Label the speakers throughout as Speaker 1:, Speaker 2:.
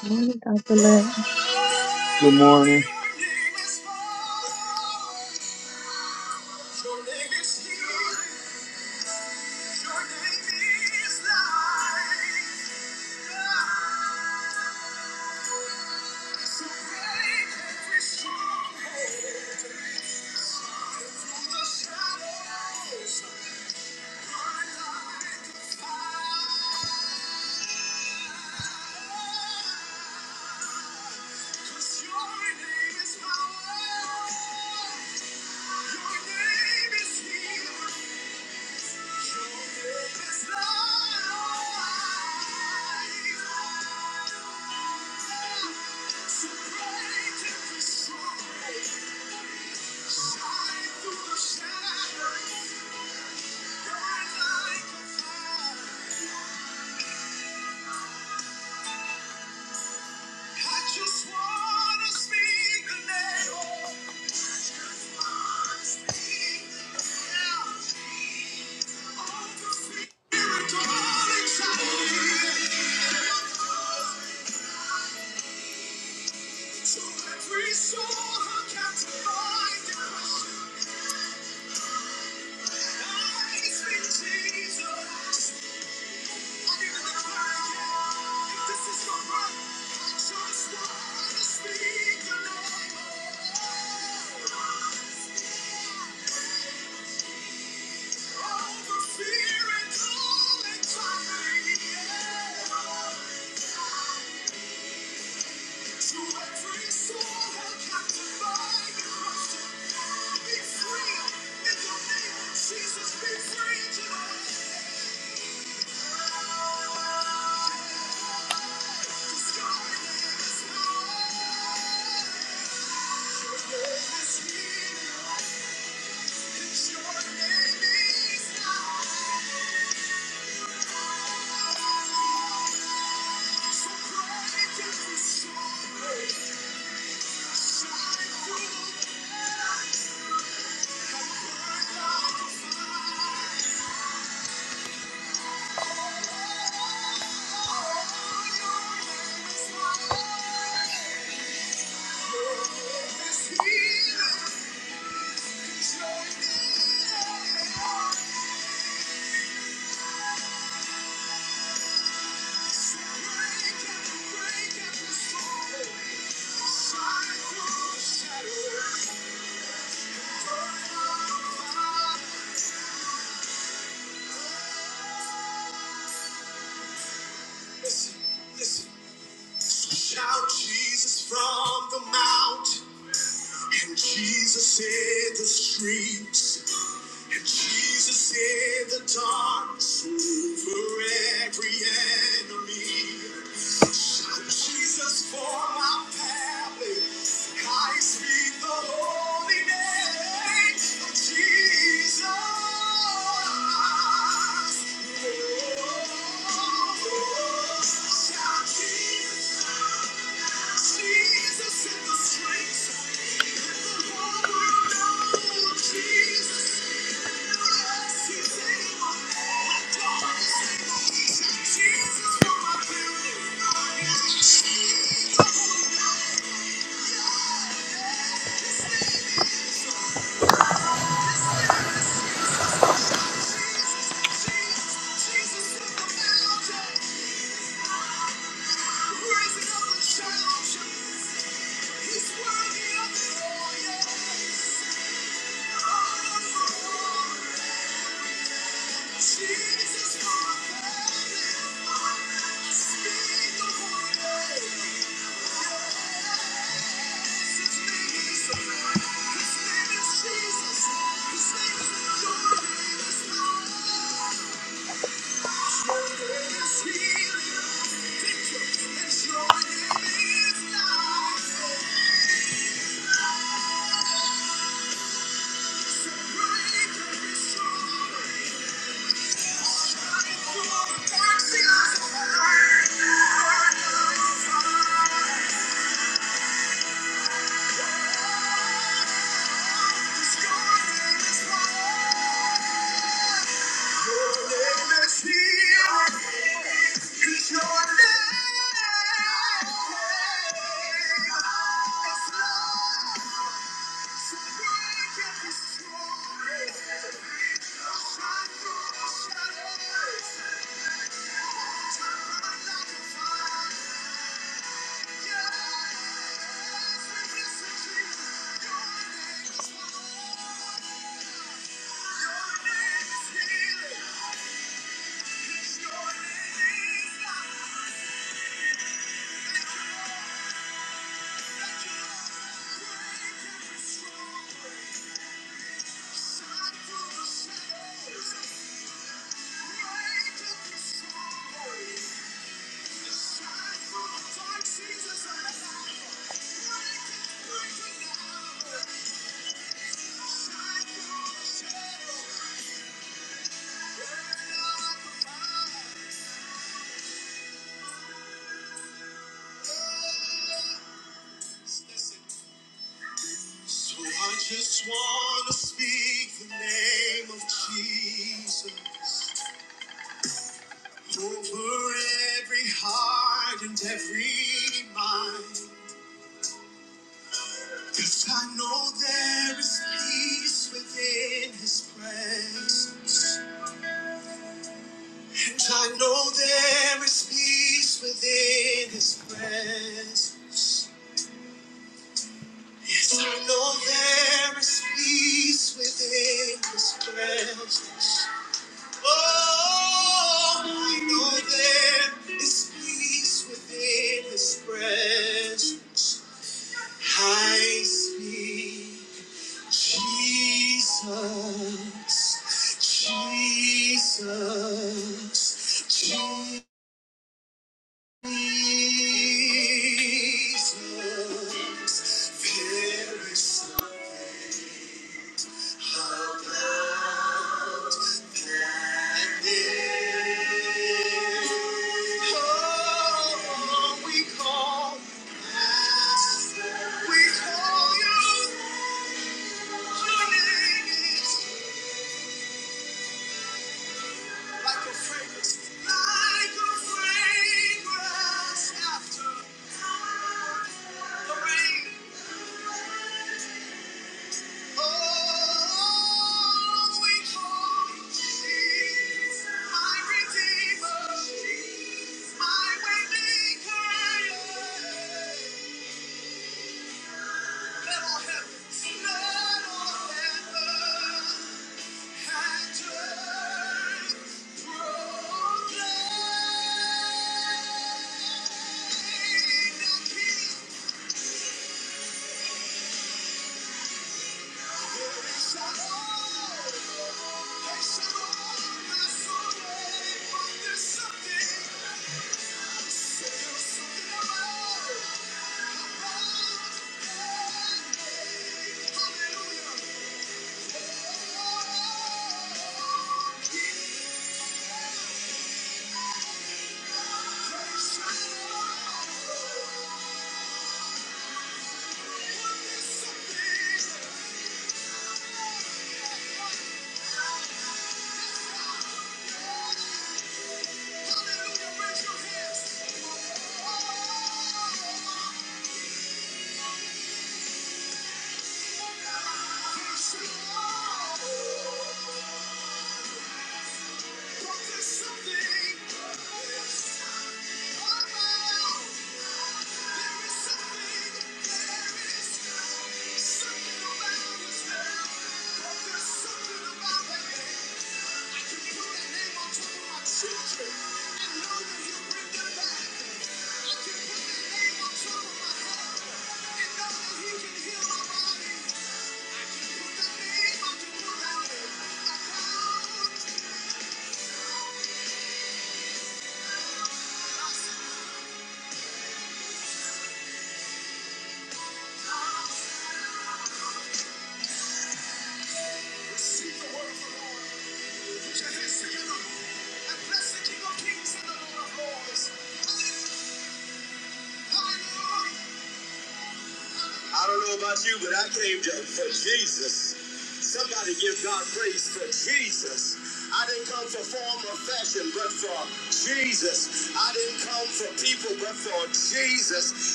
Speaker 1: Morning, Dr. Lynn.
Speaker 2: Good morning.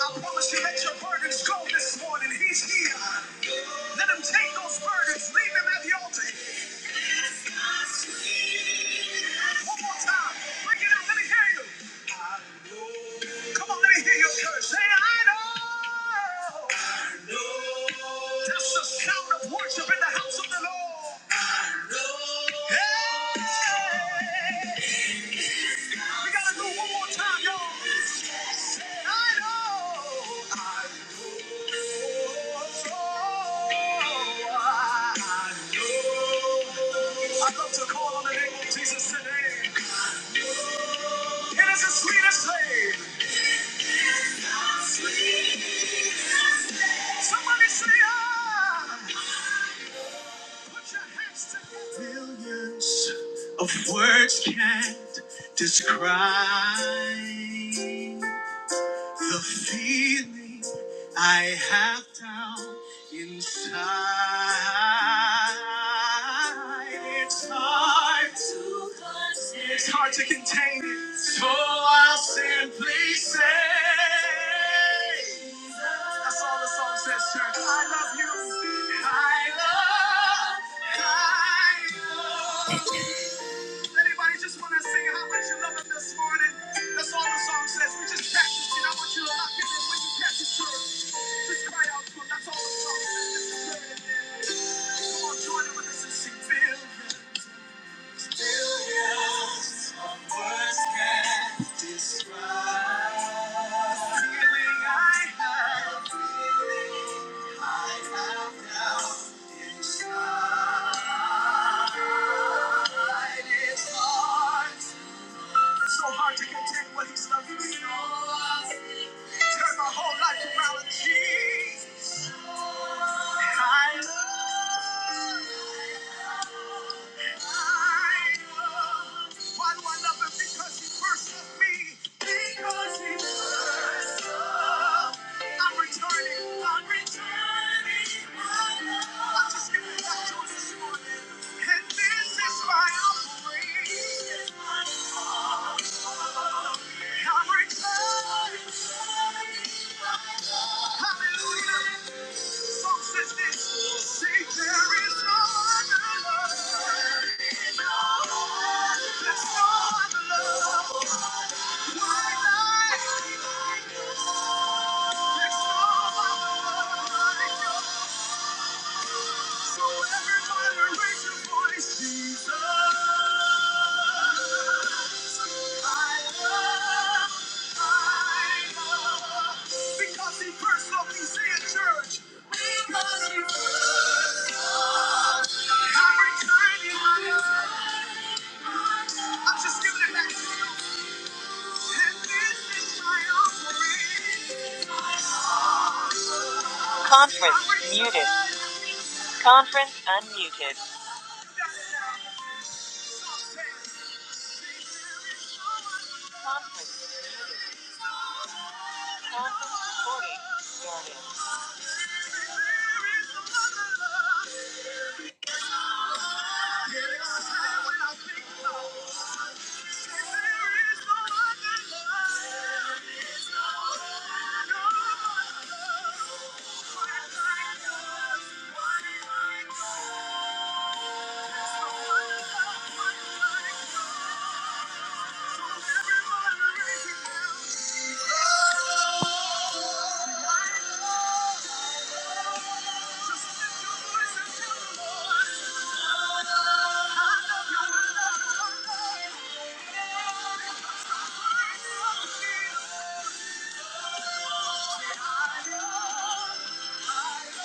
Speaker 2: I promise you, let your burdens go this morning. He's here. Let him take those burdens. Leave him at the altar. One more time. Break it out. Let me hear you. Come on, let me hear your church. Say, I know. I know. That's the sound of worship in the house of the Lord. We gotta do it one more time, y'all. I know. I know. I know. I'd love to call on the name of Jesus today. It is the sweetest name. Somebody say, ah. Put your hands together. Tonight it's time. It's hard to contain it. So I'll simply say, That's all the song says, church. I love you. I love, I love. Anybody just want to sing how much you love him this morning? That's all the song says. We just practice it. I want you to lock it in when you catch it, church. Just cry out to him. That's all the song says. Just pray it in. Come on, join it with us and sing. Feel so hard to contain what he's loving. So I'll Turn my whole life around with Jesus. I love, I love. Why do I love him? Because he first loved me. Because he first loved me. I'm returning. I'm returning. my love. I'm just giving it back to him this morning. And this is my offering. This is my offering. I'm returning. I'm returning my love. Hallelujah. Because he first loved me, say it, church. I'm returning. I'm just giving it back to Yeah. Thank you. Thank you.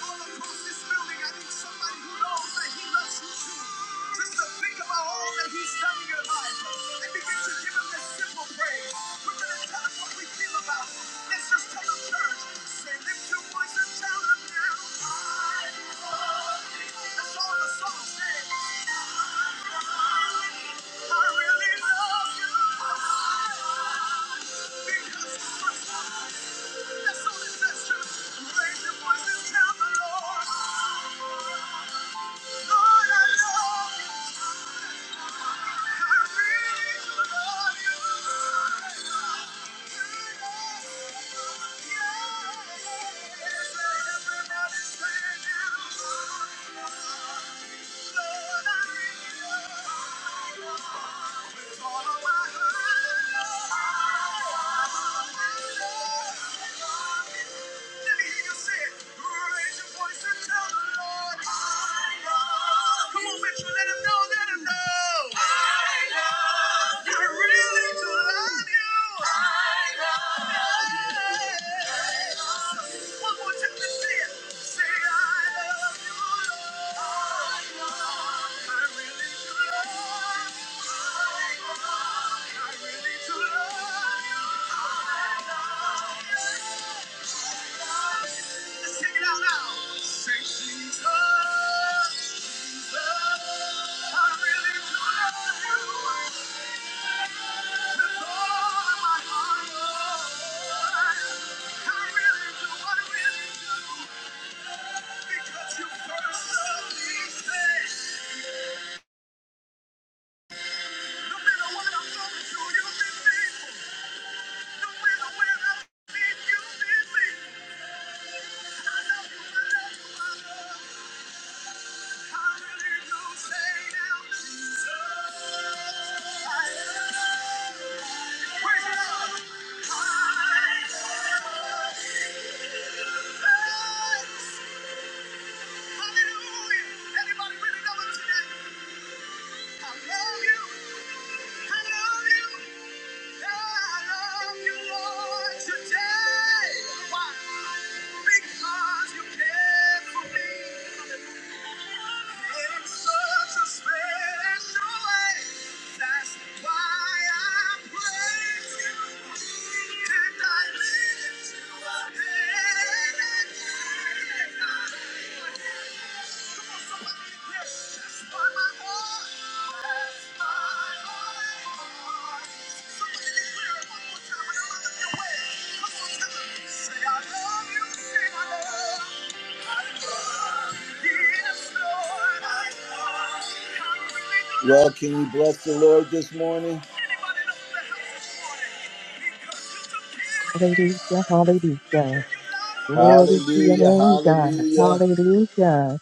Speaker 2: all across this building. I need somebody who knows that He loves you too. Just to think about all that He's done in your life and begin to give Him this simple praise. We're going to tell Him what we feel about Him. Let's just tell Him, church, say, lift your voice and tell Him now. I that's all the song said. I really love you. Because it's my song. That's all it says, Raise your voice and tell the Lord. Lord, I love you. Let me hear you say, raise your voice and tell the Lord. Come on, Mitchell, let him know, let him know. I love you. I really do love you. I love you. One more time, let's say it. Say, I love you, Lord. I love you. I really do love you. I love you. I really do love you. I love you. Let's sing it out now. Say, Jesus, Jesus, I really love you. With all of my heart, I really do, I really do. Because you first loved me, say, no matter what I'm going through, you've been faithful. No matter where I've been, you've been faithful. I love you, I love you, I love you. Hallelujah. Anybody really know him today? I love you. I love you. Yes, that's why my heart, that's my heart. Well, can we bless the Lord this morning?
Speaker 1: Hallelujah, hallelujah. Glory to your
Speaker 2: Hallelujah,
Speaker 1: name, God.
Speaker 2: hallelujah.
Speaker 1: Hallelujah.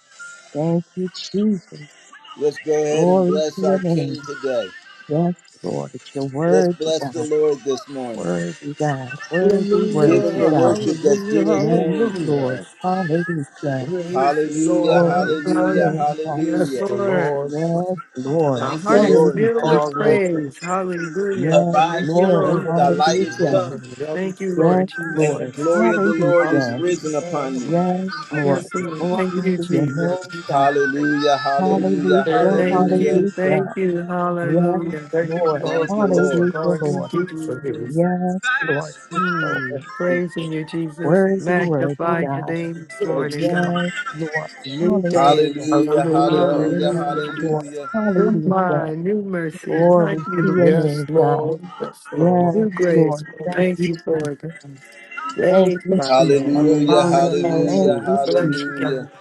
Speaker 1: Thank you, Jesus.
Speaker 2: Let's go ahead and
Speaker 1: Glory
Speaker 2: bless
Speaker 1: to your
Speaker 2: our King
Speaker 1: name.
Speaker 2: today.
Speaker 1: Yes, Lord. You're
Speaker 2: Let's
Speaker 1: worthy,
Speaker 2: bless
Speaker 1: God.
Speaker 2: the Lord this morning.
Speaker 1: Worthy, God. Worthy,
Speaker 2: Give him
Speaker 1: worthy,
Speaker 2: the
Speaker 3: Hallelujah,
Speaker 1: God.
Speaker 2: worship that's due
Speaker 3: hallelujah,
Speaker 2: his
Speaker 1: Yes,
Speaker 2: name.
Speaker 1: Lord.
Speaker 3: hallelujah.
Speaker 1: Hallelujah.
Speaker 3: Praise the
Speaker 2: Hallelujah,
Speaker 1: Glory
Speaker 3: Lord.
Speaker 1: to your
Speaker 2: hallelujah,
Speaker 4: Hallelujah.
Speaker 1: name, God.
Speaker 4: Yes,
Speaker 3: Bless
Speaker 2: hallelujah.
Speaker 3: the
Speaker 4: Lord.
Speaker 3: Lord.
Speaker 1: Yes, Lord.
Speaker 4: My
Speaker 2: Thank
Speaker 4: heart
Speaker 2: you,
Speaker 4: is
Speaker 3: Thank
Speaker 2: Lord.
Speaker 3: you,
Speaker 1: Hallelujah,
Speaker 4: filled
Speaker 2: Thank
Speaker 4: with
Speaker 2: you,
Speaker 3: Father.
Speaker 2: Lord.
Speaker 1: Jesus.
Speaker 4: praise. Hallelujah.
Speaker 1: Yes,
Speaker 4: Thank
Speaker 2: Arise,
Speaker 4: you,
Speaker 1: Lord.
Speaker 2: shine,
Speaker 3: Thank
Speaker 2: for
Speaker 4: Lord.
Speaker 2: thy
Speaker 3: you for
Speaker 2: light is
Speaker 1: Hallelujah.
Speaker 2: come,
Speaker 3: waking me up
Speaker 4: Thank you,
Speaker 3: today.
Speaker 4: Lord
Speaker 1: Yes,
Speaker 2: and the
Speaker 1: Lord.
Speaker 4: Jesus.
Speaker 2: glory of the Lord is
Speaker 1: Hallelujah.
Speaker 2: risen
Speaker 3: Hallelujah.
Speaker 2: upon thee.
Speaker 1: Yes, Lord.
Speaker 3: Hallelujah.
Speaker 4: Yes, Lord.
Speaker 1: Glory
Speaker 4: Thank you,
Speaker 1: to
Speaker 3: Thank
Speaker 1: your
Speaker 4: Jesus.
Speaker 1: name,
Speaker 3: you
Speaker 1: God.
Speaker 3: for
Speaker 2: Hallelujah,
Speaker 3: taking
Speaker 1: Hallelujah,
Speaker 2: hallelujah,
Speaker 3: care of
Speaker 4: Thank
Speaker 3: me.
Speaker 2: hallelujah.
Speaker 4: you. Thank
Speaker 1: hallelujah.
Speaker 4: you.
Speaker 1: Yes,
Speaker 4: Hallelujah.
Speaker 3: Thank you,
Speaker 1: Lord.
Speaker 3: Lord,
Speaker 2: Thank
Speaker 3: for
Speaker 2: you,
Speaker 3: what you're
Speaker 2: Lord.
Speaker 1: Hallelujah,
Speaker 3: going to
Speaker 4: Thank
Speaker 1: Lord.
Speaker 4: you,
Speaker 3: do for me.
Speaker 4: Jesus.
Speaker 1: Yes, Lord. You're so
Speaker 4: Hmm.
Speaker 1: worthy.
Speaker 4: Praising you, Jesus.
Speaker 1: Worthy, worthy,
Speaker 4: Magnify your
Speaker 1: God.
Speaker 4: name this
Speaker 3: Thank
Speaker 4: morning,
Speaker 3: you.
Speaker 4: God.
Speaker 1: Yes, Lord.
Speaker 4: New
Speaker 1: Hallelujah.
Speaker 4: day.
Speaker 2: Hallelujah,
Speaker 3: Hallelujah.
Speaker 2: hallelujah,
Speaker 1: Yes,
Speaker 4: Hallelujah.
Speaker 1: Lord.
Speaker 2: hallelujah.
Speaker 4: New
Speaker 1: Hallelujah.
Speaker 4: mind, new mercy. Thank
Speaker 1: Glory
Speaker 4: you,
Speaker 1: to your
Speaker 4: Lord.
Speaker 3: Yes,
Speaker 1: name, God.
Speaker 3: Lord. Yes,
Speaker 1: Yes,
Speaker 4: New
Speaker 3: Lord.
Speaker 4: grace.
Speaker 1: Lord. Thank
Speaker 4: Thank
Speaker 1: you,
Speaker 4: you for it.
Speaker 1: Jesus.
Speaker 4: God.
Speaker 1: Thank
Speaker 4: Praise
Speaker 1: you,
Speaker 4: God.
Speaker 1: Jesus.
Speaker 2: Hallelujah,
Speaker 3: Hallelujah,
Speaker 4: Hallelujah.
Speaker 1: Thank
Speaker 2: hallelujah,
Speaker 1: you,
Speaker 3: hallelujah.
Speaker 4: Bless you,
Speaker 1: Jesus.
Speaker 2: hallelujah.
Speaker 4: God.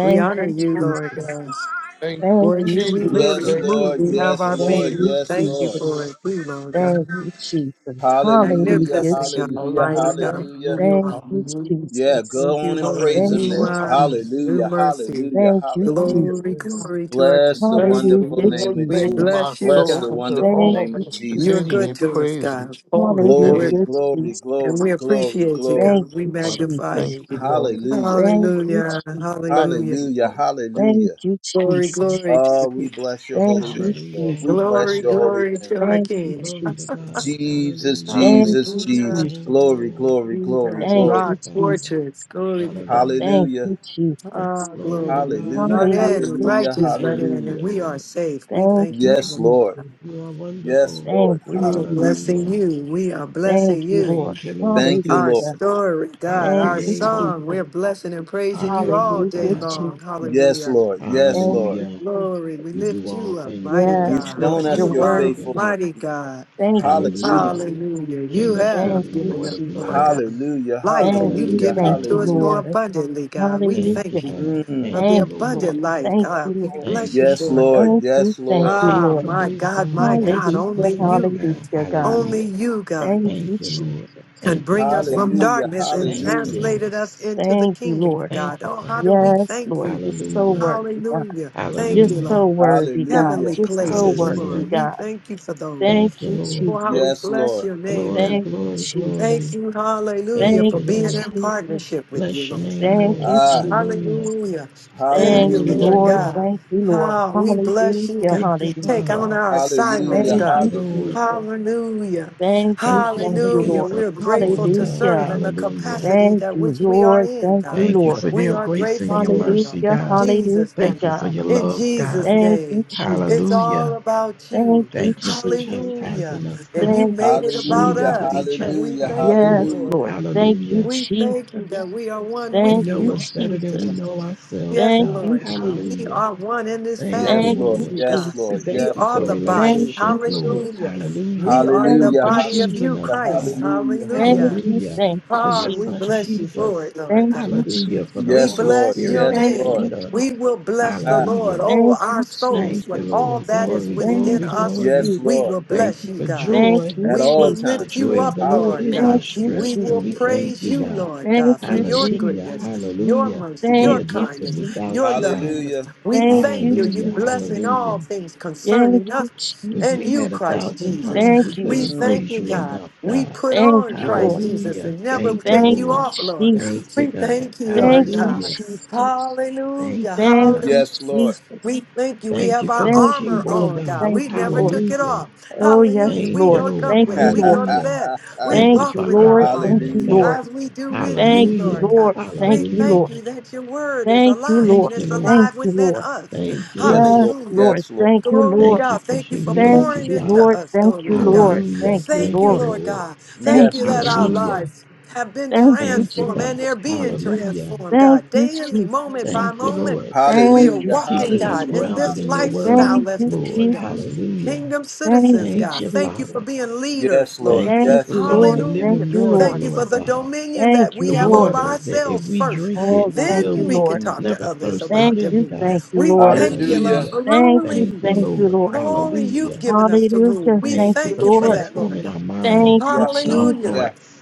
Speaker 4: We honor
Speaker 1: you,
Speaker 4: you, Lord
Speaker 1: Jesus.
Speaker 4: God.
Speaker 3: Thank you,
Speaker 1: Thank
Speaker 4: Lord,
Speaker 1: you,
Speaker 4: you we live,
Speaker 3: Jesus.
Speaker 4: we
Speaker 1: Jesus.
Speaker 2: Yes,
Speaker 3: Thank you,
Speaker 4: move,
Speaker 2: Lord.
Speaker 4: we have
Speaker 2: Yes,
Speaker 4: our
Speaker 3: Jesus.
Speaker 1: Thank
Speaker 2: Lord.
Speaker 4: being.
Speaker 1: you,
Speaker 4: We
Speaker 2: Yes,
Speaker 4: thank you
Speaker 2: Lord.
Speaker 1: Jesus.
Speaker 4: for it too, Lord
Speaker 1: Thank you,
Speaker 4: God.
Speaker 1: Jesus.
Speaker 2: Hallelujah.
Speaker 1: Hallelujah,
Speaker 4: Magnificent God,
Speaker 2: Hallelujah.
Speaker 4: mighty
Speaker 1: Jesus.
Speaker 4: God,
Speaker 3: Hallelujah.
Speaker 2: Hallelujah.
Speaker 4: who you
Speaker 1: Thank
Speaker 4: are.
Speaker 1: you,
Speaker 3: Hallelujah.
Speaker 2: Yeah,
Speaker 1: Jesus.
Speaker 4: Thank
Speaker 2: go
Speaker 4: you,
Speaker 2: on and
Speaker 4: Lord.
Speaker 2: praise
Speaker 1: Thank
Speaker 2: him
Speaker 4: New
Speaker 1: you,
Speaker 3: Hallelujah.
Speaker 2: now.
Speaker 3: I'm
Speaker 4: wine,
Speaker 1: Jesus.
Speaker 4: new
Speaker 2: Hallelujah.
Speaker 4: mercy.
Speaker 2: Hallelujah.
Speaker 1: Thank you,
Speaker 2: Hallelujah.
Speaker 4: Glory,
Speaker 1: Jesus.
Speaker 4: glory to our
Speaker 2: Bless
Speaker 4: King.
Speaker 2: the
Speaker 1: Hallelujah,
Speaker 2: wonderful name
Speaker 3: Lord,
Speaker 2: of
Speaker 1: Jesus.
Speaker 4: We
Speaker 3: oh
Speaker 2: Jesus.
Speaker 3: my
Speaker 4: bless you,
Speaker 2: Bless
Speaker 3: soul,
Speaker 2: the
Speaker 4: God.
Speaker 3: and
Speaker 2: wonderful
Speaker 1: Thank
Speaker 3: all
Speaker 2: name
Speaker 1: you,
Speaker 2: of
Speaker 3: that's
Speaker 4: You're
Speaker 3: within
Speaker 2: Jesus.
Speaker 1: Jesus.
Speaker 4: good
Speaker 3: me,
Speaker 4: to us,
Speaker 3: praise
Speaker 4: God.
Speaker 3: His holy
Speaker 4: And
Speaker 1: Hallelujah,
Speaker 4: We're,
Speaker 2: Glory,
Speaker 3: name.
Speaker 2: glory,
Speaker 4: and
Speaker 1: Jesus.
Speaker 4: we
Speaker 2: glory, glory,
Speaker 4: appreciate you,
Speaker 1: Thank
Speaker 2: glory.
Speaker 4: God. We
Speaker 1: you,
Speaker 3: Lord.
Speaker 4: magnify
Speaker 1: Jesus.
Speaker 3: Thank
Speaker 4: you,
Speaker 3: you,
Speaker 4: God.
Speaker 3: Lord.
Speaker 2: Hallelujah.
Speaker 1: Thank you,
Speaker 4: Hallelujah.
Speaker 1: Jesus.
Speaker 3: Thank
Speaker 4: Hallelujah.
Speaker 3: you,
Speaker 2: Hallelujah.
Speaker 3: Lord.
Speaker 1: Thank
Speaker 2: Hallelujah.
Speaker 1: you,
Speaker 4: Glory,
Speaker 1: Jesus.
Speaker 4: glory to the
Speaker 2: Oh, we
Speaker 4: King.
Speaker 2: bless your
Speaker 1: Thank
Speaker 2: holy
Speaker 1: you,
Speaker 2: name, Lord.
Speaker 5: Hallelujah.
Speaker 2: We
Speaker 1: Jesus.
Speaker 2: bless
Speaker 4: Glory,
Speaker 2: your
Speaker 5: Hallelujah.
Speaker 2: holy
Speaker 4: glory
Speaker 2: name.
Speaker 4: to our
Speaker 1: Thank you,
Speaker 4: King.
Speaker 5: Glory to
Speaker 1: Jesus.
Speaker 5: God.
Speaker 2: Jesus,
Speaker 5: Hallelujah.
Speaker 1: Thank
Speaker 2: Jesus,
Speaker 1: you,
Speaker 4: Hallelujah.
Speaker 2: Jesus.
Speaker 5: Thank you,
Speaker 1: Jesus.
Speaker 2: Glory,
Speaker 5: Lord.
Speaker 2: glory, glory,
Speaker 4: Jesus,
Speaker 1: Thank
Speaker 5: Thank
Speaker 2: glory.
Speaker 1: you,
Speaker 4: rock,
Speaker 5: you, Father.
Speaker 1: Jesus.
Speaker 4: fortress, glory to God.
Speaker 5: Hallelujah.
Speaker 1: Thank
Speaker 2: Hallelujah.
Speaker 1: you, Jesus.
Speaker 4: Ah, glory.
Speaker 5: Glory to
Speaker 4: We
Speaker 5: God.
Speaker 2: Hallelujah.
Speaker 4: Run
Speaker 1: Hallelujah,
Speaker 4: in, with
Speaker 2: Hallelujah.
Speaker 4: righteous run
Speaker 1: Jesus.
Speaker 5: Thank
Speaker 4: in,
Speaker 5: you,
Speaker 4: and
Speaker 2: Hallelujah.
Speaker 4: we are
Speaker 5: Lord.
Speaker 4: safe. We
Speaker 1: Thank
Speaker 4: thank you
Speaker 1: you,
Speaker 2: Yes,
Speaker 4: for
Speaker 2: Lord.
Speaker 4: it.
Speaker 1: Jesus.
Speaker 5: You are
Speaker 2: Yes,
Speaker 5: wonderful.
Speaker 2: Lord.
Speaker 1: Thank you,
Speaker 4: we are
Speaker 2: Hallelujah.
Speaker 1: Jesus.
Speaker 4: blessing
Speaker 5: Hallelujah.
Speaker 4: you. We are
Speaker 1: Thank
Speaker 4: blessing
Speaker 1: you,
Speaker 4: you.
Speaker 1: Lord.
Speaker 5: Thank you, Lord.
Speaker 2: Thank you,
Speaker 4: Our
Speaker 2: Lord.
Speaker 1: Hallelujah.
Speaker 4: story,
Speaker 5: Our
Speaker 4: God,
Speaker 1: Thank
Speaker 4: our
Speaker 1: you,
Speaker 5: Creator,
Speaker 4: song, we're
Speaker 1: Jesus.
Speaker 4: blessing and
Speaker 5: our
Speaker 4: praising you all
Speaker 5: Heavenly
Speaker 1: Hallelujah,
Speaker 4: day
Speaker 5: Father.
Speaker 4: long.
Speaker 1: Jesus.
Speaker 2: Yes,
Speaker 4: Hallelujah.
Speaker 2: Lord. Yes,
Speaker 1: Thank
Speaker 2: Lord.
Speaker 1: you,
Speaker 5: Hallelujah.
Speaker 4: Glory, we
Speaker 5: You
Speaker 1: Jesus.
Speaker 5: do
Speaker 4: lift
Speaker 5: all
Speaker 4: you up,
Speaker 5: things
Speaker 4: mighty
Speaker 2: You've
Speaker 1: Yes,
Speaker 5: well.
Speaker 4: God.
Speaker 1: Lord,
Speaker 2: shown
Speaker 1: you're
Speaker 2: us
Speaker 4: You
Speaker 2: your
Speaker 1: worthy.
Speaker 4: are
Speaker 5: Hallelujah.
Speaker 2: faithfulness.
Speaker 4: mighty God.
Speaker 1: Thank you,
Speaker 2: Hallelujah.
Speaker 5: Hallelujah.
Speaker 1: Jesus.
Speaker 4: Hallelujah. You
Speaker 5: King of
Speaker 1: Thank
Speaker 4: have
Speaker 5: kings,
Speaker 1: you,
Speaker 4: given
Speaker 5: Lord
Speaker 4: us,
Speaker 5: of
Speaker 4: Lord
Speaker 1: Jesus.
Speaker 4: God,
Speaker 5: lords.
Speaker 2: Hallelujah.
Speaker 4: life,
Speaker 1: Thank
Speaker 4: and you've
Speaker 1: you,
Speaker 2: Hallelujah.
Speaker 4: given
Speaker 1: thank
Speaker 4: it
Speaker 5: Hallelujah.
Speaker 4: to
Speaker 1: you,
Speaker 4: us
Speaker 2: Hallelujah.
Speaker 4: more
Speaker 1: Lord.
Speaker 4: abundantly, God. We
Speaker 1: Hallelujah.
Speaker 5: Thank
Speaker 4: thank
Speaker 5: you,
Speaker 4: you
Speaker 5: God.
Speaker 2: Mm.
Speaker 4: for
Speaker 5: Thank
Speaker 4: the
Speaker 5: you,
Speaker 1: Thank you,
Speaker 5: Lord.
Speaker 4: abundant
Speaker 1: Lord.
Speaker 4: life,
Speaker 1: Thank
Speaker 4: God.
Speaker 1: you,
Speaker 4: We
Speaker 1: Lord.
Speaker 5: Thank
Speaker 4: bless you
Speaker 5: you,
Speaker 2: Yes,
Speaker 4: Lord God.
Speaker 2: Lord.
Speaker 5: Father.
Speaker 1: Thank you,
Speaker 2: Yes,
Speaker 1: thank
Speaker 2: Lord.
Speaker 1: you,
Speaker 5: Thank
Speaker 4: Ah,
Speaker 5: you
Speaker 1: Lord.
Speaker 5: for
Speaker 4: my
Speaker 5: wisdom
Speaker 4: God, my
Speaker 5: and
Speaker 4: God,
Speaker 1: Hallelujah,
Speaker 4: only
Speaker 5: righteousness, Lord
Speaker 4: you,
Speaker 5: God.
Speaker 1: hallelujah, God.
Speaker 4: only
Speaker 5: Hallelujah.
Speaker 4: you, God,
Speaker 1: Thank
Speaker 5: Thank
Speaker 1: you,
Speaker 5: you, Lord.
Speaker 1: Jesus.
Speaker 4: can
Speaker 5: Thank you,
Speaker 4: bring us
Speaker 5: God.
Speaker 4: from
Speaker 1: Thank
Speaker 2: Hallelujah.
Speaker 1: you,
Speaker 4: darkness and
Speaker 1: Jesus.
Speaker 5: Thank you,
Speaker 2: Hallelujah.
Speaker 4: translated
Speaker 5: Lord.
Speaker 4: us into the
Speaker 1: Thank you,
Speaker 4: kingdom of
Speaker 1: Lord.
Speaker 5: Thank
Speaker 4: God.
Speaker 5: you,
Speaker 4: Oh,
Speaker 5: Father.
Speaker 4: how do we
Speaker 1: Yes,
Speaker 4: thank
Speaker 1: Lord.
Speaker 4: you?
Speaker 1: You're so
Speaker 5: Hallelujah.
Speaker 1: worthy, God.
Speaker 4: Hallelujah.
Speaker 1: You're
Speaker 4: Thank you,
Speaker 5: Hallelujah.
Speaker 1: so
Speaker 4: Lord.
Speaker 1: worthy, God.
Speaker 2: Hallelujah.
Speaker 4: Heavenly
Speaker 1: You're so
Speaker 4: places,
Speaker 1: worthy,
Speaker 5: Hallelujah.
Speaker 4: Lord. We
Speaker 1: God.
Speaker 4: thank you for those.
Speaker 1: Thank
Speaker 5: Thank you,
Speaker 1: you,
Speaker 5: Lord.
Speaker 4: Oh, how
Speaker 1: Jesus.
Speaker 4: we
Speaker 2: Yes,
Speaker 4: bless
Speaker 2: Lord.
Speaker 4: your name, God.
Speaker 5: Glory,
Speaker 1: Thank you,
Speaker 5: glory,
Speaker 4: Thank
Speaker 5: glory.
Speaker 1: Jesus.
Speaker 4: you, hallelujah,
Speaker 5: Thank
Speaker 1: Thank
Speaker 4: for
Speaker 5: you,
Speaker 1: you,
Speaker 4: being
Speaker 5: Lord.
Speaker 4: in
Speaker 1: Jesus.
Speaker 4: partnership with you,
Speaker 5: Bless your
Speaker 4: Lord
Speaker 5: name,
Speaker 4: God.
Speaker 1: Thank
Speaker 5: Lord.
Speaker 1: you,
Speaker 2: Ah,
Speaker 5: Hallelujah.
Speaker 1: Jesus.
Speaker 4: Hallelujah. Thank
Speaker 1: Thank
Speaker 4: you,
Speaker 1: you,
Speaker 2: Hallelujah.
Speaker 4: Lord
Speaker 1: Lord.
Speaker 5: Hallelujah.
Speaker 4: God.
Speaker 1: Thank you, Lord.
Speaker 4: Ah, we bless you,
Speaker 1: Hallelujah,
Speaker 4: God.
Speaker 5: Thank you,
Speaker 4: Take
Speaker 5: Father.
Speaker 4: on
Speaker 1: hallelujah.
Speaker 4: our assignments,
Speaker 2: Hallelujah.
Speaker 1: Thank
Speaker 5: Thank
Speaker 4: God.
Speaker 5: you,
Speaker 1: you,
Speaker 2: Hallelujah.
Speaker 5: Lord.
Speaker 1: Jesus.
Speaker 4: Hallelujah.
Speaker 1: Thank you,
Speaker 5: Thank you for
Speaker 1: thank you,
Speaker 5: waking
Speaker 4: Hallelujah.
Speaker 1: Lord.
Speaker 5: us up
Speaker 4: We're
Speaker 5: this
Speaker 4: grateful
Speaker 5: morning,
Speaker 4: to
Speaker 5: God.
Speaker 1: Hallelujah.
Speaker 4: serve in the
Speaker 5: Hallelujah.
Speaker 4: capacity
Speaker 1: Thank
Speaker 4: that
Speaker 1: you,
Speaker 4: which we are
Speaker 1: Lord.
Speaker 4: in,
Speaker 1: Thank
Speaker 4: God.
Speaker 1: you,
Speaker 5: Thank you for
Speaker 1: Lord.
Speaker 4: We
Speaker 5: your
Speaker 4: are
Speaker 5: grace
Speaker 4: grateful
Speaker 5: and your
Speaker 4: for it,
Speaker 5: mercy,
Speaker 4: Lord.
Speaker 1: Hallelujah.
Speaker 4: In
Speaker 5: God.
Speaker 4: Jesus'
Speaker 1: Hallelujah,
Speaker 4: name.
Speaker 5: Thank you for
Speaker 1: God.
Speaker 5: your
Speaker 4: In
Speaker 5: love,
Speaker 4: Jesus'
Speaker 5: God.
Speaker 1: Thank you,
Speaker 4: name. It's
Speaker 1: Jesus.
Speaker 5: Hallelujah.
Speaker 4: all about
Speaker 1: Thank
Speaker 4: you.
Speaker 1: you,
Speaker 5: Thank you for
Speaker 1: Jesus.
Speaker 4: Hallelujah.
Speaker 5: chastising us,
Speaker 4: And
Speaker 5: God,
Speaker 4: you
Speaker 1: Thank you,
Speaker 4: made it
Speaker 5: when we
Speaker 4: about
Speaker 2: Hallelujah.
Speaker 5: need
Speaker 1: Jesus.
Speaker 5: to be
Speaker 4: us. And we
Speaker 2: Hallelujah.
Speaker 4: thank
Speaker 5: chastised,
Speaker 4: you
Speaker 1: Yes,
Speaker 5: Lord.
Speaker 2: Hallelujah.
Speaker 4: for it. God.
Speaker 1: Lord. Thank you,
Speaker 5: Hallelujah.
Speaker 4: We thank you that
Speaker 1: Jesus.
Speaker 4: we are one
Speaker 5: You
Speaker 4: with
Speaker 1: Thank
Speaker 4: you,
Speaker 1: you,
Speaker 5: know us
Speaker 4: Lord, God,
Speaker 5: better than we
Speaker 4: today.
Speaker 1: Jesus.
Speaker 5: know ourselves,
Speaker 4: Yes,
Speaker 1: Thank
Speaker 5: God.
Speaker 1: you,
Speaker 4: Lord God. We
Speaker 1: Jesus.
Speaker 5: Hallelujah.
Speaker 4: are one in this
Speaker 5: Thank you,
Speaker 2: Yes,
Speaker 1: Thank
Speaker 4: family,
Speaker 2: Lord.
Speaker 1: you,
Speaker 5: Lord.
Speaker 4: you God.
Speaker 2: Yes,
Speaker 5: We
Speaker 1: Jesus.
Speaker 2: Lord.
Speaker 4: We
Speaker 5: thank
Speaker 2: Yes,
Speaker 5: you
Speaker 4: are
Speaker 5: for
Speaker 4: the
Speaker 2: Lord.
Speaker 1: Thank
Speaker 4: body.
Speaker 5: relationship,
Speaker 1: you,
Speaker 5: Lord.
Speaker 1: Jesus.
Speaker 4: Hallelujah.
Speaker 5: Hallelujah.
Speaker 4: We are the
Speaker 1: Thank
Speaker 2: Hallelujah.
Speaker 5: For
Speaker 1: you,
Speaker 4: body of
Speaker 1: Jesus.
Speaker 5: choosing
Speaker 4: you,
Speaker 5: us,
Speaker 2: Hallelujah.
Speaker 4: Christ.
Speaker 5: God.
Speaker 2: Hallelujah.
Speaker 1: Thank
Speaker 4: Hallelujah.
Speaker 1: you,
Speaker 5: Hallelujah.
Speaker 1: thank you,
Speaker 5: For
Speaker 4: Ah,
Speaker 5: your
Speaker 1: Jesus.
Speaker 4: we
Speaker 5: son,
Speaker 4: bless you for
Speaker 5: Jesus.
Speaker 4: it, Lord
Speaker 1: Thank
Speaker 4: God.
Speaker 1: you,
Speaker 5: Hallelujah. For
Speaker 1: Jesus.
Speaker 5: the
Speaker 4: We
Speaker 2: Yes,
Speaker 5: Holy
Speaker 2: Lord.
Speaker 4: bless
Speaker 5: Spirit,
Speaker 4: your
Speaker 5: our
Speaker 2: Yes,
Speaker 1: Thank
Speaker 4: name.
Speaker 2: Lord.
Speaker 1: you,
Speaker 5: comforter.
Speaker 4: We will
Speaker 1: Jesus.
Speaker 4: bless the
Speaker 2: Ah,
Speaker 4: Lord.
Speaker 5: Hallelujah.
Speaker 4: Oh,
Speaker 1: Thank
Speaker 4: our
Speaker 1: you,
Speaker 4: souls,
Speaker 5: Thank you,
Speaker 1: Jesus.
Speaker 4: when all
Speaker 5: Lord.
Speaker 4: that is
Speaker 5: Glory,
Speaker 1: Thank
Speaker 4: within
Speaker 5: glory,
Speaker 1: you,
Speaker 4: us,
Speaker 5: glory.
Speaker 2: yes,
Speaker 4: we
Speaker 1: Jesus.
Speaker 2: Lord.
Speaker 4: will
Speaker 5: Thank
Speaker 4: bless
Speaker 5: you
Speaker 4: you,
Speaker 5: for
Speaker 4: God.
Speaker 1: Thank
Speaker 5: joy.
Speaker 1: you,
Speaker 2: At
Speaker 4: We
Speaker 2: all
Speaker 4: will
Speaker 1: Jesus.
Speaker 5: The
Speaker 2: times.
Speaker 4: lift you
Speaker 5: joy of
Speaker 4: up,
Speaker 5: the Lord
Speaker 4: Lord
Speaker 5: is our
Speaker 2: Hallelujah.
Speaker 4: God.
Speaker 1: Thank you,
Speaker 5: strength,
Speaker 4: We
Speaker 1: Jesus.
Speaker 5: and
Speaker 4: will
Speaker 5: we thank
Speaker 4: praise
Speaker 5: you,
Speaker 4: you,
Speaker 5: God.
Speaker 4: Lord
Speaker 1: Thank
Speaker 4: God, for
Speaker 1: you,
Speaker 4: your
Speaker 5: Hallelujah,
Speaker 4: goodness,
Speaker 1: Jesus.
Speaker 4: your
Speaker 5: hallelujah.
Speaker 4: mercy,
Speaker 5: We
Speaker 4: your
Speaker 1: Thank
Speaker 5: are
Speaker 1: you,
Speaker 5: nothing
Speaker 4: kindness, your
Speaker 5: without you,
Speaker 1: Jesus.
Speaker 5: God.
Speaker 4: lovingness.
Speaker 2: Hallelujah.
Speaker 4: We
Speaker 1: Thank
Speaker 4: thank
Speaker 1: you,
Speaker 4: you. You
Speaker 5: Hallelujah,
Speaker 4: blessing
Speaker 1: Jesus.
Speaker 5: hallelujah.
Speaker 4: all things
Speaker 1: Thank
Speaker 4: concerning
Speaker 1: you,
Speaker 4: us
Speaker 5: If
Speaker 4: and
Speaker 5: we
Speaker 4: you,
Speaker 1: Jesus.
Speaker 5: had a
Speaker 4: Christ
Speaker 5: thousand
Speaker 4: Jesus.
Speaker 5: tongues,
Speaker 1: Thank
Speaker 5: we
Speaker 1: you,
Speaker 4: We
Speaker 5: couldn't
Speaker 2: Mm,
Speaker 4: thank
Speaker 5: praise
Speaker 4: you,
Speaker 1: Jesus.
Speaker 5: you
Speaker 4: God.
Speaker 5: enough,
Speaker 4: We
Speaker 5: God.
Speaker 4: put
Speaker 1: Thank
Speaker 4: on
Speaker 1: you,
Speaker 4: Christ
Speaker 1: Lord.
Speaker 4: Jesus
Speaker 5: Hallelujah.
Speaker 4: and never
Speaker 5: Thank you,
Speaker 4: take
Speaker 1: Thank
Speaker 4: you
Speaker 1: you,
Speaker 5: Lord.
Speaker 4: off, Lord.
Speaker 5: Thank
Speaker 1: Jesus.
Speaker 5: you,
Speaker 4: We
Speaker 5: God.
Speaker 4: thank you,
Speaker 1: Thank
Speaker 4: Lord
Speaker 1: you,
Speaker 4: God.
Speaker 5: Hallelujah.
Speaker 1: Jesus.
Speaker 4: Hallelujah.
Speaker 5: Thank you,
Speaker 1: Thank
Speaker 4: Hallelujah.
Speaker 5: God.
Speaker 1: you,
Speaker 2: yes, Lord.
Speaker 1: Jesus.
Speaker 4: We thank you. We
Speaker 5: Thank
Speaker 4: have
Speaker 5: you for
Speaker 4: our
Speaker 5: the
Speaker 1: Thank you,
Speaker 4: armor
Speaker 5: kingdom,
Speaker 1: Lord.
Speaker 4: on, God.
Speaker 5: God.
Speaker 1: Thank
Speaker 4: We
Speaker 1: you,
Speaker 4: never
Speaker 1: Lord.
Speaker 4: took it
Speaker 5: Hallelujah.
Speaker 4: off.
Speaker 1: Oh, yes,
Speaker 4: Hallelujah.
Speaker 5: Thank
Speaker 4: We
Speaker 5: you,
Speaker 1: Lord.
Speaker 4: don't
Speaker 5: Lord.
Speaker 4: up
Speaker 1: Thank
Speaker 4: with it.
Speaker 1: you,
Speaker 4: We
Speaker 1: Lord.
Speaker 4: go to
Speaker 5: Hallelujah.
Speaker 4: bed. We
Speaker 5: Thank you
Speaker 1: Thank
Speaker 4: walk
Speaker 1: you,
Speaker 5: for
Speaker 4: with
Speaker 5: our
Speaker 1: Lord.
Speaker 4: our armor
Speaker 1: Thank you,
Speaker 5: government, God.
Speaker 2: Hallelujah.
Speaker 1: Lord.
Speaker 4: as we do with you,
Speaker 1: Thank you,
Speaker 5: Hallelujah.
Speaker 4: Lord God.
Speaker 1: Lord. Thank
Speaker 4: We
Speaker 1: you,
Speaker 5: Hallelujah.
Speaker 4: thank
Speaker 1: Lord.
Speaker 4: you that your word is
Speaker 1: Thank you,
Speaker 4: alive and
Speaker 1: Lord.
Speaker 5: Thank you,
Speaker 4: it's
Speaker 5: Lord.
Speaker 1: Thank
Speaker 4: alive
Speaker 1: you,
Speaker 4: within
Speaker 1: Lord.
Speaker 4: us.
Speaker 5: Thank you,
Speaker 2: Yes,
Speaker 5: Lord.
Speaker 1: Yes,
Speaker 2: Lord.
Speaker 4: Hallelujah.
Speaker 1: Lord.
Speaker 2: Yes, Lord.
Speaker 1: Thank you,
Speaker 4: Glory to
Speaker 1: Lord.
Speaker 5: Thank you
Speaker 4: God.
Speaker 5: for
Speaker 4: Thank you for
Speaker 1: Thank
Speaker 5: humility,
Speaker 4: pouring
Speaker 1: you,
Speaker 4: into
Speaker 5: God.
Speaker 1: Lord.
Speaker 4: us.
Speaker 1: Thank
Speaker 4: Glory
Speaker 1: you,
Speaker 4: to
Speaker 2: Mm,
Speaker 4: God.
Speaker 1: Lord.
Speaker 5: Hallelujah.
Speaker 1: Thank you,
Speaker 4: Thank
Speaker 5: Thank
Speaker 4: you,
Speaker 5: you,
Speaker 1: Lord.
Speaker 4: Lord
Speaker 5: Lord.
Speaker 4: God.
Speaker 1: Thank
Speaker 4: Thank
Speaker 2: yes,
Speaker 4: you
Speaker 2: Lord.
Speaker 1: you,
Speaker 4: that our
Speaker 1: Jesus.
Speaker 5: Hallelujah.
Speaker 4: lives have been
Speaker 1: Thank you,
Speaker 5: Thank you,
Speaker 4: transformed
Speaker 1: Jesus.
Speaker 5: God.
Speaker 4: and they're being
Speaker 5: Hallelujah.
Speaker 4: transformed,
Speaker 1: Thank
Speaker 4: God.
Speaker 1: you,
Speaker 4: Daily, moment
Speaker 1: Jesus.
Speaker 4: by
Speaker 5: Thank you,
Speaker 4: moment,
Speaker 5: Lord,
Speaker 4: we
Speaker 1: Thank
Speaker 4: are
Speaker 1: you,
Speaker 5: for
Speaker 2: Hallelujah.
Speaker 4: walking,
Speaker 5: keeping
Speaker 1: Jesus.
Speaker 5: us
Speaker 4: God, in
Speaker 2: Hallelujah.
Speaker 5: grounded
Speaker 4: this
Speaker 5: in your
Speaker 2: Hallelujah.
Speaker 1: Thank
Speaker 5: word,
Speaker 4: lifestyle of
Speaker 1: you,
Speaker 4: the
Speaker 5: Lord.
Speaker 4: kingdom.
Speaker 1: Jesus.
Speaker 5: Hallelujah.
Speaker 4: Kingdom
Speaker 1: Thank
Speaker 4: citizens,
Speaker 1: you,
Speaker 5: Thank
Speaker 4: God.
Speaker 5: you,
Speaker 4: Thank you for
Speaker 1: Jesus.
Speaker 5: Father.
Speaker 4: being
Speaker 2: Yes,
Speaker 4: leaders,
Speaker 2: Lord.
Speaker 4: Lord.
Speaker 5: Thank you
Speaker 1: Thank
Speaker 5: for
Speaker 2: Yes,
Speaker 1: you,
Speaker 2: Lord.
Speaker 5: being
Speaker 1: Lord.
Speaker 5: the
Speaker 1: Thank
Speaker 4: Hallelujah.
Speaker 5: living
Speaker 1: you,
Speaker 5: water,
Speaker 1: Lord.
Speaker 4: Thank you for
Speaker 5: Lord
Speaker 4: the
Speaker 5: God.
Speaker 4: dominion
Speaker 1: Thank
Speaker 4: that we
Speaker 5: the
Speaker 1: you,
Speaker 4: have over
Speaker 1: Lord.
Speaker 5: water that if
Speaker 4: ourselves
Speaker 5: we
Speaker 4: first.
Speaker 5: drink it,
Speaker 1: Oh, thank
Speaker 5: we'll
Speaker 1: you,
Speaker 4: Then we can
Speaker 1: Lord.
Speaker 2: Mm.
Speaker 4: talk to
Speaker 5: never
Speaker 4: others
Speaker 5: thirst
Speaker 4: about
Speaker 1: Thank you,
Speaker 5: again,
Speaker 4: dominion.
Speaker 5: God.
Speaker 1: thank you,
Speaker 4: We
Speaker 1: Lord.
Speaker 4: thank you, Lord,
Speaker 2: Hallelujah.
Speaker 5: Hallelujah.
Speaker 4: for
Speaker 1: Thank you,
Speaker 4: ruling.
Speaker 5: Thank you,
Speaker 1: thank you,
Speaker 5: Lord.
Speaker 1: Lord.
Speaker 4: Glory, you've
Speaker 5: Hallelujah.
Speaker 4: given us to rule.
Speaker 1: Hallelujah.
Speaker 4: We
Speaker 1: Thank
Speaker 5: Thank you
Speaker 1: you,
Speaker 4: thank
Speaker 5: for
Speaker 4: you for
Speaker 1: Lord.
Speaker 4: that, Lord
Speaker 5: transforming our
Speaker 4: God.
Speaker 1: Thank
Speaker 5: minds
Speaker 1: you,
Speaker 2: Yeah,
Speaker 5: and our
Speaker 4: Hallelujah.
Speaker 1: Jesus.
Speaker 2: yeah.
Speaker 5: hearts.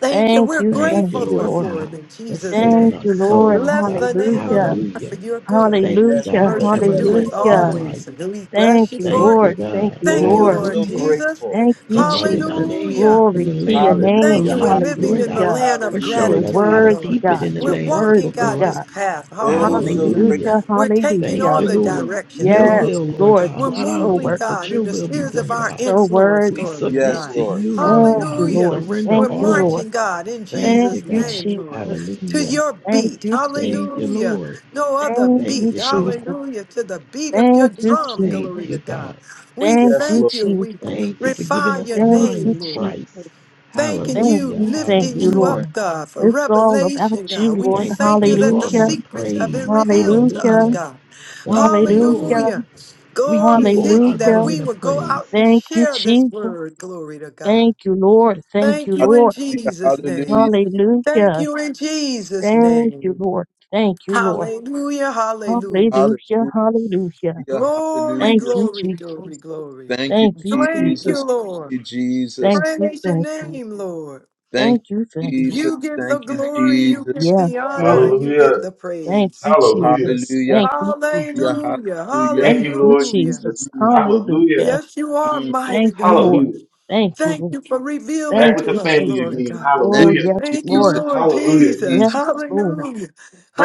Speaker 4: Thank you.
Speaker 1: Thank
Speaker 4: We're
Speaker 1: you,
Speaker 5: Thank
Speaker 1: thank
Speaker 5: you,
Speaker 4: grateful
Speaker 1: you,
Speaker 4: Lord,
Speaker 5: Lord
Speaker 1: Lord.
Speaker 4: for
Speaker 5: God,
Speaker 4: it in
Speaker 5: for
Speaker 4: Jesus'
Speaker 5: saving
Speaker 1: Thank
Speaker 4: name.
Speaker 5: our
Speaker 1: you, Lord.
Speaker 5: souls,
Speaker 4: Bless
Speaker 5: God.
Speaker 4: the name of the
Speaker 1: Hallelujah.
Speaker 4: Lord for
Speaker 5: Hallelujah.
Speaker 4: your good.
Speaker 5: Thank you,
Speaker 2: Yes,
Speaker 1: Hallelujah.
Speaker 5: God, for
Speaker 2: Lord.
Speaker 4: Mercy
Speaker 2: Yes,
Speaker 4: endures
Speaker 2: Lord.
Speaker 1: Hallelujah.
Speaker 5: everlasting life.
Speaker 4: always. And we
Speaker 1: Thank
Speaker 4: bless you
Speaker 1: you,
Speaker 4: for
Speaker 5: Thank
Speaker 4: it.
Speaker 5: you,
Speaker 1: Lord. Thank
Speaker 5: God.
Speaker 1: you,
Speaker 4: Thank you,
Speaker 2: Oh,
Speaker 1: Lord.
Speaker 4: Lord
Speaker 2: so
Speaker 5: Hallelujah.
Speaker 4: Jesus.
Speaker 2: grateful.
Speaker 1: Thank
Speaker 5: For
Speaker 1: you,
Speaker 5: writing our
Speaker 1: Jesus.
Speaker 4: Hallelujah.
Speaker 5: name in
Speaker 1: Glory
Speaker 5: the
Speaker 1: to your
Speaker 5: Lamb Book of
Speaker 4: Thank
Speaker 1: name.
Speaker 4: you.
Speaker 2: Hallelujah.
Speaker 4: We're
Speaker 5: Life,
Speaker 4: living
Speaker 5: Lord
Speaker 4: in the
Speaker 5: God.
Speaker 2: Hallelujah.
Speaker 1: Hallelujah.
Speaker 4: land of
Speaker 5: For
Speaker 1: You're
Speaker 2: Hallelujah.
Speaker 5: showing us how
Speaker 4: gratitude,
Speaker 5: to
Speaker 1: worthy,
Speaker 4: Lord.
Speaker 5: keep it
Speaker 1: God.
Speaker 5: in the
Speaker 4: We're
Speaker 1: You're
Speaker 5: Lamb's
Speaker 4: walking,
Speaker 5: Book of
Speaker 1: worthy,
Speaker 4: God,
Speaker 5: Life.
Speaker 4: this
Speaker 1: God.
Speaker 4: path.
Speaker 2: Oh, so
Speaker 4: Hallelujah.
Speaker 2: great.
Speaker 5: Hallelujah.
Speaker 1: Hallelujah.
Speaker 4: We're taking
Speaker 5: Thank
Speaker 1: Hallelujah.
Speaker 4: on
Speaker 5: you,
Speaker 4: the
Speaker 5: Lord.
Speaker 2: Hallelujah.
Speaker 4: directions,
Speaker 5: Your
Speaker 4: Lord.
Speaker 1: Yes,
Speaker 5: will, Lord
Speaker 1: Lord,
Speaker 5: God,
Speaker 4: We're
Speaker 1: you're
Speaker 5: not our
Speaker 1: so
Speaker 4: moving,
Speaker 1: worthy.
Speaker 5: will,
Speaker 2: Mm.
Speaker 5: but
Speaker 4: God, in
Speaker 5: your
Speaker 4: the
Speaker 5: will be
Speaker 4: spheres of
Speaker 5: done,
Speaker 1: You're
Speaker 4: our
Speaker 5: God.
Speaker 1: so
Speaker 4: influence,
Speaker 5: We
Speaker 1: worthy.
Speaker 4: glory to
Speaker 2: Yes,
Speaker 5: submit
Speaker 4: God.
Speaker 5: to
Speaker 2: Lord.
Speaker 5: you, Lord
Speaker 1: Thank
Speaker 5: God.
Speaker 1: you,
Speaker 5: We
Speaker 4: Hallelujah.
Speaker 1: Lord.
Speaker 5: surrender
Speaker 4: We're
Speaker 1: Thank you, Lord.
Speaker 5: all.
Speaker 4: marching, God, in
Speaker 5: Thank you,
Speaker 1: Thank
Speaker 4: Jesus'
Speaker 1: you,
Speaker 5: God.
Speaker 4: name, Lord,
Speaker 1: Jesus.
Speaker 4: to
Speaker 5: Hallelujah.
Speaker 4: your
Speaker 1: Thank
Speaker 4: beat.
Speaker 1: you, Jesus.
Speaker 5: Thank you,
Speaker 4: Hallelujah.
Speaker 5: Lord.
Speaker 4: No other
Speaker 1: Thank
Speaker 5: Thank
Speaker 1: you,
Speaker 4: beat.
Speaker 5: you, God.
Speaker 1: Jesus.
Speaker 4: Hallelujah. To the beat of your
Speaker 1: Thank you,
Speaker 4: drum,
Speaker 5: Thank
Speaker 4: glory
Speaker 5: you,
Speaker 4: to
Speaker 1: Jesus.
Speaker 4: God.
Speaker 5: God.
Speaker 4: We
Speaker 1: Thank
Speaker 2: Yes,
Speaker 1: you,
Speaker 4: thank
Speaker 2: Lord.
Speaker 4: you.
Speaker 1: Jesus.
Speaker 4: We
Speaker 5: Thank you for giving
Speaker 4: refine
Speaker 5: us
Speaker 4: your
Speaker 5: the
Speaker 1: Thank
Speaker 5: mind
Speaker 1: you,
Speaker 4: name,
Speaker 5: of
Speaker 4: Lord.
Speaker 5: Christ.
Speaker 1: Jesus.
Speaker 4: Thanking
Speaker 1: Thank
Speaker 4: you,
Speaker 5: Hallelujah.
Speaker 1: you, thank
Speaker 4: lifting
Speaker 1: you,
Speaker 4: you up,
Speaker 1: Lord.
Speaker 5: Hallelujah.
Speaker 4: God, for
Speaker 1: It's all about
Speaker 4: revelation,
Speaker 1: you,
Speaker 4: God. We
Speaker 1: Lord.
Speaker 5: Thank you
Speaker 4: thank
Speaker 5: for
Speaker 4: you
Speaker 5: the
Speaker 4: that the
Speaker 1: Hallelujah.
Speaker 5: garment of
Speaker 4: secrets have been
Speaker 5: praise.
Speaker 4: revealed to us,
Speaker 1: Hallelujah.
Speaker 5: Hallelujah.
Speaker 4: God.
Speaker 5: Thank you,
Speaker 1: Hallelujah.
Speaker 5: Lord.
Speaker 4: Hallelujah.
Speaker 5: We keep
Speaker 4: Glory
Speaker 5: on
Speaker 4: hidden
Speaker 5: our
Speaker 4: that
Speaker 1: Hallelujah.
Speaker 4: we
Speaker 5: garment of
Speaker 4: will go out
Speaker 5: praise.
Speaker 4: and
Speaker 1: Thank you,
Speaker 4: share this
Speaker 1: Jesus.
Speaker 4: word. Glory to God.
Speaker 1: Thank you, Lord. Thank
Speaker 4: Thank
Speaker 1: you,
Speaker 4: you in
Speaker 1: Lord.
Speaker 2: Hallelujah.
Speaker 4: Jesus' name.
Speaker 2: Hallelujah.
Speaker 4: Thank
Speaker 1: Hallelujah.
Speaker 4: you in Jesus'
Speaker 1: Thank you,
Speaker 4: name.
Speaker 1: Lord. Thank you, Lord.
Speaker 4: Hallelujah. Hallelujah.
Speaker 2: Hallelujah.
Speaker 1: Hallelujah. Hallelujah.
Speaker 4: Glory,
Speaker 1: Thank
Speaker 2: Hallelujah.
Speaker 1: you,
Speaker 4: glory, glory,
Speaker 1: Jesus.
Speaker 4: glory.
Speaker 2: Thank you,
Speaker 1: Thank you,
Speaker 4: Thank
Speaker 1: Jesus.
Speaker 4: you,
Speaker 2: Jesus.
Speaker 4: Lord.
Speaker 2: Thank you, Jesus.
Speaker 1: Thank you,
Speaker 4: Praise your
Speaker 1: thank you.
Speaker 4: name, Lord.
Speaker 2: Thank
Speaker 1: Thank you,
Speaker 2: you,
Speaker 1: thank you.
Speaker 2: Jesus.
Speaker 4: You get the
Speaker 2: Thank you,
Speaker 4: glory, you get
Speaker 2: Jesus.
Speaker 1: Yes,
Speaker 4: the honor,
Speaker 1: Lord.
Speaker 4: and you get
Speaker 6: Hallelujah.
Speaker 4: the
Speaker 1: Thank
Speaker 4: praise.
Speaker 1: you,
Speaker 6: Hallelujah.
Speaker 1: Jesus.
Speaker 2: Hallelujah.
Speaker 1: Thank you, Jesus.
Speaker 2: Yeah,
Speaker 4: Hallelujah,
Speaker 2: hallelujah.
Speaker 6: Thank
Speaker 1: Thank
Speaker 6: you,
Speaker 1: you,
Speaker 6: Lord
Speaker 4: hallelujah.
Speaker 6: Jesus.
Speaker 1: Jesus.
Speaker 2: Mm,
Speaker 6: Hallelujah.
Speaker 1: Hallelujah.
Speaker 4: Yes, you are
Speaker 2: mm.
Speaker 4: mighty
Speaker 1: Thank you,
Speaker 4: God.
Speaker 1: Lord.
Speaker 6: Hallelujah.
Speaker 1: Thank you,
Speaker 4: Thank
Speaker 1: Lord.
Speaker 4: you for revealing
Speaker 6: Back
Speaker 1: Thank
Speaker 6: with
Speaker 4: to
Speaker 6: the
Speaker 1: you,
Speaker 4: us,
Speaker 6: family
Speaker 4: Lord
Speaker 1: Jesus.
Speaker 6: again.
Speaker 4: God.
Speaker 2: Thank
Speaker 1: Oh,
Speaker 6: Hallelujah.
Speaker 1: yes,
Speaker 2: you,
Speaker 4: Thank you,
Speaker 2: Jesus.
Speaker 1: Lord.
Speaker 4: Lord
Speaker 2: Thank you,
Speaker 6: Hallelujah.
Speaker 4: Jesus.
Speaker 2: Jesus.
Speaker 1: Yes, Lord.
Speaker 4: Hallelujah.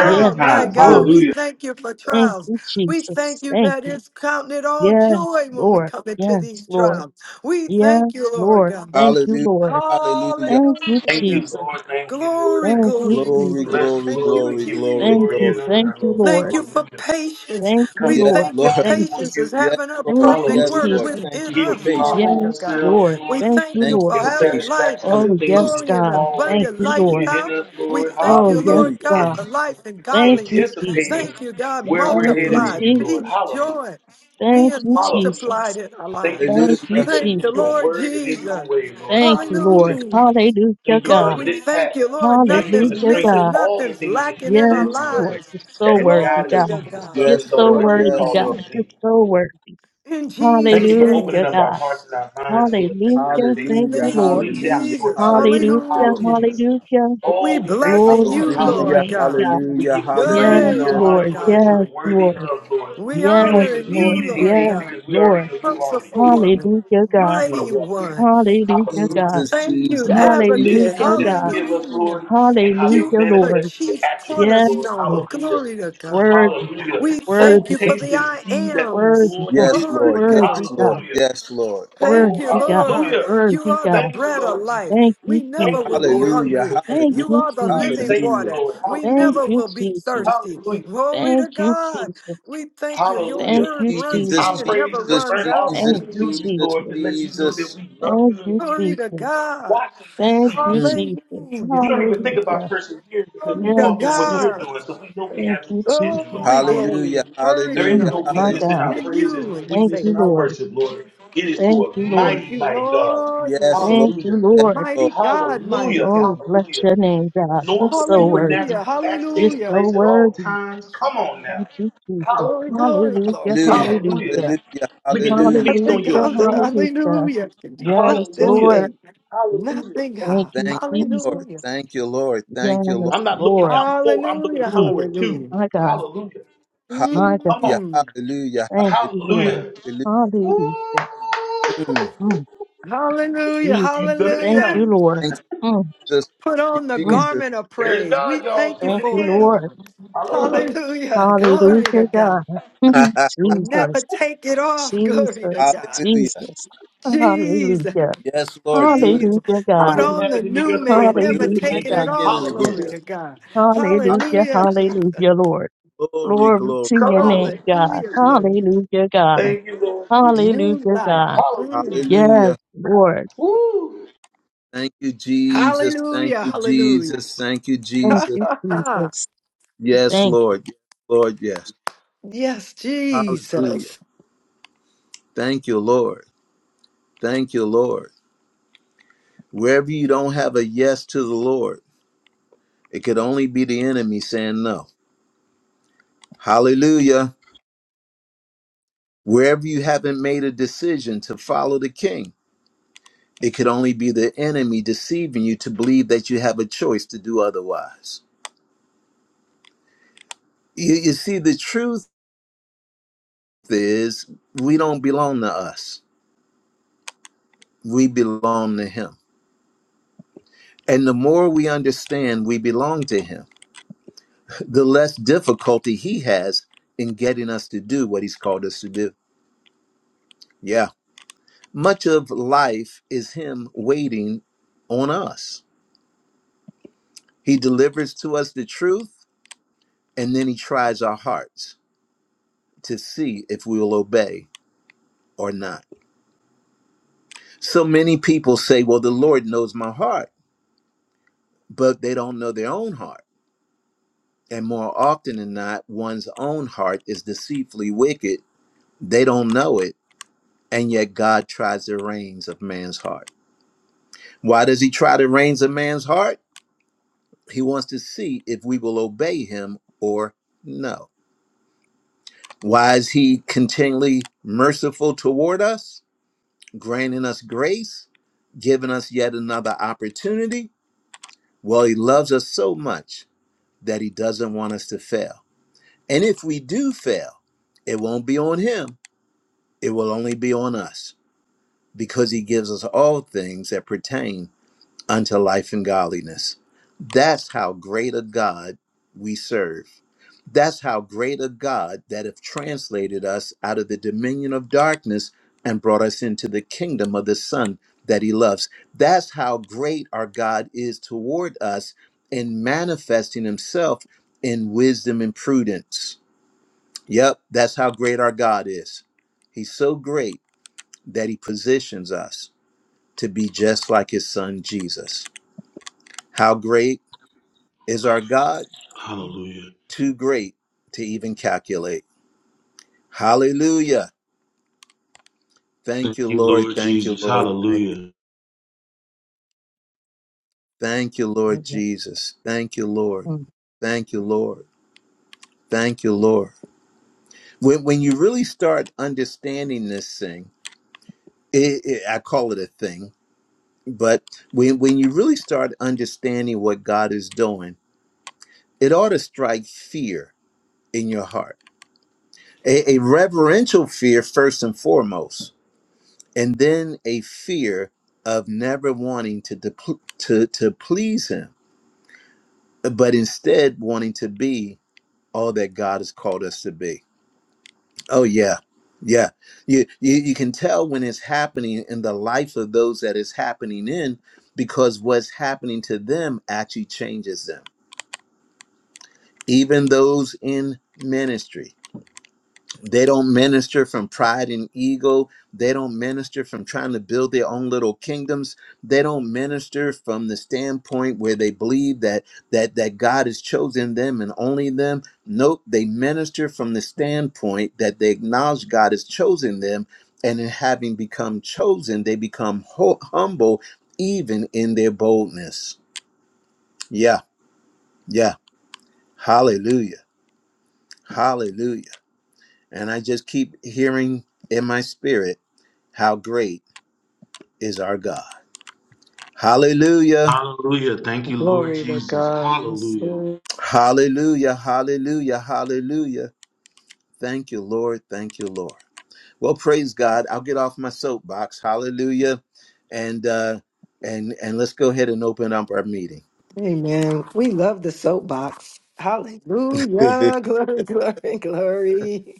Speaker 1: Yes,
Speaker 4: my
Speaker 6: time.
Speaker 4: God.
Speaker 1: Lord.
Speaker 4: We
Speaker 6: Hallelujah.
Speaker 4: thank you for
Speaker 1: Thank
Speaker 4: trials.
Speaker 1: you,
Speaker 4: We thank
Speaker 1: Jesus.
Speaker 4: you
Speaker 1: Thank
Speaker 4: that
Speaker 1: you.
Speaker 4: it's counting it all
Speaker 1: Yes,
Speaker 4: joy when we
Speaker 1: Lord.
Speaker 4: come into
Speaker 1: Yes,
Speaker 4: these
Speaker 1: Lord.
Speaker 4: trials. We thank you,
Speaker 1: Yes,
Speaker 4: Lord
Speaker 1: Lord.
Speaker 4: God.
Speaker 1: Thank you,
Speaker 2: Hallelujah.
Speaker 1: Lord.
Speaker 2: Hallelujah.
Speaker 1: Thank you,
Speaker 6: Thank
Speaker 4: Hallelujah.
Speaker 2: Hallelujah.
Speaker 6: you,
Speaker 1: Jesus.
Speaker 6: Lord. Thank you, Lord.
Speaker 4: Glory,
Speaker 6: Thank
Speaker 1: Thank you,
Speaker 6: you,
Speaker 4: glory,
Speaker 6: Lord. We
Speaker 2: Glory,
Speaker 4: glory.
Speaker 1: Jesus.
Speaker 6: Bless you,
Speaker 2: glory,
Speaker 4: Thank
Speaker 6: Lord.
Speaker 4: you,
Speaker 6: We give
Speaker 2: glory,
Speaker 6: you
Speaker 4: Jesus.
Speaker 2: glory,
Speaker 1: Thank
Speaker 6: glory
Speaker 1: you.
Speaker 6: and
Speaker 2: glory.
Speaker 1: Thank
Speaker 6: honor,
Speaker 1: you,
Speaker 6: Lord.
Speaker 4: Thank
Speaker 1: Lord.
Speaker 4: you for
Speaker 6: Hallelujah.
Speaker 4: patience.
Speaker 1: Thank you,
Speaker 6: Come
Speaker 4: We
Speaker 2: Yes,
Speaker 1: Lord.
Speaker 6: bow
Speaker 4: thank you.
Speaker 6: down
Speaker 2: Lord.
Speaker 1: Thank
Speaker 6: before
Speaker 1: you.
Speaker 4: Patience
Speaker 6: you.
Speaker 4: is
Speaker 2: Yes,
Speaker 4: having a
Speaker 2: Lord.
Speaker 1: Thank you,
Speaker 4: perfect
Speaker 2: Yes,
Speaker 4: work
Speaker 6: Hallelujah.
Speaker 2: Lord.
Speaker 1: Jesus.
Speaker 2: Thank
Speaker 4: within
Speaker 2: you for
Speaker 6: Giving
Speaker 4: us.
Speaker 6: you our
Speaker 2: patience.
Speaker 1: Yes,
Speaker 4: Glory
Speaker 6: whole
Speaker 4: to God.
Speaker 6: selves,
Speaker 1: Lord.
Speaker 4: We
Speaker 6: Lord
Speaker 1: Thank you,
Speaker 4: thank you
Speaker 2: Thank you
Speaker 1: Lord.
Speaker 4: for
Speaker 6: in
Speaker 2: for
Speaker 4: having
Speaker 2: patience.
Speaker 4: life,
Speaker 6: satisfaction of the
Speaker 1: Oh,
Speaker 6: things
Speaker 1: yes,
Speaker 2: Hallelujah.
Speaker 6: that
Speaker 4: glory,
Speaker 6: you've
Speaker 4: and
Speaker 1: God.
Speaker 6: already
Speaker 1: Thank
Speaker 4: abundant
Speaker 1: you, Lord.
Speaker 6: completed in
Speaker 4: lifestyle.
Speaker 6: us,
Speaker 4: We
Speaker 6: Lord.
Speaker 4: thank
Speaker 1: Oh,
Speaker 4: you,
Speaker 6: Hallelujah.
Speaker 1: yes,
Speaker 4: Lord
Speaker 2: Hallelujah.
Speaker 4: God,
Speaker 1: God.
Speaker 4: for life and
Speaker 1: Thank you,
Speaker 4: godliness.
Speaker 6: anticipating
Speaker 4: Thank
Speaker 1: Jesus.
Speaker 4: you, God.
Speaker 6: where we're
Speaker 1: Thank you,
Speaker 6: headed
Speaker 2: Mm,
Speaker 4: Multiply
Speaker 6: in you, Lord.
Speaker 1: Jesus.
Speaker 4: peace,
Speaker 6: Hallelujah.
Speaker 4: joy,
Speaker 1: Thank
Speaker 4: being
Speaker 1: you,
Speaker 6: Hallelujah.
Speaker 4: multiplied
Speaker 1: Jesus.
Speaker 4: in our
Speaker 6: Thank you
Speaker 4: lives.
Speaker 6: for the
Speaker 1: Thank you,
Speaker 2: hallelujah.
Speaker 6: strength that is
Speaker 4: Thank
Speaker 6: in
Speaker 4: the
Speaker 1: Jesus.
Speaker 6: your
Speaker 4: Lord
Speaker 6: word and in your
Speaker 4: Jesus.
Speaker 6: way, Lord.
Speaker 1: Thank you, Lord.
Speaker 6: Hallelujah.
Speaker 4: Hallelujah.
Speaker 1: Hallelujah,
Speaker 6: Thank you for the
Speaker 1: God.
Speaker 4: Glory,
Speaker 6: lit path.
Speaker 4: thank you, Lord.
Speaker 6: Thank you for
Speaker 4: Nothing's
Speaker 6: the
Speaker 1: Hallelujah,
Speaker 6: strength of
Speaker 4: missing,
Speaker 1: God.
Speaker 6: all the
Speaker 4: nothing's
Speaker 6: things that you
Speaker 4: lacking
Speaker 6: have
Speaker 4: in our
Speaker 6: said
Speaker 1: Yes,
Speaker 6: to us
Speaker 1: Lord.
Speaker 4: lives.
Speaker 1: You're
Speaker 6: that
Speaker 1: so
Speaker 6: have
Speaker 1: worthy,
Speaker 6: guided us
Speaker 4: Glory
Speaker 6: to
Speaker 4: to
Speaker 1: God.
Speaker 6: be the
Speaker 4: God.
Speaker 6: sons
Speaker 1: You're
Speaker 6: and
Speaker 2: Yes,
Speaker 1: so
Speaker 6: daughters that
Speaker 2: Lord.
Speaker 6: you
Speaker 4: Glory
Speaker 6: have
Speaker 1: worthy,
Speaker 2: Yes,
Speaker 6: called us
Speaker 1: God.
Speaker 2: Lord.
Speaker 6: to
Speaker 1: You're
Speaker 6: be.
Speaker 1: so worthy.
Speaker 4: In
Speaker 6: Thank
Speaker 4: Jesus'
Speaker 6: you for opening
Speaker 1: Hallelujah,
Speaker 6: up
Speaker 4: name.
Speaker 6: our
Speaker 1: God.
Speaker 6: hearts and our minds, Lord,
Speaker 4: In
Speaker 6: that now that
Speaker 1: Hallelujah.
Speaker 6: they
Speaker 4: Jesus'
Speaker 1: Thank
Speaker 2: Hallelujah.
Speaker 1: you,
Speaker 6: can
Speaker 1: Lord.
Speaker 4: name,
Speaker 6: bleed out
Speaker 2: Hallelujah.
Speaker 6: your
Speaker 4: Jesus.
Speaker 6: truth, Lord.
Speaker 1: Hallelujah.
Speaker 2: Hallelujah.
Speaker 4: Hallelujah.
Speaker 6: Hallelujah.
Speaker 1: Hallelujah.
Speaker 4: We
Speaker 6: Oh, we thank
Speaker 4: blessing
Speaker 6: you,
Speaker 1: Glory
Speaker 6: Lord.
Speaker 4: you,
Speaker 1: to your
Speaker 2: Hallelujah.
Speaker 4: Lord
Speaker 6: Hallelujah.
Speaker 1: name,
Speaker 4: God.
Speaker 1: God.
Speaker 6: We
Speaker 2: Hallelujah.
Speaker 6: give you a praise
Speaker 1: Yes,
Speaker 6: and an
Speaker 4: Hey,
Speaker 2: Hallelujah.
Speaker 4: my
Speaker 6: honor,
Speaker 1: Lord.
Speaker 6: Lord,
Speaker 4: God,
Speaker 6: that you
Speaker 1: Yes,
Speaker 4: my
Speaker 6: are
Speaker 4: God.
Speaker 6: worthy
Speaker 1: Lord.
Speaker 6: of, Lord.
Speaker 4: We
Speaker 6: We don't
Speaker 1: Yes,
Speaker 6: even
Speaker 4: honoring
Speaker 1: Lord.
Speaker 6: need
Speaker 4: you, Lord
Speaker 6: anything
Speaker 1: Yes,
Speaker 4: God.
Speaker 6: because we already
Speaker 1: Lord.
Speaker 6: know you're already
Speaker 4: Merciful
Speaker 6: doing it.
Speaker 4: one,
Speaker 1: Hallelujah,
Speaker 6: We
Speaker 1: God.
Speaker 6: just want to
Speaker 4: mighty
Speaker 6: walk in.
Speaker 4: one.
Speaker 1: Hallelujah,
Speaker 6: Hallelujah.
Speaker 1: God.
Speaker 2: Jesus,
Speaker 4: Thank you,
Speaker 2: Jesus,
Speaker 6: We love the
Speaker 2: Jesus.
Speaker 4: advocate.
Speaker 6: visuals
Speaker 1: Hallelujah,
Speaker 6: that you
Speaker 2: Jesus.
Speaker 1: God.
Speaker 6: give us, Lord,
Speaker 4: Hallelujah.
Speaker 6: and how they
Speaker 4: You
Speaker 1: Hallelujah,
Speaker 4: are the
Speaker 6: manifest
Speaker 1: Lord.
Speaker 6: to
Speaker 4: chief
Speaker 6: actuals,
Speaker 1: Yes,
Speaker 6: Lord.
Speaker 4: cornerstone.
Speaker 1: Lord.
Speaker 6: Hallelujah.
Speaker 4: Glory to God.
Speaker 1: Worthy, God.
Speaker 6: Hallelujah.
Speaker 4: We
Speaker 6: Oh,
Speaker 4: thank
Speaker 1: Worthy,
Speaker 4: you for
Speaker 1: God.
Speaker 6: taste
Speaker 4: the
Speaker 6: and
Speaker 4: I
Speaker 6: see that the
Speaker 4: ams.
Speaker 1: Worthy,
Speaker 6: Lord
Speaker 1: God.
Speaker 2: Yes,
Speaker 6: is
Speaker 4: Glory,
Speaker 2: Lord.
Speaker 6: good.
Speaker 1: Worthy,
Speaker 4: glory,
Speaker 2: Yes, Lord.
Speaker 1: God.
Speaker 4: glory.
Speaker 6: Hallelujah.
Speaker 2: Yes, Lord.
Speaker 4: Thank
Speaker 6: Oh,
Speaker 4: you,
Speaker 1: Worthy, God.
Speaker 4: Lord.
Speaker 6: hallelujah.
Speaker 4: You
Speaker 1: Worthy,
Speaker 4: are the
Speaker 1: God.
Speaker 6: Thank you,
Speaker 4: bread of
Speaker 6: Lord Jesus.
Speaker 4: life.
Speaker 1: Thank you,
Speaker 4: We never
Speaker 6: Thank you,
Speaker 1: Jesus.
Speaker 4: will be
Speaker 6: Lord
Speaker 2: Hallelujah.
Speaker 4: hungry.
Speaker 6: Jesus.
Speaker 1: Thank
Speaker 4: You
Speaker 1: you,
Speaker 2: Hallelujah.
Speaker 4: are the
Speaker 6: Sweet
Speaker 4: living
Speaker 1: Jesus.
Speaker 6: Savior,
Speaker 2: Hallelujah.
Speaker 4: water.
Speaker 6: Lord.
Speaker 4: We
Speaker 1: Thank
Speaker 6: Hallelujah.
Speaker 4: never
Speaker 1: you,
Speaker 4: will be
Speaker 1: Jesus.
Speaker 4: thirsty.
Speaker 6: Hallelujah.
Speaker 4: Glory
Speaker 1: Thank
Speaker 4: to
Speaker 1: you,
Speaker 4: God.
Speaker 1: Jesus.
Speaker 4: We thank you. Your
Speaker 6: Hallelujah.
Speaker 1: Thank
Speaker 4: word
Speaker 1: you,
Speaker 4: runs
Speaker 2: Jesus,
Speaker 4: in
Speaker 1: Jesus.
Speaker 6: Our
Speaker 4: and
Speaker 6: praise
Speaker 4: never
Speaker 6: is a
Speaker 2: Jesus,
Speaker 4: runs
Speaker 6: burnt
Speaker 4: out.
Speaker 2: Jesus,
Speaker 1: Thank
Speaker 6: offering
Speaker 1: you,
Speaker 6: to you,
Speaker 1: Jesus.
Speaker 2: Jesus,
Speaker 6: Lord, to let you know that
Speaker 2: Jesus.
Speaker 6: we love
Speaker 1: Thank
Speaker 6: you and
Speaker 1: you,
Speaker 6: we
Speaker 4: Glory to
Speaker 1: Jesus.
Speaker 4: God.
Speaker 6: watch and we
Speaker 1: Thank
Speaker 6: see.
Speaker 1: you,
Speaker 2: Mm.
Speaker 1: Jesus.
Speaker 4: Hallelujah.
Speaker 6: We don't even think about
Speaker 1: Hallelujah.
Speaker 6: perseverance because
Speaker 4: Glory
Speaker 6: we
Speaker 4: to
Speaker 6: walk in
Speaker 1: Yes,
Speaker 6: what
Speaker 1: Lord.
Speaker 6: you're
Speaker 4: God.
Speaker 6: doing. So we know we
Speaker 1: Thank
Speaker 6: have your
Speaker 1: you,
Speaker 6: provision,
Speaker 1: Jesus.
Speaker 6: Lord.
Speaker 4: Glory,
Speaker 6: Hallelujah.
Speaker 4: glory.
Speaker 2: Hallelujah.
Speaker 6: There
Speaker 4: Encouraging
Speaker 6: is
Speaker 1: Mm,
Speaker 2: Hallelujah.
Speaker 6: no
Speaker 1: my
Speaker 6: weakness
Speaker 4: ourselves
Speaker 6: in
Speaker 1: God.
Speaker 6: our
Speaker 2: Hallelujah.
Speaker 4: in
Speaker 6: praise. There's
Speaker 4: you
Speaker 6: no
Speaker 4: and
Speaker 1: Thank
Speaker 6: weakness
Speaker 4: faith.
Speaker 6: in
Speaker 1: you,
Speaker 6: our
Speaker 1: Lord.
Speaker 6: worship, Lord. It is to
Speaker 1: Thank you,
Speaker 6: a
Speaker 1: Lord.
Speaker 4: Thank
Speaker 6: mighty,
Speaker 4: you,
Speaker 6: mighty God.
Speaker 4: Lord. You
Speaker 2: Yes, Lord.
Speaker 1: Thank you,
Speaker 6: Hallelujah.
Speaker 2: Yes,
Speaker 1: Lord.
Speaker 4: Mighty
Speaker 2: Lord.
Speaker 4: God, mighty
Speaker 6: Hallelujah.
Speaker 1: Oh, we
Speaker 4: God.
Speaker 1: bless
Speaker 6: Hallelujah.
Speaker 1: your name, God. You're
Speaker 6: Normal
Speaker 1: so worthy.
Speaker 4: Hallelujah,
Speaker 6: supernatural acts
Speaker 1: You're
Speaker 6: taking
Speaker 4: hallelujah.
Speaker 1: so
Speaker 6: place at all
Speaker 1: worthy.
Speaker 6: times. Come on now.
Speaker 1: Thank you, Jesus.
Speaker 4: Glory,
Speaker 6: Hallelujah.
Speaker 4: glory, glory.
Speaker 1: Hallelujah.
Speaker 2: Hallelujah.
Speaker 6: Hallelujah.
Speaker 1: Hallelujah.
Speaker 2: Hallelujah.
Speaker 6: We get to
Speaker 2: Hallelujah.
Speaker 6: feast
Speaker 4: Nothing
Speaker 6: on your
Speaker 1: Hallelujah,
Speaker 4: comes,
Speaker 6: truth.
Speaker 1: hallelujah.
Speaker 4: hallelujah, can
Speaker 1: Yes,
Speaker 4: disrupt this
Speaker 6: Hallelujah.
Speaker 1: Lord.
Speaker 4: faith.
Speaker 6: Hallelujah.
Speaker 4: Nothing,
Speaker 1: Thank
Speaker 4: God.
Speaker 1: you,
Speaker 2: Thank you,
Speaker 1: Jesus.
Speaker 2: Lord.
Speaker 4: Hallelujah,
Speaker 2: Thank you, Lord. Thank you, Lord.
Speaker 1: Yes,
Speaker 6: I'm not looking
Speaker 1: Lord.
Speaker 6: out for, I'm looking
Speaker 4: hallelujah,
Speaker 1: Mm,
Speaker 6: forward to.
Speaker 4: hallelujah.
Speaker 1: my God,
Speaker 6: Hallelujah.
Speaker 1: my God.
Speaker 6: Come
Speaker 2: Hallelujah.
Speaker 6: on.
Speaker 4: Mm.
Speaker 2: Hallelujah.
Speaker 1: Thank you, Lord.
Speaker 2: Hallelujah.
Speaker 6: Hallelujah.
Speaker 2: Hallelujah.
Speaker 6: Woo!
Speaker 1: Hallelujah.
Speaker 2: Mm.
Speaker 1: Mm,
Speaker 4: Hallelujah,
Speaker 6: He's
Speaker 1: Jesus.
Speaker 6: done it
Speaker 1: Thank
Speaker 4: hallelujah.
Speaker 1: you,
Speaker 6: again.
Speaker 1: Lord.
Speaker 2: Thank you,
Speaker 1: Mm,
Speaker 2: Jesus.
Speaker 4: Put
Speaker 2: Thank
Speaker 4: on the
Speaker 2: you,
Speaker 1: mm,
Speaker 2: Jesus.
Speaker 4: garment of
Speaker 6: There's
Speaker 4: praise. We
Speaker 6: God, y'all,
Speaker 4: thank you
Speaker 6: doing
Speaker 1: thank
Speaker 6: it
Speaker 1: you,
Speaker 4: for it,
Speaker 6: again.
Speaker 1: Lord.
Speaker 4: Lord.
Speaker 6: Hallelujah.
Speaker 4: Hallelujah. Glory to
Speaker 1: Hallelujah, God.
Speaker 4: God.
Speaker 1: Mm,
Speaker 4: We'll never
Speaker 1: Jesus,
Speaker 4: take it off. Glory to
Speaker 1: Jesus,
Speaker 4: God.
Speaker 2: Hallelujah.
Speaker 1: Jesus.
Speaker 4: Jesus.
Speaker 1: Hallelujah.
Speaker 2: Yes, Lord. Do it,
Speaker 4: Jesus.
Speaker 1: Hallelujah,
Speaker 2: do
Speaker 6: I
Speaker 4: Put
Speaker 1: God.
Speaker 2: it,
Speaker 6: wouldn't
Speaker 4: on
Speaker 6: have
Speaker 4: the
Speaker 6: it any
Speaker 4: new
Speaker 6: other way,
Speaker 4: man,
Speaker 6: but
Speaker 4: never
Speaker 2: do
Speaker 6: neither
Speaker 2: it
Speaker 6: would
Speaker 1: Hallelujah,
Speaker 2: again
Speaker 6: he.
Speaker 4: taking
Speaker 2: and
Speaker 1: God.
Speaker 4: it
Speaker 2: again
Speaker 4: off.
Speaker 2: and again.
Speaker 4: Glory
Speaker 6: Hallelujah.
Speaker 4: to God.
Speaker 1: Hallelujah,
Speaker 4: Hallelujah,
Speaker 2: Hallelujah.
Speaker 4: Jesus.
Speaker 1: hallelujah, Lord.
Speaker 2: Glory,
Speaker 1: Glory
Speaker 2: glory,
Speaker 1: to
Speaker 6: Come
Speaker 1: your
Speaker 2: glory.
Speaker 6: on.
Speaker 1: name, God.
Speaker 4: Hallelujah, glory.
Speaker 1: Hallelujah, God.
Speaker 2: Mm.
Speaker 6: Thank you, Lord Jesus.
Speaker 4: New
Speaker 1: Hallelujah,
Speaker 4: life.
Speaker 1: God.
Speaker 6: Hallelujah.
Speaker 4: Mm.
Speaker 1: Yes,
Speaker 2: Hallelujah.
Speaker 1: Lord.
Speaker 6: Woo!
Speaker 2: Thank you, Jesus. Thank
Speaker 4: Hallelujah,
Speaker 2: you,
Speaker 4: hallelujah.
Speaker 2: Jesus. Thank you,
Speaker 1: Thank
Speaker 2: Jesus.
Speaker 1: you, Jesus.
Speaker 2: Yes,
Speaker 1: Thank
Speaker 2: Lord. Yes, Lord, yes.
Speaker 4: yes,
Speaker 2: Hallelujah.
Speaker 4: Jesus.
Speaker 2: Thank you, Lord. Thank you, Lord. Wherever you don't have a yes to the Lord, it could only be the enemy saying no. Hallelujah. Wherever you haven't made a decision to follow the King, It could only be the enemy deceiving you to believe that you have a choice to do otherwise. You, you see, the truth is, we don't belong to us, we belong to Him. And the more we understand we belong to Him, the less difficulty He has in getting us to do what He's called us to do. Yeah. Much of life is Him waiting on us. He delivers to us the truth, and then He tries our hearts to see if we will obey or not. So many people say, well, the Lord knows my heart, but they don't know their own heart. And more often than not, one's own heart is deceitfully wicked. They don't know it. And yet God tries the reins of man's heart. Why does he try the reins of man's heart? He wants to see if we will obey him or no. Why is he continually merciful toward us, granting us grace, giving us yet another opportunity? Well, he loves us so much that he doesn't want us to fail. And if we do fail, it won't be on him, it will only be on us because he gives us all things that pertain unto life and godliness. That's how great a God we serve. That's how great a God that have translated us out of the dominion of darkness and brought us into the kingdom of the Son that He loves. That's how great our God is toward us in manifesting Himself in wisdom and prudence. Yep, that's how great our God is. He's so great that He positions us to be just like His Son Jesus. How great? Is our God
Speaker 6: Lord
Speaker 2: too great to even calculate? Hallelujah. Thank you, Lord. Thank you,
Speaker 6: Jesus,
Speaker 2: Lord. Thank you.
Speaker 6: hallelujah.
Speaker 2: Thank you, Lord
Speaker 1: you.
Speaker 2: Jesus. Thank you, Lord.
Speaker 1: Lord.
Speaker 2: Thank you, Lord. Thank you, Lord. When, when you really start understanding this thing, it, it, I call it a thing, but when, when you really start understanding what God is doing, it ought to strike fear in your heart, a, a reverential fear, first and foremost and then a fear of never wanting to depl- to to please him but instead wanting to be all that god has called us to be oh yeah yeah you, you you can tell when it's happening in the life of those that it's happening in because what's happening to them actually changes them even those in ministry They don't minister from pride and ego. They don't minister from trying to build their own little kingdoms. They don't minister from the standpoint where they believe that that that God has chosen them and only them. Nope, they minister from the standpoint that they acknowledge God has chosen them, and in having become chosen, they become ho- humble even in their boldness. Yeah, yeah. Hallelujah. Hallelujah. And I just keep hearing in my spirit How great is our God? Hallelujah.
Speaker 6: Hallelujah. Thank you, Lord
Speaker 4: Glory to
Speaker 6: Jesus. Hallelujah.
Speaker 4: God.
Speaker 2: Hallelujah. Hallelujah. Hallelujah. Thank you, Lord. Thank you, Lord. Well, praise God. I'll get off my soapbox. Hallelujah. And uh and and let's go ahead and open up our meeting.
Speaker 4: Amen. We love the soapbox. Hallelujah. Glory, glory, glory.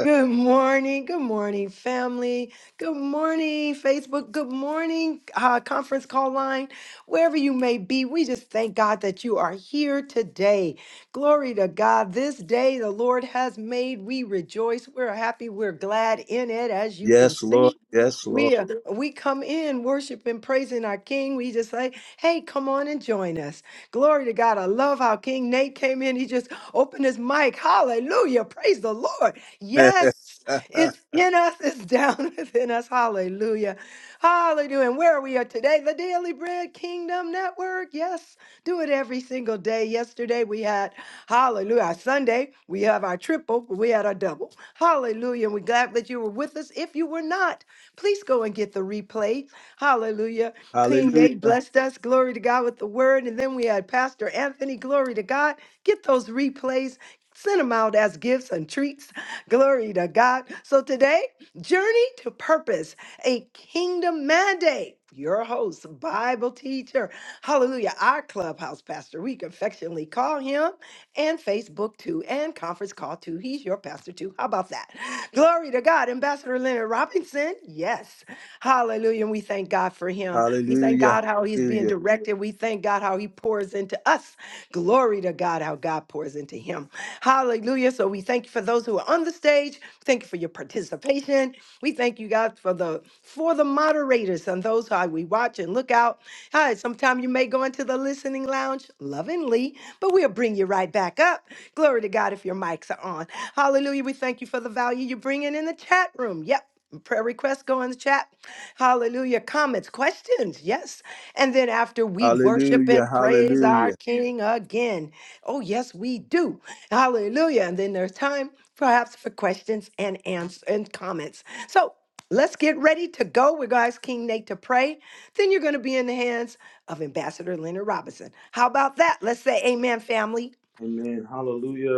Speaker 4: Good morning. Good morning, family. Good morning, Facebook. Good morning, uh, conference call line. Wherever you may be, we just thank God that you are here today. Glory to God. This day the Lord has made. We rejoice. We're happy. We're glad in it, as you can
Speaker 2: yes, Lord.
Speaker 4: see.
Speaker 2: Yes, Lord.
Speaker 4: We, are- we come in worshiping, praising our King. We just say, Hey, come on and join us. Glory to God. I love how King Nate came in. He just opened his mic. Hallelujah. Praise the Lord. Yes. It's in us, it's down within us. Hallelujah. Hallelujah. And where we are today, the Daily Bread Kingdom Network. Yes, do it every single day. Yesterday we had, hallelujah, our Sunday, we have our triple, but we had our double. Hallelujah. And we're glad that you were with us. If you were not, please go and get the replay. Hallelujah. King Nate
Speaker 2: hallelujah.
Speaker 4: blessed us. Glory to God with the word. And then we had Pastor Anthony. Glory to God. Get those replays. Send them out as gifts and treats. Glory to God. So today, Journey to Purpose, a kingdom mandate. Your host, Bible teacher. Hallelujah. Our clubhouse pastor. We affectionately call him and Facebook too, and conference call too. He's your pastor too. How about that? Glory to God. Ambassador Leonard Robinson. Yes. Hallelujah. And we thank God for him. We thank
Speaker 2: Hallelujah.
Speaker 4: God how he's being directed. We thank God how he pours into us. Glory to God how God pours into him. Hallelujah. So we thank you for those who are on the stage. Thank you for your participation. We thank you God for the for the moderators and those how we watch and look out. Hi, sometime you may go into the listening lounge lovingly, but we'll bring you right back up. Glory to God if your mics are on. Hallelujah. We thank you for the value you're bringing in the chat room. Yep. Prayer requests go in the chat. Hallelujah. Comments, questions. Yes. And then after we worship
Speaker 2: Hallelujah. Hallelujah.
Speaker 4: and praise our
Speaker 2: Hallelujah.
Speaker 4: King again. Oh, yes, we do. Hallelujah. And then there's time perhaps for questions and answers and comments. So let's get ready to go. We're going to ask King Nate to pray. Then you're going to be in the hands of Ambassador Leonard Robinson. How about that? Let's say amen, family.
Speaker 6: Amen. Hallelujah.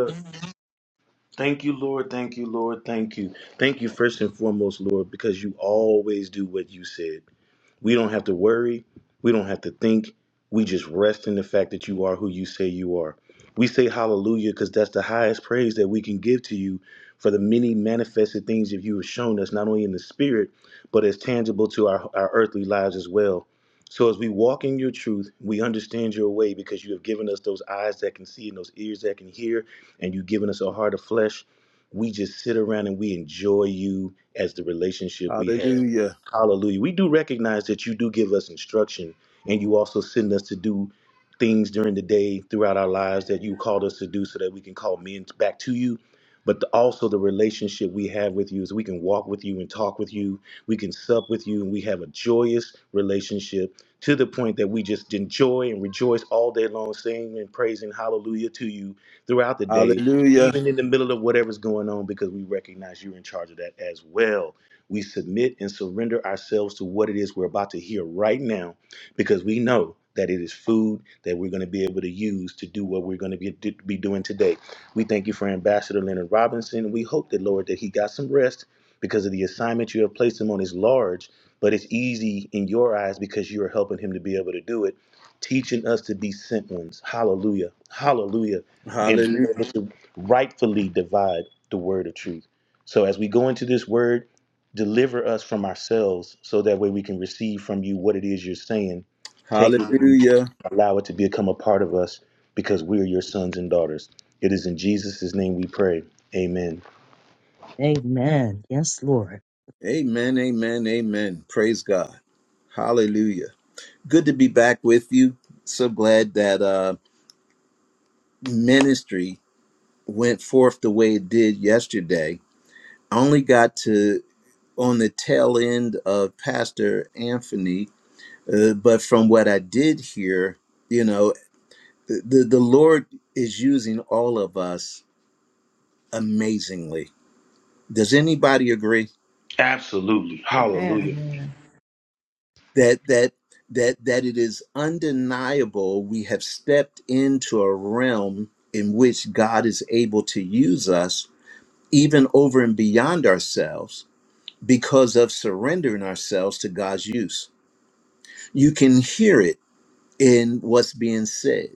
Speaker 6: Thank you, Lord. Thank you, Lord. Thank you. Thank you, first and foremost, Lord, because you always do what you said. We don't have to worry. We don't have to think. We just rest in the fact that you are who you say you are. We say hallelujah because that's the highest praise that we can give to you for the many manifested things that you have shown us, not only in the spirit, but as tangible to our, our earthly lives as well. So as we walk in your truth, we understand your way because you have given us those eyes that can see and those ears that can hear, and you've given us a heart of flesh. We just sit around and we enjoy you as the relationship we have.
Speaker 2: Hallelujah.
Speaker 6: Hallelujah. We do recognize that you do give us instruction and you also send us to do things during the day throughout our lives that you called us to do so that we can call men back to you. But the- also, the relationship we have with you is we can walk with you and talk with you. We can sup with you, and we have a joyous relationship to the point that we just enjoy and rejoice all day long, singing and praising hallelujah to you throughout the day,
Speaker 2: Hallelujah.
Speaker 6: even in the middle of whatever's going on, because we recognize you're in charge of that as well. We submit and surrender ourselves to what it is we're about to hear right now because we know that it is food that we're going to be able to use to do what we're going to be, be doing today. We thank you for Ambassador Leonard Robinson. We hope that, Lord, that he got some rest because of the assignment you have placed him on is large, but it's easy in your eyes because you are helping him to be able to do it, teaching us to be sent ones. Hallelujah. Hallelujah. And
Speaker 2: Hallelujah.
Speaker 6: being able to rightfully divide the word of truth. So as we go into this word, deliver us from ourselves so that way we can receive from you what it is you're saying take it and
Speaker 2: Hallelujah.
Speaker 6: allow it to become a part of us because we're your sons and daughters it is in jesus' name we pray amen
Speaker 1: Amen. Yes, Lord.
Speaker 2: Amen, amen, amen. Praise God. Hallelujah. Good to be back with you. So glad that uh, ministry went forth the way it did yesterday. I only got to on the tail end of Pastor Anthony, uh, but from what I did hear, you know, the, the Lord is using all of us amazingly. Does anybody agree?
Speaker 6: Absolutely.
Speaker 4: Amen.
Speaker 6: Hallelujah.
Speaker 5: Amen.
Speaker 2: that that that that it is undeniable we have stepped into a realm in which God is able to use us even over and beyond ourselves because of surrendering ourselves to God's use. You can hear it in what's being said.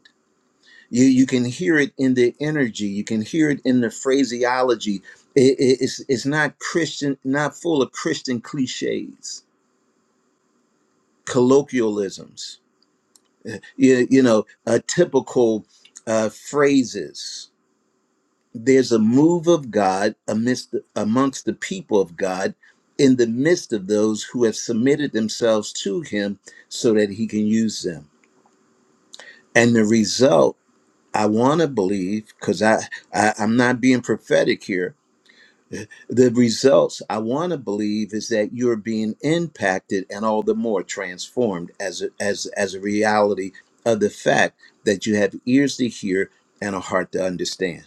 Speaker 2: You you can hear it in the energy. You can hear it in the phraseology. It- it- it's it's not Christian, not full of Christian cliches, colloquialisms you, you know, uh, typical uh, phrases. There's a move of God amidst amongst the people of God in the midst of those who have submitted themselves to Him so that He can use them. And the result, I want to believe, because I, I I'm not being prophetic here, The results I want to believe is that you're being impacted and all the more transformed as a, as as a reality of the fact that you have ears to hear and a heart to understand.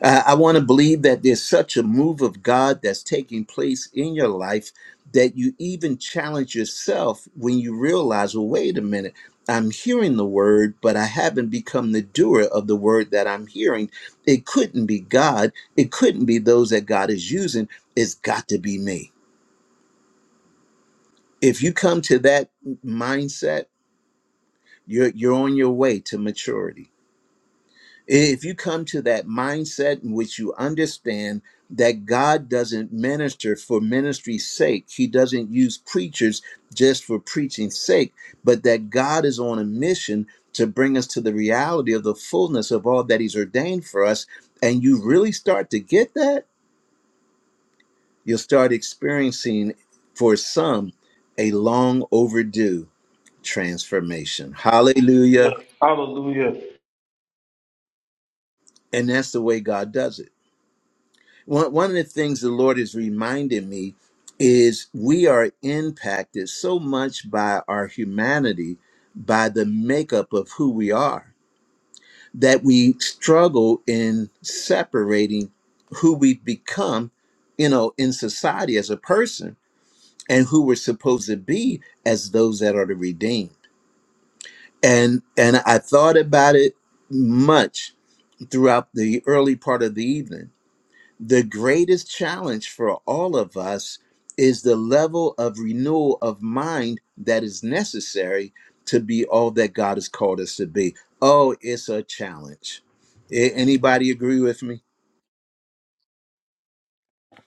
Speaker 2: Uh, I want to believe that there's such a move of God that's taking place in your life that you even challenge yourself when you realize, well, wait a minute, I'm hearing the word, but I haven't become the doer of the word that I'm hearing. It couldn't be God, it couldn't be those that God is using. It's got to be me. If you come to that mindset, you're, you're on your way to maturity. If you come to that mindset in which you understand that God doesn't minister for ministry's sake, He doesn't use preachers just for preaching's sake, but that God is on a mission to bring us to the reality of the fullness of all that He's ordained for us, and you really start to get that, you'll start experiencing for some a long overdue transformation. Hallelujah.
Speaker 6: Hallelujah.
Speaker 2: And that's the way God does it. One, one of the things the Lord is reminding me is we are impacted so much by our humanity, by the makeup of who we are, that we struggle in separating who we become, you know, in society as a person and who we're supposed to be as those that are the redeemed. And and I thought about it much throughout the early part of the evening the greatest challenge for all of us is the level of renewal of mind that is necessary to be all that God has called us to be. Oh, it's a challenge. A- Anybody agree with me?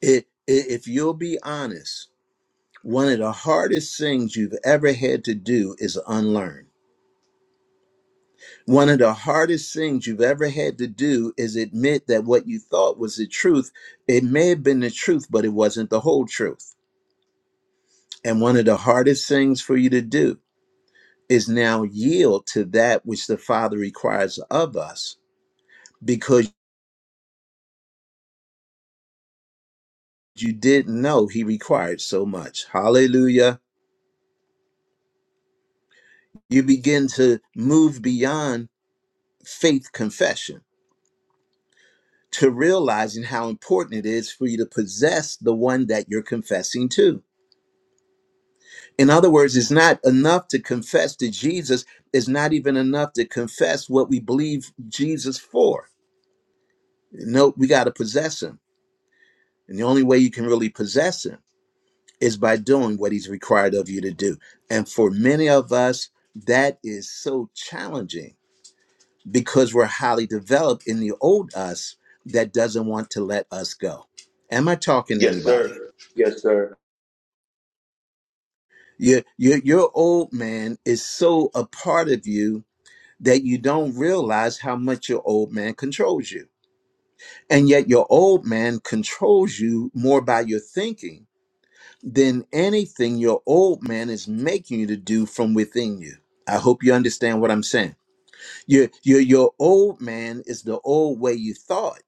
Speaker 2: It, i- if you'll be honest, one of the hardest things you've ever had to do is unlearn. One of the hardest things you've ever had to do is admit that what you thought was the truth, it may have been the truth, but it wasn't the whole truth And one of the hardest things for you to do is now yield to that which the Father requires of us because you didn't know He required so much. Hallelujah. You begin to move beyond faith confession to realizing how important it is for you to possess the one that you're confessing to. In other words, it's not enough to confess to Jesus, it's not even enough to confess what we believe Jesus for. No, we got to possess Him. And the only way you can really possess him is by doing what he's required of you to do. And for many of us, that is so challenging because we're highly developed in the old us that doesn't want to let us go. Am I talking to
Speaker 6: yes
Speaker 2: anybody?
Speaker 6: sir
Speaker 2: Your, your, your old man is so a part of you that you don't realize how much your old man controls you. And yet, your old man controls you more by your thinking than anything your old man is making you to do from within you. I hope you understand what I'm saying. Your your your old man is the old way you thought,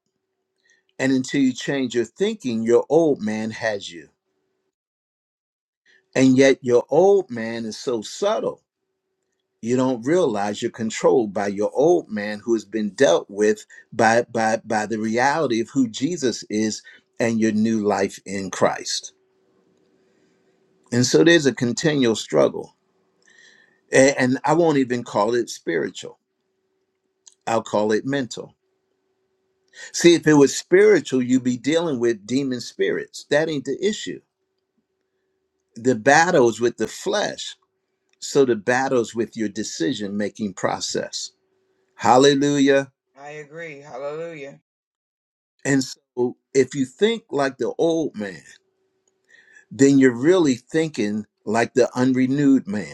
Speaker 2: and until you change your thinking, your old man has you. And yet your old man is so subtle. You don't realize you're controlled by your old man who has been dealt with by by by the reality of who Jesus is and your new life in Christ. And so there's a continual struggle A- And I won't even call it spiritual. I'll call it mental. See, if it was spiritual, you'd be dealing with demon spirits. That ain't the issue. The battle's with the flesh. So the battle's with your decision making process. Hallelujah.
Speaker 7: I agree. Hallelujah.
Speaker 2: And so if you think like the old man, then you're really thinking like the unrenewed man.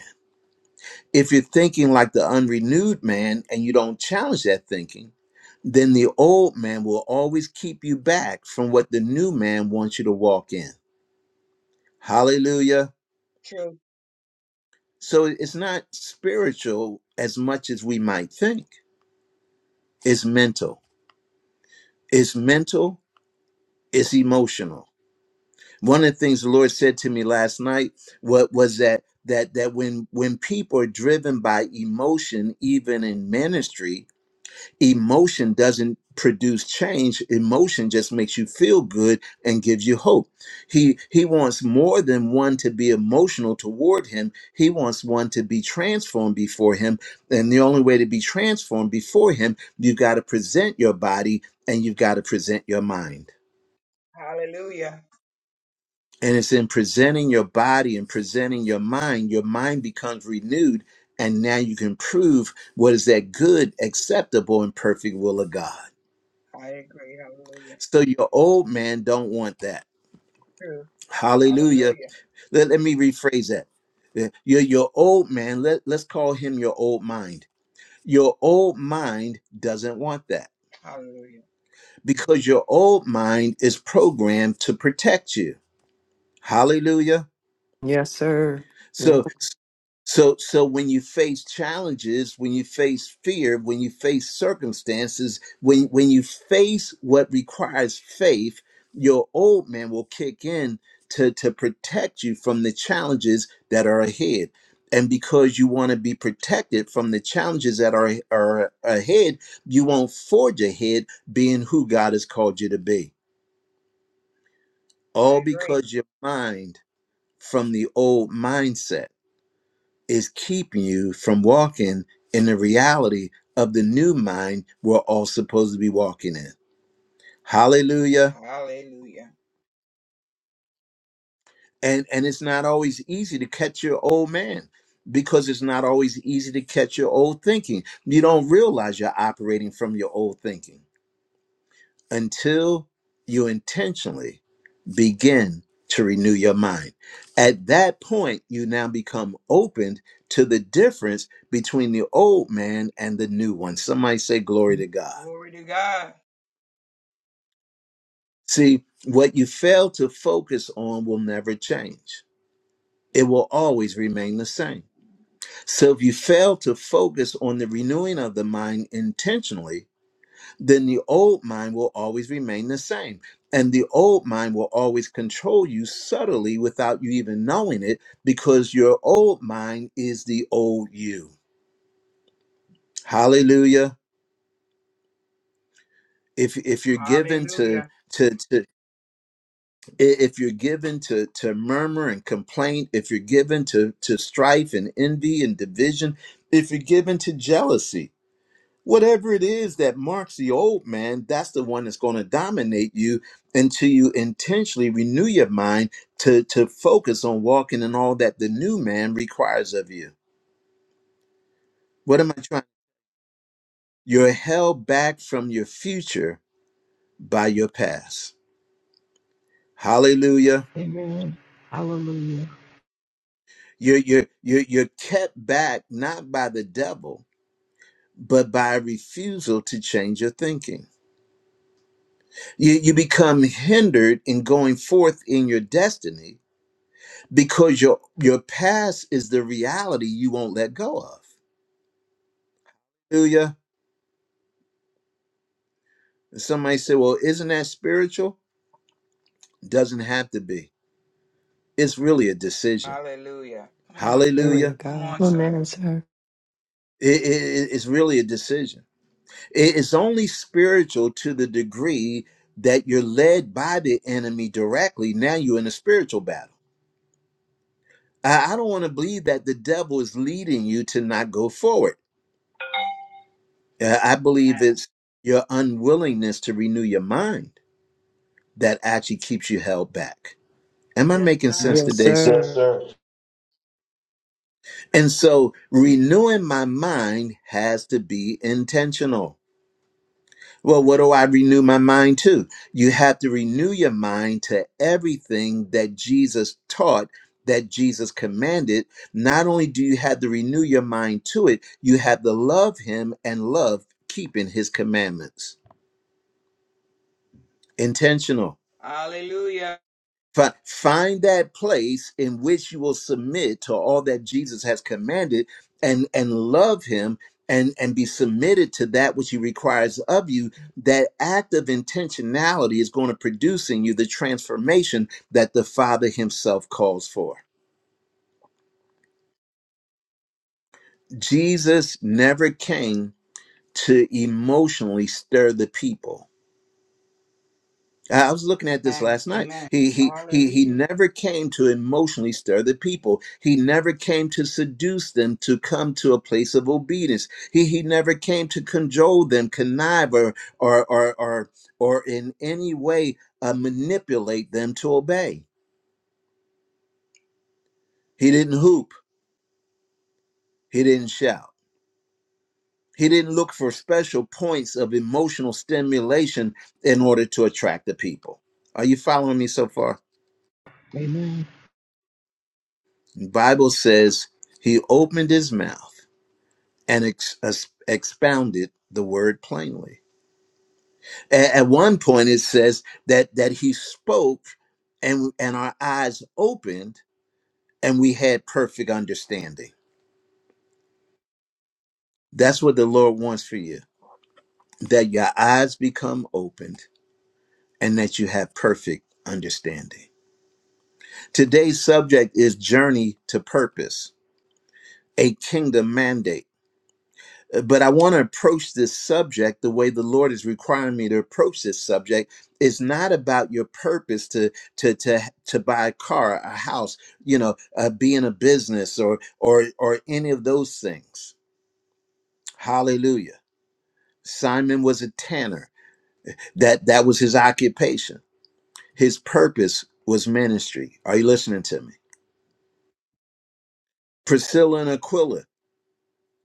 Speaker 2: If you're thinking like the unrenewed man and you don't challenge that thinking, then the old man will always keep you back from what the new man wants you to walk in. Hallelujah.
Speaker 7: True.
Speaker 2: So it's not spiritual as much as we might think. It's mental. It's mental. It's emotional. One of the things the Lord said to me last night what was that that that when when people are driven by emotion, even in ministry, emotion doesn't produce change emotion just makes you feel good and gives you hope he he wants more than one to be emotional toward him he wants one to be transformed before him and the only way to be transformed before him you've got to present your body and you've got to present your mind
Speaker 7: Hallelujah.
Speaker 2: and it's in presenting your body and presenting your mind your mind becomes renewed and now you can prove what is that good acceptable and perfect will of god
Speaker 7: I agree. Hallelujah.
Speaker 2: So your old man don't want that.
Speaker 7: True.
Speaker 2: Hallelujah.
Speaker 7: Hallelujah.
Speaker 2: Let, let me rephrase that. Uh, Your, your old man, let, let's call him your old mind. Your old mind doesn't want that
Speaker 7: Hallelujah.
Speaker 2: because your old mind is programmed to protect you. Hallelujah.
Speaker 4: Yes, sir. Yes.
Speaker 2: So So so when you face challenges, when you face fear, when you face circumstances, when when you face what requires faith, your old man will kick in to to protect you from the challenges that are ahead. And because you want to be protected from the challenges that are, are ahead, you won't forge ahead being who God has called you to be.
Speaker 7: I
Speaker 2: All
Speaker 7: agree.
Speaker 2: because your mind from the old mindset is keeping you from walking in the reality of the new mind we're all supposed to be walking in. Hallelujah.
Speaker 7: Hallelujah.
Speaker 2: And and it's not always easy to catch your old man because it's not always easy to catch your old thinking. You don't realize you're operating from your old thinking. until you intentionally begin to renew your mind. At that point, you now become open to the difference between the old man and the new one. Somebody say, Glory to God.
Speaker 7: Glory to God.
Speaker 2: See, what you fail to focus on will never change. It will always remain the same. So if you fail to focus on the renewing of the mind intentionally, then the old mind will always remain the same. And the old mind will always control you subtly without you even knowing it because your old mind is the old you. Hallelujah. If if you're given to
Speaker 7: Hallelujah.
Speaker 2: to, to i- if you're given to to murmur and complaint, if you're given to to strife and envy and division, if you're given to jealousy, Whatever it is that marks the old man, that's the one that's going to dominate you until you intentionally renew your mind to, to focus on walking in all that the new man requires of you. What am I trying? You're held back from your future by your past. Hallelujah.
Speaker 5: Amen. Hallelujah.
Speaker 2: You're, you're, you're, you're kept back not by the devil, but by a refusal to change your thinking. You, you become hindered in going forth in your destiny because your your past is the reality you won't let go of. Hallelujah. And Somebody say, "Well, isn't that spiritual?" Doesn't have to be. It's really a decision.
Speaker 7: Hallelujah. Come on, sir.
Speaker 4: Glory to
Speaker 2: Hallelujah.
Speaker 7: Come
Speaker 4: God.
Speaker 7: on, sir.
Speaker 4: Amen, sir.
Speaker 2: It- it- it's really a decision. It- It's only spiritual to the degree that you're led by the enemy directly. Now you're in a spiritual battle. I I don't want to believe that the devil is leading you to not go forward. Uh, I believe
Speaker 7: Amen.
Speaker 2: it's your unwillingness to renew your mind that actually keeps you held back. Am I
Speaker 7: Yes,
Speaker 2: making sense
Speaker 7: sir.
Speaker 4: Yes,
Speaker 2: today? sir?
Speaker 6: Yes,
Speaker 4: sir.
Speaker 6: sir.
Speaker 2: And so renewing my mind has to be intentional. Well, what do I renew my mind to? You have to renew your mind to everything that Jesus taught, that Jesus commanded. Not only do you have to renew your mind to it, you have to love him and love keeping his commandments. Intentional.
Speaker 7: Hallelujah.
Speaker 2: Fi- Find that place in which you will submit to all that Jesus has commanded and, and love him and, and be submitted to that which he requires of you. That act of intentionality is going to produce in you the transformation that the Father himself calls for. Jesus never came to emotionally stir the people. I was looking at this
Speaker 7: Amen.
Speaker 2: last night.
Speaker 7: Amen.
Speaker 2: He he he he
Speaker 7: Hallelujah.
Speaker 2: never came to emotionally stir the people. He never came to seduce them to come to a place of obedience. He he never came to cajole them, connive or or or or, or in any way uh, manipulate them to obey. He didn't hoop. He didn't shout. He didn't look for special points of emotional stimulation in order to attract the people. Are you following me so far?
Speaker 5: Amen.
Speaker 2: The Bible says he opened his mouth and ex- ex- expounded the word plainly. A- at one point, it says that that he spoke, and and our eyes opened, and we had perfect understanding. That's what the Lord wants for you: that your eyes become opened, and that you have perfect understanding. Today's subject is journey to purpose, a kingdom mandate. Uh, But I want to approach this subject the way the Lord is requiring me to approach this subject. It's not about your purpose to to to to buy a car, a house, you know, uh, be in a business or or or any of those things. Hallelujah. Simon was a tanner. That that was his occupation. His purpose was ministry. Are you listening to me? Priscilla and Aquila,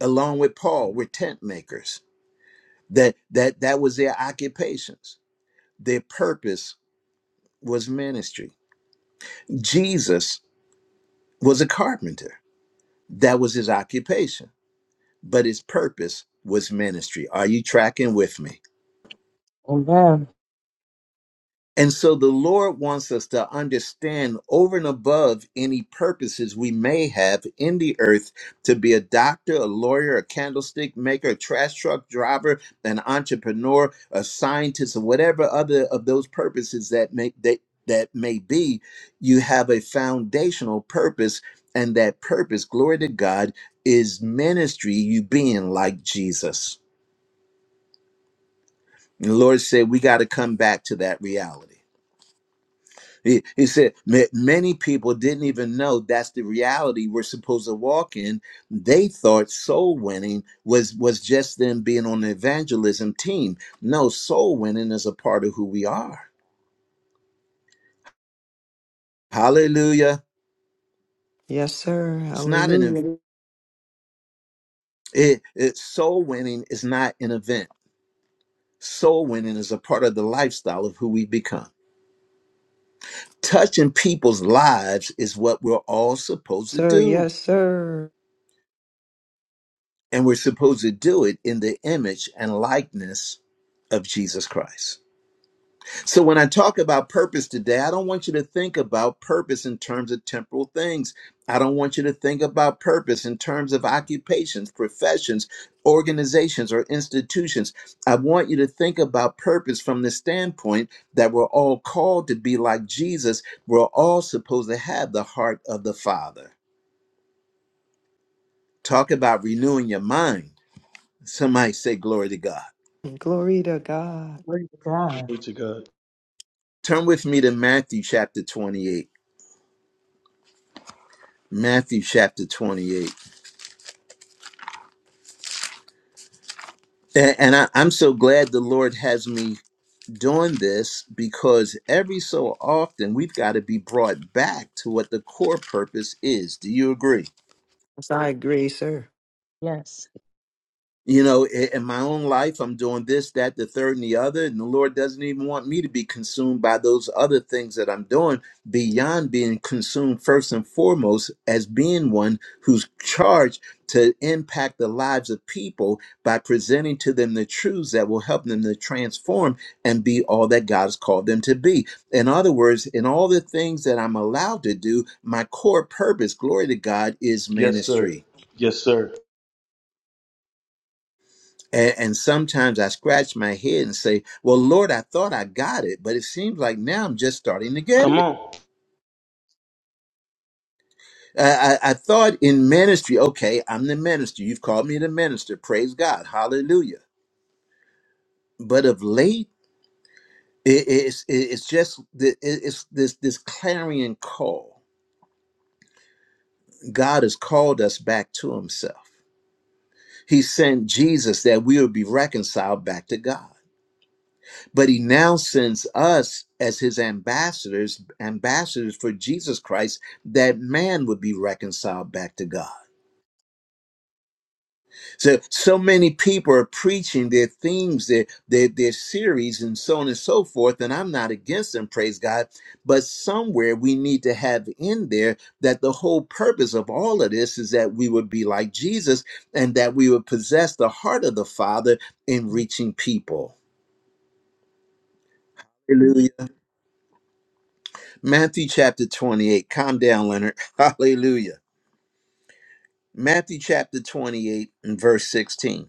Speaker 2: along with Paul, were tent makers. That that that was their occupations. Their purpose was ministry. Jesus was a carpenter. That was his occupation, but his purpose was ministry. Are you tracking with me?
Speaker 1: Amen.
Speaker 2: And so the Lord wants us to understand over and above any purposes we may have in the earth to be a doctor, a lawyer, a candlestick maker, a trash truck driver, an entrepreneur, a scientist, or whatever other of those purposes that may that that may be, you have a foundational purpose, and that purpose, glory to God, is ministry, you being like Jesus. And the Lord said, We got to come back to that reality. He, he said "Ma- many people didn't even know that's the reality we're supposed to walk in. They thought soul winning was was just them being on the evangelism team. No, soul winning is a part of who we are. Hallelujah!
Speaker 4: Yes, sir.
Speaker 2: It's not an event.
Speaker 4: Hallelujah.
Speaker 2: It, it, soul winning is not an event. Soul winning is a part of the lifestyle of who we become. Touching people's lives is what we're all supposed to
Speaker 4: Sir,
Speaker 2: do.
Speaker 4: yes, sir.
Speaker 2: And we're supposed to do it in the image and likeness of Jesus Christ. So when I talk about purpose today, I don't want you to think about purpose in terms of temporal things. I don't want you to think about purpose in terms of occupations, professions, organizations, or institutions. I want you to think about purpose from the standpoint that we're all called to be like Jesus. We're all supposed to have the heart of the Father. Talk about renewing your mind. Somebody say, Glory to God.
Speaker 4: Glory to God.
Speaker 1: Glory to God.
Speaker 6: Glory to God.
Speaker 2: Turn with me to Matthew chapter 28. Matthew chapter 28. And, and I, I'm so glad the Lord has me doing this because every so often we've got to be brought back to what the core purpose is. Do you agree?
Speaker 4: Yes, I agree, sir.
Speaker 1: Yes.
Speaker 2: you know i- in my own life i'm doing this that the third and the other and the lord doesn't even want me to be consumed by those other things that i'm doing beyond being consumed first and foremost as being one who's charged to impact the lives of people by presenting to them the truths that will help them to transform and be all that god has called them to be in other words in all the things that i'm allowed to do my core purpose glory to god is
Speaker 6: Yes, sir.
Speaker 2: ministry
Speaker 6: Yes, sir.
Speaker 2: And, and sometimes I scratch my head and say, Well, Lord, I thought I got it, but it seems like now I'm just starting to get
Speaker 6: Come
Speaker 2: it.
Speaker 6: on.
Speaker 2: I, I, I thought in ministry, okay, I'm the minister. You've called me the minister. Praise God. Hallelujah. But of late, it, it's, it's just the, it- it's this, this clarion call. God has called us back to himself. He sent Jesus that we would be reconciled back to God. but he now sends us as his ambassadors ambassadors for jesus christ that man would be reconciled back to god so so many people are preaching their themes their their, their series and so on and so forth and i'm not against them praise god but somewhere we need to have in there that the whole purpose of all of this is that we would be like jesus and that we would possess the heart of the father in reaching people hallelujah Matthew chapter 28. Calm down, Leonard. Hallelujah. Matthew chapter 28 and verse 16.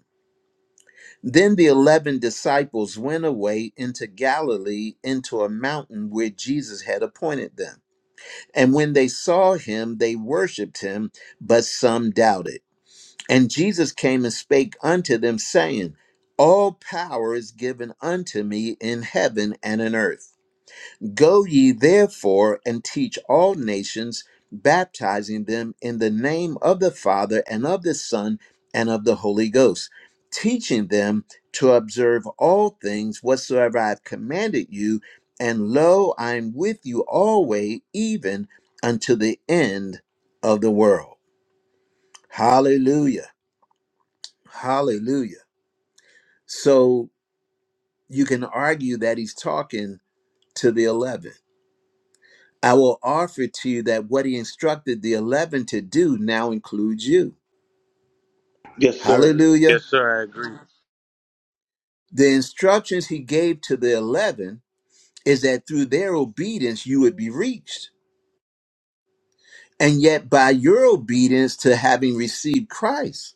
Speaker 2: Then the 11 disciples went away into Galilee into a mountain where Jesus had appointed them. And when they saw him, they worshiped him, but some doubted. And Jesus came and spake unto them, saying, All power is given unto me in heaven and in earth. Go ye therefore and teach all nations, baptizing them in the name of the Father and of the Son and of the Holy Ghost, teaching them to observe all things whatsoever I have commanded you. And lo, I am with you always, even unto the end of the world. Hallelujah. Hallelujah. So you can argue that he's talking to the 11 I will offer to you that what he instructed the 11 to do now includes you.
Speaker 6: Yes, sir.
Speaker 2: Hallelujah. The instructions he gave to the 11 is that through their obedience, you would be reached. And yet, by your obedience to having received Christ,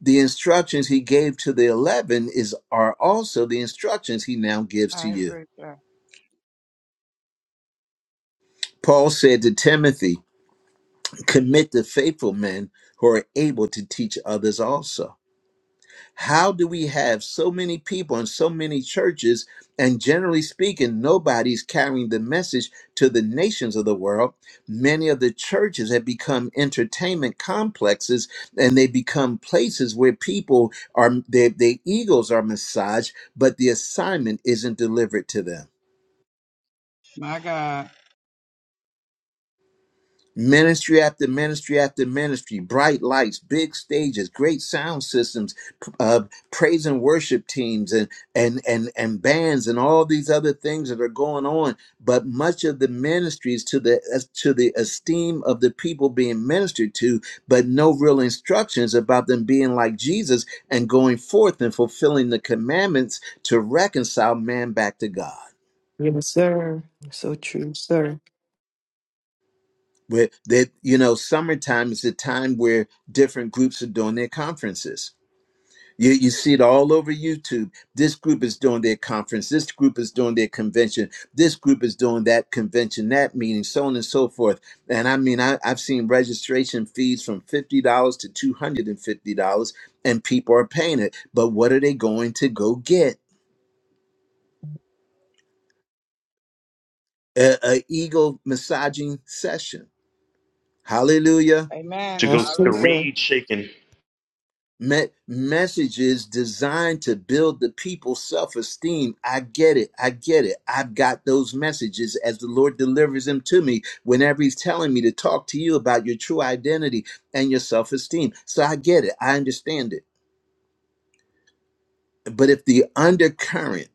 Speaker 2: the instructions he gave to the 11 is, are also the instructions he now gives to
Speaker 7: I
Speaker 2: you.
Speaker 7: agree, sir.
Speaker 2: Paul said to Timothy, commit to faithful men who are able to teach others also How do we have so many people in so many churches, and generally speaking, nobody's carrying the message to the nations of the world? Many of the churches have become entertainment complexes, and they become places where people are their, their egos are massaged, but the assignment isn't delivered to them.
Speaker 7: My God.
Speaker 2: Ministry after ministry after ministry, bright lights, big stages, great sound systems, p- uh, praise and worship teams, and and and and bands, and all these other things that are going on. But much of the ministries to the as to the esteem of the people being ministered to, but no real instructions about them being like Jesus and going forth and fulfilling the commandments to reconcile man back to God.
Speaker 4: Yes, sir. So true, sir.
Speaker 2: where that you know summertime is the time where different groups are doing their conferences you, you see it all over youtube this group is doing their conference this group is doing their convention this group is doing that convention that meeting so on and so forth and i mean I, i've seen registration fees from $50 to $250 and fifty dollars, and people are paying it but what are they going to go get a, a ego massaging session hallelujah
Speaker 7: Amen.
Speaker 6: To go
Speaker 4: That's
Speaker 6: see a
Speaker 4: true,
Speaker 7: Hallelujah.
Speaker 4: sir.
Speaker 6: reed shaking.
Speaker 2: Me- messages designed to build the people's self esteem. I get it. I get it. I've got those messages as the Lord delivers them to me whenever He's telling me to talk to you about your true identity and your self esteem. So I get it. I understand it. But if the undercurrent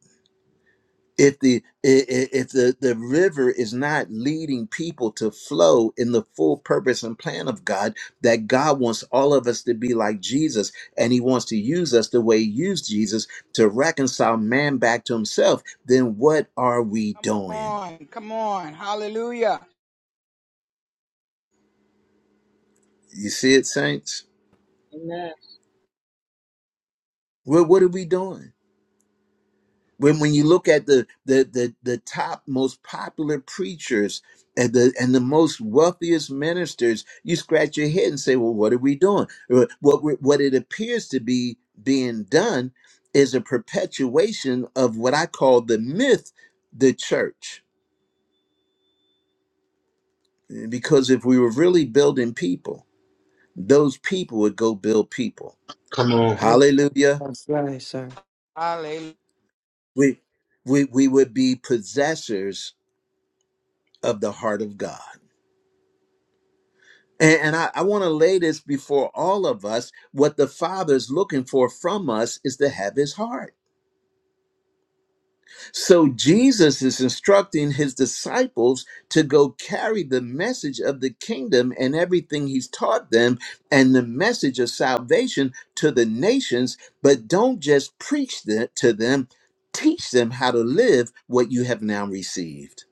Speaker 2: if the i- i- if the the river is not leading people to flow in the full purpose and plan of God that God wants all of us to be like Jesus and he wants to use us the way he used Jesus to reconcile man back to himself then what are we
Speaker 7: Come
Speaker 2: doing
Speaker 7: on. Come on. Hallelujah.
Speaker 2: you see it saints
Speaker 1: Amen.
Speaker 2: well what are we doing when when you look at the the the, the top most popular preachers and the and the most wealthiest ministers, you scratch your head and say, "Well, what are we doing?" Or What we- what it appears to be being done is a perpetuation of what I call the myth, the church. Because if we were really building people, those people would go build people.
Speaker 4: Yeah,
Speaker 2: Hallelujah.
Speaker 4: That's right, sir.
Speaker 7: Hallelujah.
Speaker 2: We we we would be possessors of the heart of God. And, and I, I want to lay this before all of us. What the Father is looking for from us is to have his heart. So Jesus is instructing his disciples to go carry the message of the kingdom and everything he's taught them and the message of salvation to the nations, but don't just preach that to them, teach them how to live what you have now received.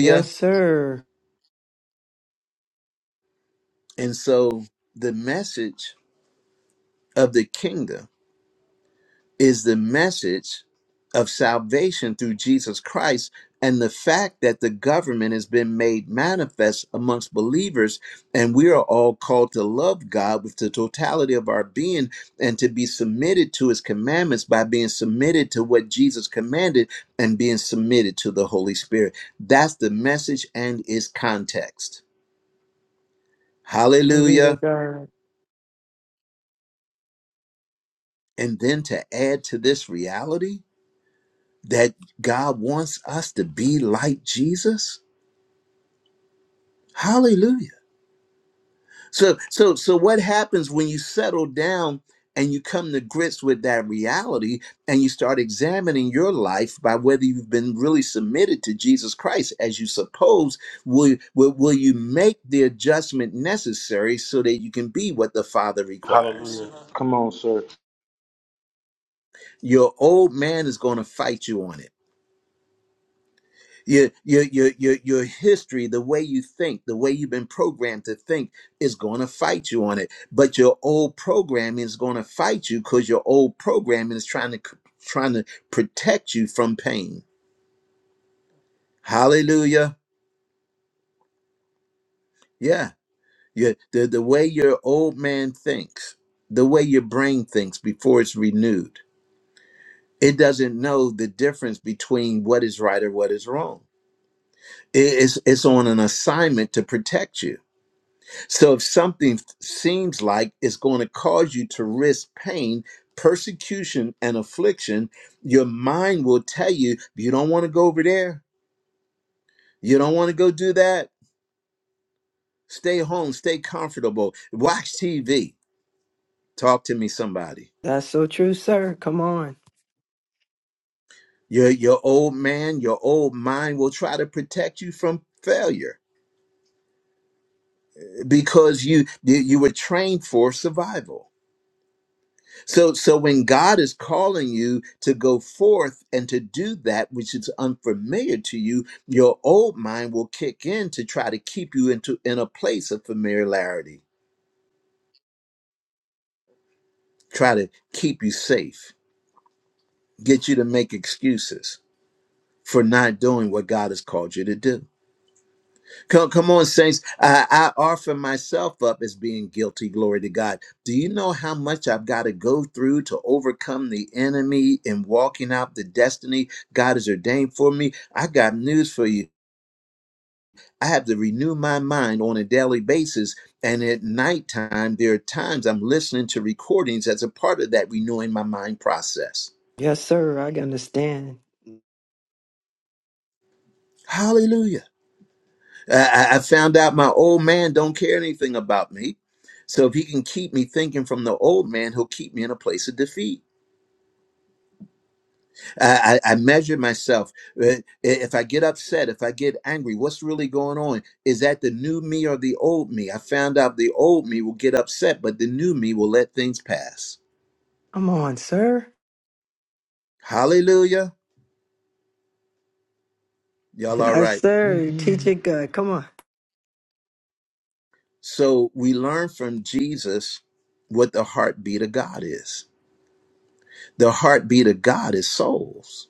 Speaker 4: Yes, sir.
Speaker 2: And so the message of the kingdom is the message of salvation through Jesus Christ and the fact that the government has been made manifest amongst believers and we are all called to love God with the totality of our being and to be submitted to his commandments by being submitted to what Jesus commanded and being submitted to the Holy Spirit that's the message and its context
Speaker 4: Glory to
Speaker 2: hallelujah
Speaker 4: God.
Speaker 2: and then to add to this reality that God wants us to be like Jesus? Hallelujah. So so so what happens when you settle down and you come to grips with that reality and you start examining your life by whether you've been really submitted to Jesus Christ as you suppose will will, will you make the adjustment necessary so that you can be what the Father requires? Your old man is going to fight you on it your your your your your history, the way you think, the way you've been programmed to think is going to fight you on it. But your old programming is going to fight you because your old programming is trying to c- trying to protect you from pain. Hallelujah. Yeah. Your, the, the way your old man thinks, the way your brain thinks before it's renewed, it doesn't know the difference between what is right or what is wrong. It- It's, it's on an assignment to protect you So if something seems like it's going to cause you to risk pain, persecution, and affliction, your mind will tell you, you don't want to go over there. You don't want to go do that. Stay home, stay comfortable, watch TV. Talk to me, somebody.
Speaker 4: That's so true, sir. Come on.
Speaker 2: Your, your old man, your old mind will try to protect you from failure because you, you, you were trained for survival. So, so when God is calling you to go forth and to do that which is unfamiliar to you, your old mind will kick in to try to keep you into in a place of familiarity, try to keep you safe, get you to make excuses for not doing what God has called you to do. Come, come on, saints. I, I offer myself up as being guilty. Glory to God. Do you know how much I've got to go through to overcome the enemy and walking out the destiny God has ordained for me? I got news for you. I have to renew my mind on a daily basis. And at nighttime, there are times I'm listening to recordings as a part of that renewing my mind process.
Speaker 4: Yes, sir. I understand.
Speaker 2: Hallelujah. I, I found out my old man don't care anything about me. So if he can keep me thinking from the old man, he'll keep me in a place of defeat. I, I, I measure myself. Uh, If I get upset, if I get angry, what's really going on? Is that the new me or the old me? I found out the old me will get upset, but the new me will let things pass.
Speaker 4: Come on, sir.
Speaker 2: Hallelujah. Y'all all
Speaker 4: Yes,
Speaker 2: right.
Speaker 4: sir. Teach
Speaker 5: Amen.
Speaker 4: it good. Come on.
Speaker 2: So we learn from Jesus what the heartbeat of God is. The heartbeat of God is souls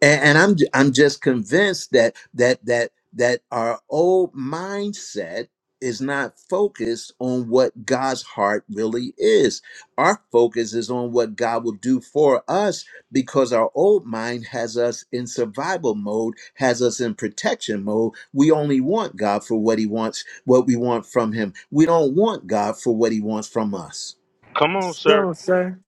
Speaker 2: and, and I'm I'm just convinced that that that that our old mindset is not focused on what God's heart really is. Our focus is on what God will do for us because our old mind has us in survival mode, has us in protection mode. We only want God for what he wants, what we want from him. We don't want God for what he wants from us.
Speaker 6: Come on,
Speaker 4: Let's
Speaker 6: sir.
Speaker 4: go, sir.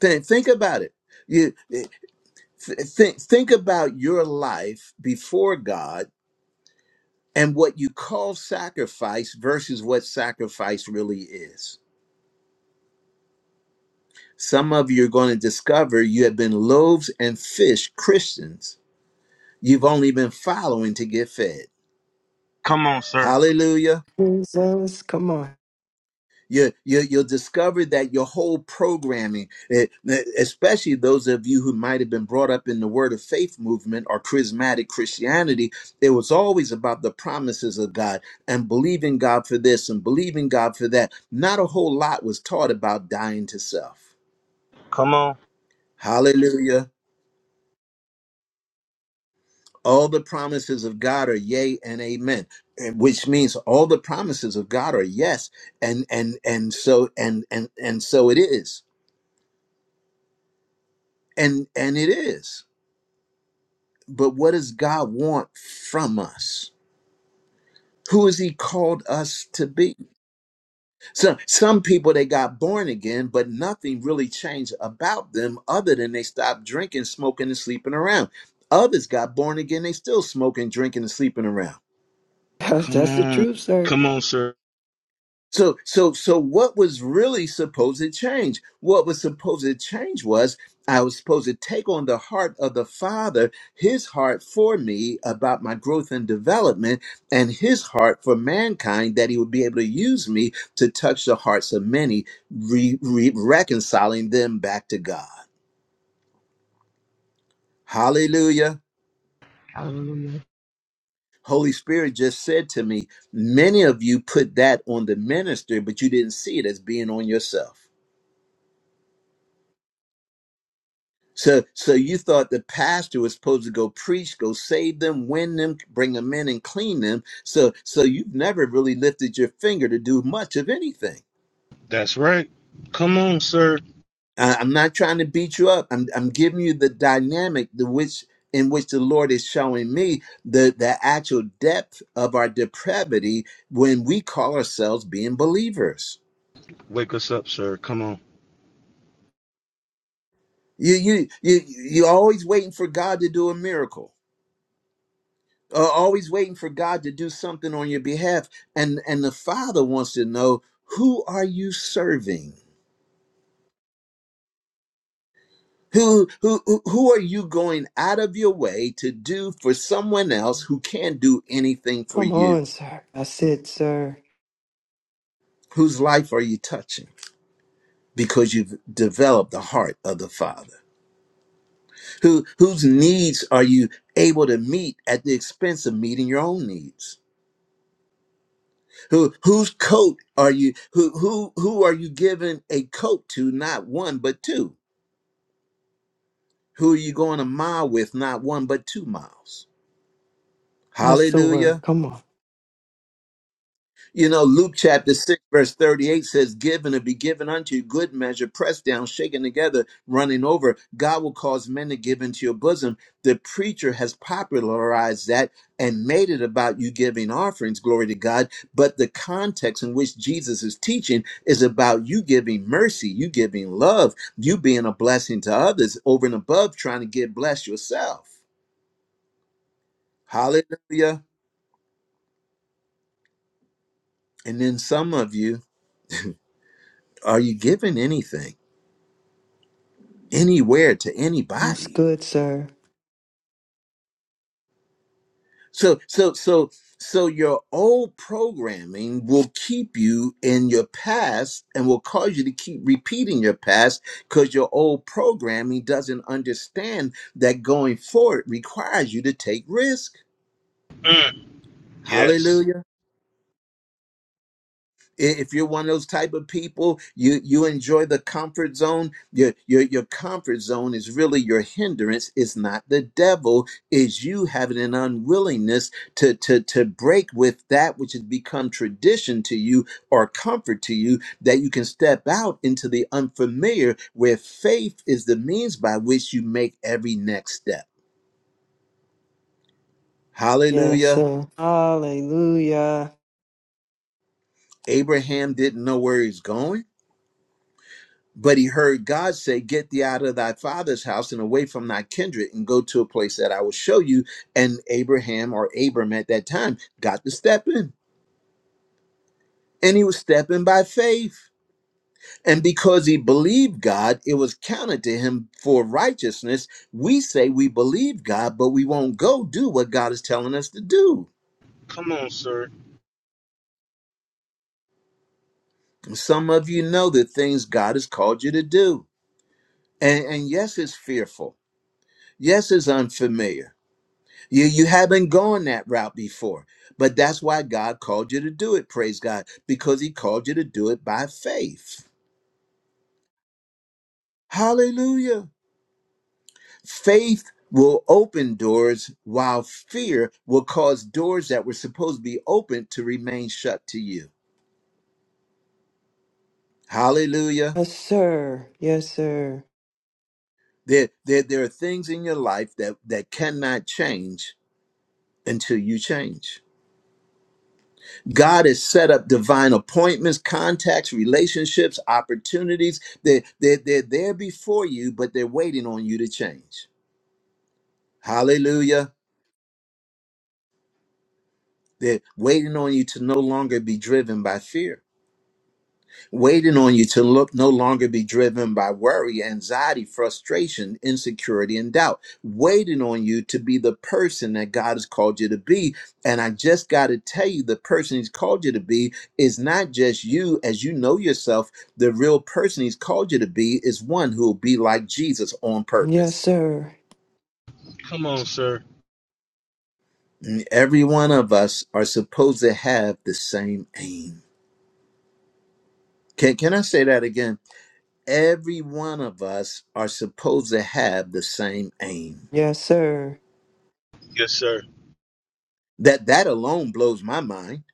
Speaker 2: Think, think about it. You, Th- think think about your life before God and what you call sacrifice versus what sacrifice really is. Some of you are going to discover you have been loaves and fish Christians. You've only been following to get fed.
Speaker 6: Come on, sir.
Speaker 2: Hallelujah.
Speaker 4: Jesus, come on.
Speaker 2: You, you, you'll discover that your whole programming, eh, eh, especially those of you who might have been brought up in the Word of Faith movement or charismatic Christianity, it was always about the promises of God and believing God for this and believing God for that. Not a whole lot was taught about dying to self.
Speaker 6: Come on.
Speaker 2: Hallelujah. All the promises of God are yea and amen, eh, which means all the promises of God are yes, and and and so and and and so it is, and and it is. but what does God want from us? Who has He called us to be? So some people they got born again, but nothing really changed about them other than they stopped drinking, smoking, and sleeping around. Others got born again, they still smoking, drinking, and sleeping around.
Speaker 4: That's,
Speaker 6: Come
Speaker 4: that's the
Speaker 6: on.
Speaker 4: truth, sir.
Speaker 6: Come on, sir.
Speaker 2: So, so, so, what was really supposed to change? What was supposed to change was I was supposed to take on the heart of the Father, His heart for me about my growth and development, and His heart for mankind that He would be able to use me to touch the hearts of many, re- re- reconciling them back to God. Hallelujah.
Speaker 5: Hallelujah.
Speaker 2: Holy Spirit just said to me, Many of you put that on the minister, but you didn't see it as being on yourself. So, so you thought the pastor was supposed to go preach, go save them, win them, bring them in, and clean them. So, so you've never really lifted your finger to do much of anything.
Speaker 6: That's right. Come on, sir.
Speaker 2: I, I'm not trying to beat you up. I'm, I'm giving you the dynamic, the which in which the Lord is showing me the the actual depth of our depravity when we call ourselves being believers.
Speaker 6: Wake us up, sir. Come on.
Speaker 2: You, you, you, you're always waiting for God to do a miracle uh, always waiting for God to do something on your behalf. And and the Father wants to know who are you serving? Who who who who are you going out of your way to do for someone else who can't do anything for
Speaker 4: Come on,
Speaker 2: you?
Speaker 4: sir. That's it, sir.
Speaker 2: Whose life are you touching? Because you've developed the heart of the Father. Who whose needs are you able to meet at the expense of meeting your own needs? Who whose coat are you who who who are you giving a coat to, not one but two? Who are you going a mile with? Not one, but two miles.
Speaker 4: That's the word.
Speaker 2: Hallelujah.
Speaker 4: Come on.
Speaker 2: You know, Luke chapter 6, verse 38 says, Give and it be given unto you, good measure, pressed down, shaken together, running over. God will cause men to give into your bosom. The preacher has popularized that and made it about you giving offerings, glory to God. But the context in which Jesus is teaching is about you giving mercy, you giving love, you being a blessing to others over and above trying to get blessed yourself. Hallelujah. And then some of you, are you giving anything, anywhere to
Speaker 4: That's
Speaker 2: anybody?
Speaker 4: good, sir.
Speaker 2: So, so, so, so your old programming will keep you in your past and will cause you to keep repeating your past because your old programming doesn't understand that going forward requires you to take risk.
Speaker 6: Mm, yes.
Speaker 2: Hallelujah. if you're one of those type of people you you enjoy the comfort zone your your your comfort zone is really your hindrance it's not the devil is you having an unwillingness to to to break with that which has become tradition to you or comfort to you that you can step out into the unfamiliar where faith is the means by which you make every next step
Speaker 4: Yes,
Speaker 2: hallelujah
Speaker 4: sir. Hallelujah.
Speaker 2: abraham didn't know where he's going But he heard God say, Get thee out of thy father's house and away from thy kindred and go to a place that I will show you. And Abraham or Abram at that time got to step in. And he was stepping by faith. And because he believed God, it was counted to him for righteousness. We say we believe God, but we won't go do what God is telling us to do.
Speaker 6: Come on, sir.
Speaker 2: Some of you know the things God has called you to do. And, and yes, it's fearful. Yes, it's unfamiliar You you haven't gone that route before. But that's why God called you to do it, praise God, because he called you to do it by faith. Hallelujah. Faith will open doors while fear will cause doors that were supposed to be open to remain shut to you. Hallelujah.
Speaker 4: Yes, sir. Yes, sir.
Speaker 2: There, there, there are things in your life that, that cannot change until you change. God has set up divine appointments, contacts, relationships, opportunities. They're, they're, they're there before you, but they're waiting on you to change. Hallelujah. They're waiting on you to no longer be driven by fear. waiting on you to look no longer be driven by worry, anxiety, frustration, insecurity, and doubt. Waiting on you to be the person that God has called you to be. And I just got to tell you, the person He's called you to be is not just you as you know yourself. The real person He's called you to be is one who will be like Jesus on
Speaker 4: Yes,
Speaker 2: purpose.
Speaker 4: sir.
Speaker 6: Sir.
Speaker 2: And Every one of us are supposed to have the same aim. Can, can I say that again? every one of us are supposed to have the same aim.
Speaker 4: Yes, sir.
Speaker 6: Yes, sir.
Speaker 2: That that alone blows my mind.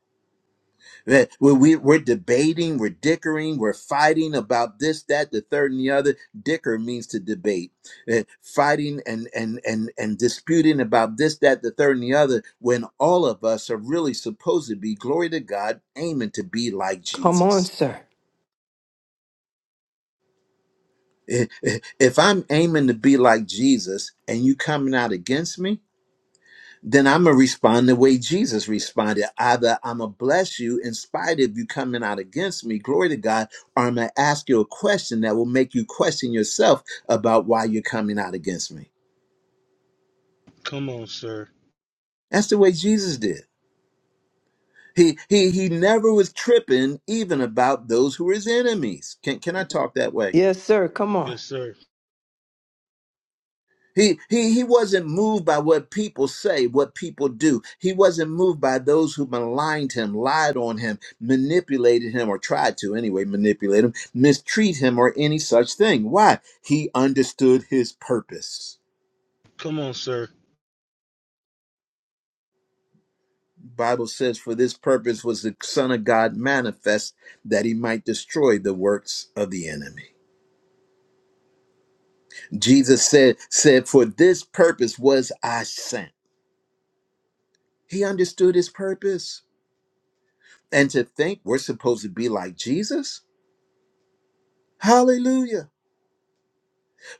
Speaker 2: That we, we we're debating, we're dickering, we're fighting about this, that, the third, and the other. Dicker means to debate, Uh, fighting and and and and disputing about this, that, the third, and the other. When all of us are really supposed to be glory to God, aiming to be like
Speaker 4: Come on,
Speaker 2: Jesus.
Speaker 4: sir.
Speaker 2: If if I'm aiming to be like Jesus, and you coming out against me, then I'm going to respond the way Jesus responded. Either I'm going to bless you in spite of you coming out against me, glory to God, or I'm going to ask you a question that will make you question yourself about why you're coming out against me.
Speaker 6: Come on, sir.
Speaker 2: That's the way Jesus did. He, he, he never was tripping even about those who were his enemies. Can, can I talk that way?
Speaker 4: Yes, sir. Come on.
Speaker 6: Yes, sir.
Speaker 2: He, he, he wasn't moved by what people say, what people do. He wasn't moved by those who maligned him, lied on him, manipulated him, or tried to anyway manipulate him, mistreat him, or any such thing. Why? He understood his purpose.
Speaker 6: Come on, sir.
Speaker 2: Bible says, For this purpose was the Son of God manifest that he might destroy the works of the enemy. Jesus said, said, For this purpose was I sent. He understood his purpose. and to think we're supposed to be like Jesus. Hallelujah.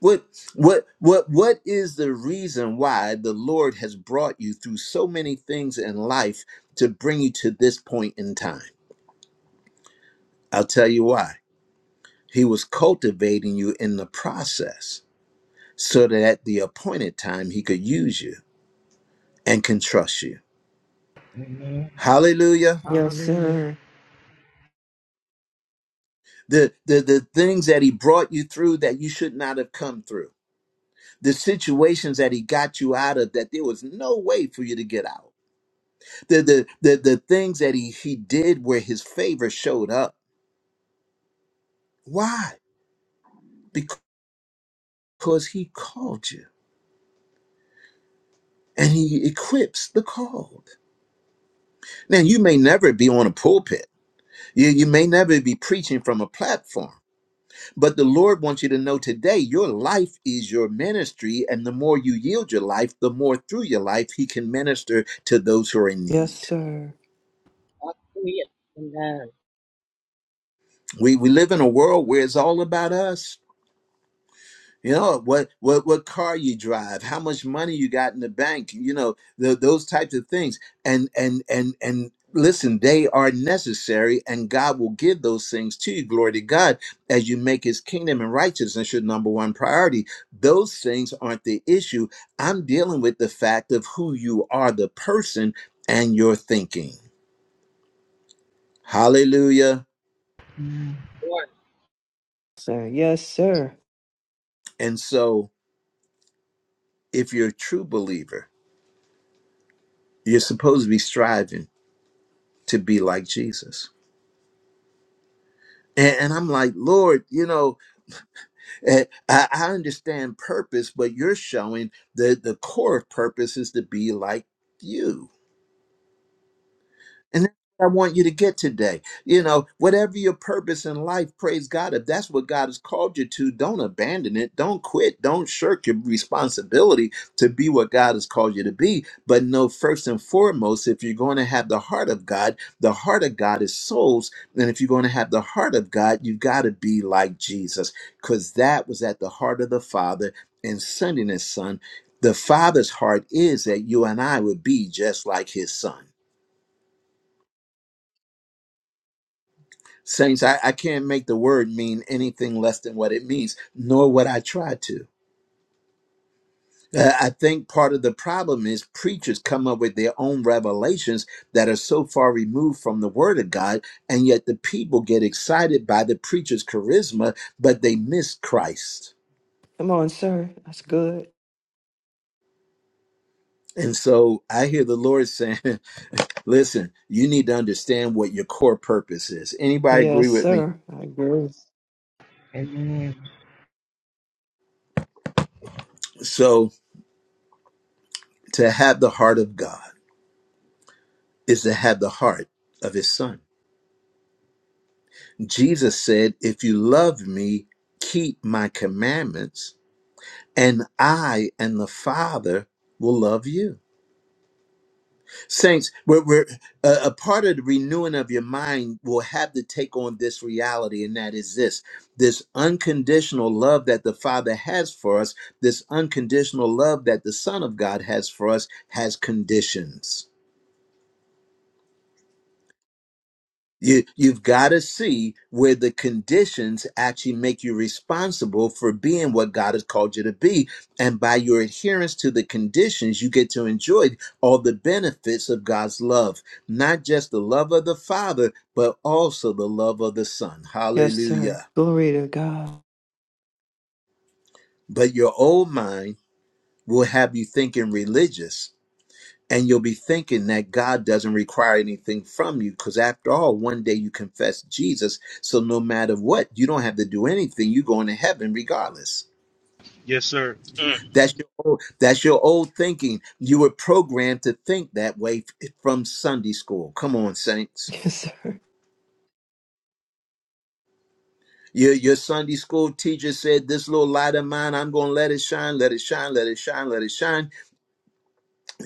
Speaker 2: What what what what is the reason why the Lord has brought you through so many things in life to bring you to this point in time? I'll tell you why. He was cultivating you in the process so that at the appointed time he could use you and can trust you.
Speaker 5: Amen.
Speaker 2: Hallelujah.
Speaker 4: Yes,
Speaker 5: Hallelujah.
Speaker 4: sir.
Speaker 2: The the the things that he brought you through that you should not have come through the situations that he got you out of that there was no way for you to get out the the the, the things that he he did where his favor showed up why because he called you and he equips the called now you may never be on a pulpit you, you may never be preaching from a platform but the lord wants you to know today your life is your ministry and the more you yield your life the more through your life he can minister to those who are in
Speaker 4: Yes,
Speaker 2: need
Speaker 4: sir.
Speaker 1: Hallelujah. Amen.
Speaker 2: we, we live in a world where it's all about us You know what what what car you drive, how much money you got in the bank, you know, tho- those types of things. And and and and listen, they are necessary and God will give those things to you. Glory to God as you make his kingdom and righteousness your number one priority. Those things aren't the issue. I'm dealing with the fact of who you are, the person and your thinking. Hallelujah.
Speaker 4: Sir. Yes, sir.
Speaker 2: And so if you're a true believer, you're supposed to be striving to be like Jesus And, and I'm like, Lord, you know, eh, I, I understand purpose, but you're showing that the core of purpose is to be like you. And that's what I want you to get today. You know, whatever your purpose in life, praise God. If that's what God has called you to, don't abandon it. Don't quit. Don't shirk your responsibility to be what God has called you to be. But know first and foremost, if you're going to have the heart of God, the heart of God is souls. And if you're going to have the heart of God, you've got to be like Jesus, because that was at the heart of the Father in sending his son. The Father's heart is that you and I would be just like his son. Saints, I, I can't make the word mean anything less than what it means, nor would I try to. Uh, I think part of the problem is preachers come up with their own revelations that are so far removed from the Word of God, and yet the people get excited by the preacher's charisma, but they miss Christ.
Speaker 4: Come on, sir. That's good.
Speaker 2: And so I hear the Lord saying, listen, you need to understand what your core purpose is. Anybody agree
Speaker 4: Yes,
Speaker 2: with me?
Speaker 4: sir. I agree.
Speaker 5: Amen.
Speaker 2: So to have the heart of God is to have the heart of his son. Jesus said, If you love me, keep my commandments, and I and the Father will love you. Saints, we're, we're, a a part of the renewing of your mind will have to take on this reality, and that is this this unconditional love that the Father has for us, this unconditional love that the Son of God has for us, has conditions. You you've got to see where the conditions actually make you responsible for being what God has called you to be, and by your adherence to the conditions, you get to enjoy all the benefits of God's love, not just the love of the Father, but also the love of the Son.
Speaker 4: Yes, sir.
Speaker 2: Hallelujah!
Speaker 4: Glory to God.
Speaker 2: But your old mind will have you thinking religious And you'll be thinking that God doesn't require anything from you because, after all, one day you confess Jesus. So, no matter what, you don't have to do anything. You're going to heaven regardless.
Speaker 6: Yes, sir.
Speaker 2: That's your old, that's your old thinking. You were programmed to think that way f- from Sunday school. Come on, saints.
Speaker 4: Yes, sir.
Speaker 2: Your, your Sunday school teacher said, This little light of mine, I'm going to let it shine, let it shine, let it shine, let it shine.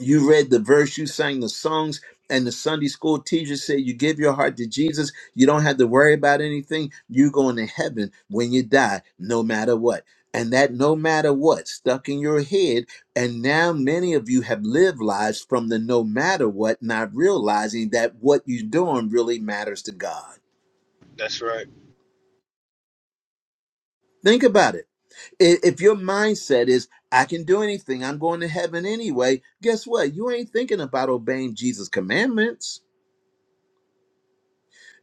Speaker 2: you read the verse, you sang the songs, and the Sunday school teacher said, You give your heart to Jesus, you don't have to worry about anything. You're going to heaven when you die, no matter what. And that no matter what stuck in your head. And now many of you have lived lives from the no matter what, not realizing that what you're doing really matters to God.
Speaker 6: That's right.
Speaker 2: Think about it. I- If your mindset is, I can do anything, I'm going to heaven anyway, guess what? You ain't thinking about obeying Jesus' commandments.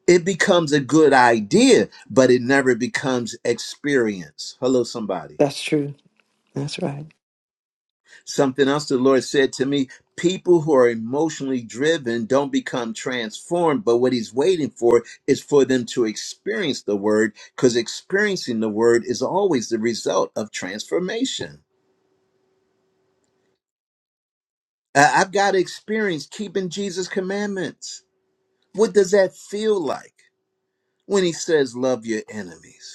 Speaker 2: It becomes a good idea, but it never becomes experience. Hello, somebody.
Speaker 4: That's true. That's right.
Speaker 2: Something else the Lord said to me people who are emotionally driven don't become transformed, but what He's waiting for is for them to experience the Word, because experiencing the Word is always the result of transformation. I- I've got to experience keeping Jesus' commandments. What does that feel like when He says, Love your enemies?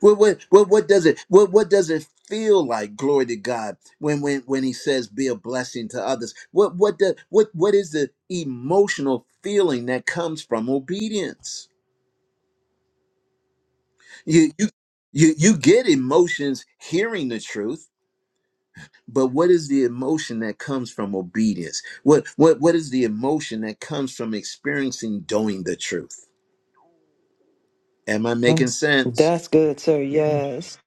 Speaker 2: What what what what does it what what does it feel like? Glory to God when when when He says, "Be a blessing to others." What what the what what is the emotional feeling that comes from obedience? You you you you get emotions hearing the truth. But what is the emotion that comes from obedience? What what what is the emotion that comes from experiencing doing the truth? Am I making
Speaker 4: Yes.
Speaker 2: sense?
Speaker 4: That's good, sir.
Speaker 5: Yes.
Speaker 4: Yes.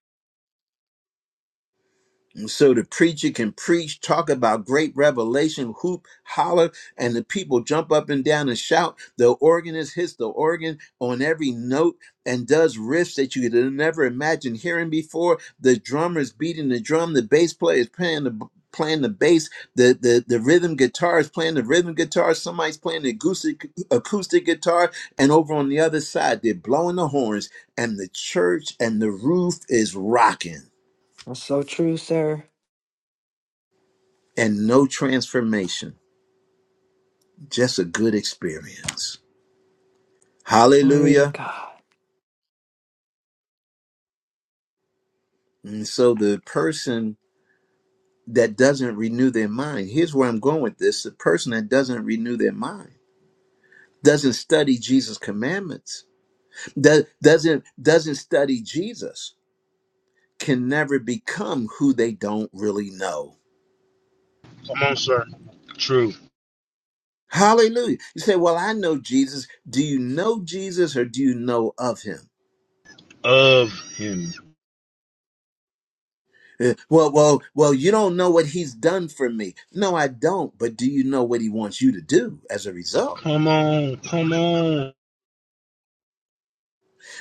Speaker 2: And So the preacher can preach, talk about great revelation, hoop, holler, and the people jump up and down and shout. The organist hits the organ on every note and does riffs that you could never imagine hearing before. The drummer is beating the drum, the bass player is playing the playing the bass, the, the the rhythm guitar is playing the rhythm guitar, somebody's playing the acoustic acoustic guitar, and over on the other side they're blowing the horns, and the church and the roof is rocking.
Speaker 4: That's so true, sir.
Speaker 2: and no transformation, just a good experience.
Speaker 4: Glory to
Speaker 2: Hallelujah.
Speaker 4: God.
Speaker 2: And so the person that doesn't renew their mind, here's where I'm going with this the person that doesn't renew their mind doesn't study Jesus' commandments, do- doesn't, doesn't study Jesus, can never become who they don't really know.
Speaker 6: Come on, sir. True.
Speaker 2: Hallelujah. You say, Well, I know Jesus. Do you know Jesus or do you know of him?
Speaker 6: Of him.
Speaker 2: Eh, Well, well, well, you don't know what he's done for me. No, I don't. But do you know what he wants you to do as a result?
Speaker 6: Come on. Come on.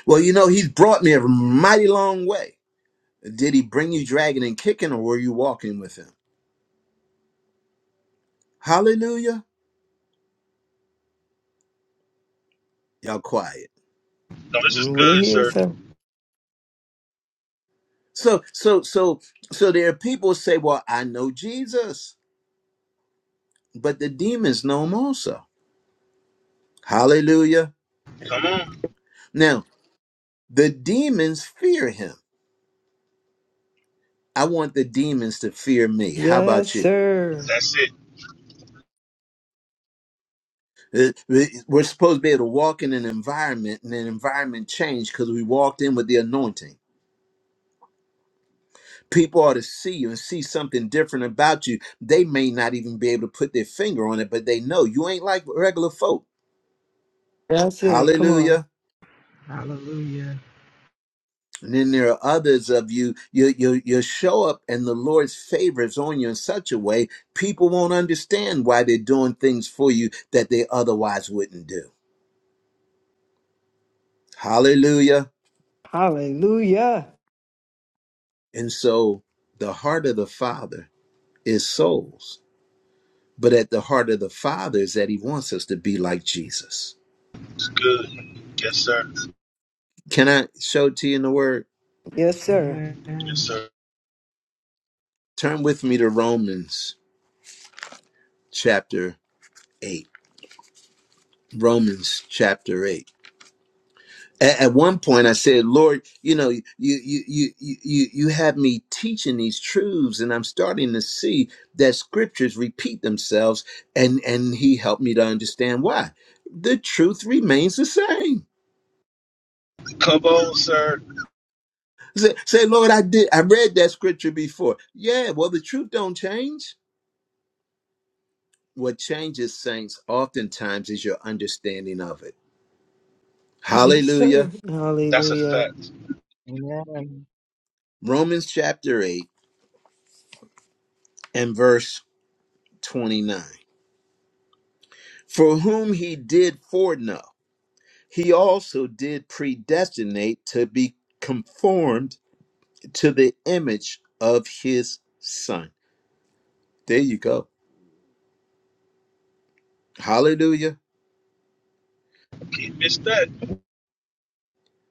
Speaker 2: Well, you know, he's brought me a mighty long way. Did he bring you dragging and kicking or were you walking with him? Hallelujah. Y'all quiet.
Speaker 6: No, this is
Speaker 4: We're
Speaker 6: good,
Speaker 4: here,
Speaker 6: sir.
Speaker 4: sir.
Speaker 2: So, so, so, so there are people who say, well, I know Jesus, but the demons know him also. Hallelujah. Now, the demons fear him. I want the demons to fear me. How about
Speaker 4: Yes,
Speaker 2: you?
Speaker 4: sir.
Speaker 6: That's it.
Speaker 2: Uh, we- We're supposed to be able to walk in an environment and an environment change because we walked in with the anointing. People ought to see you and see something different about you. They may not even be able to put their finger on it, but they know you ain't like regular folk.
Speaker 4: That's it. Come on.
Speaker 2: Hallelujah.
Speaker 5: Hallelujah.
Speaker 2: And then there are others of you, you, you, you show up and the Lord's favor is on you in such a way, people won't understand why they're doing things for you that they otherwise wouldn't do. Hallelujah.
Speaker 4: Hallelujah.
Speaker 2: And so the heart of the Father is souls. But at the heart of the Father is that He wants us to be like Jesus.
Speaker 6: It's good. Yes, sir.
Speaker 2: Can I show it to you in the Word?
Speaker 4: Yes, sir.
Speaker 6: Yes,
Speaker 5: Amen.
Speaker 6: sir.
Speaker 2: Turn with me to Romans chapter 8. Romans chapter 8. A- At one point, I said, "Lord, you know, you you you you you have me teaching these truths, and I'm starting to see that scriptures repeat themselves." And and He helped me to understand why. The truth remains the same
Speaker 6: Come on, sir.
Speaker 2: Say, say, Lord, I did. I read that scripture before. Yeah, well, the truth don't change. What changes, saints, oftentimes is your understanding of it.
Speaker 4: Yes, sir.
Speaker 2: Hallelujah.
Speaker 6: That's a
Speaker 4: Hallelujah.
Speaker 6: fact.
Speaker 1: Amen.
Speaker 2: Romans chapter 8 and verse 29. For whom he did foreknow, he also did predestinate to be conformed to the image of his son. There you go. Hallelujah.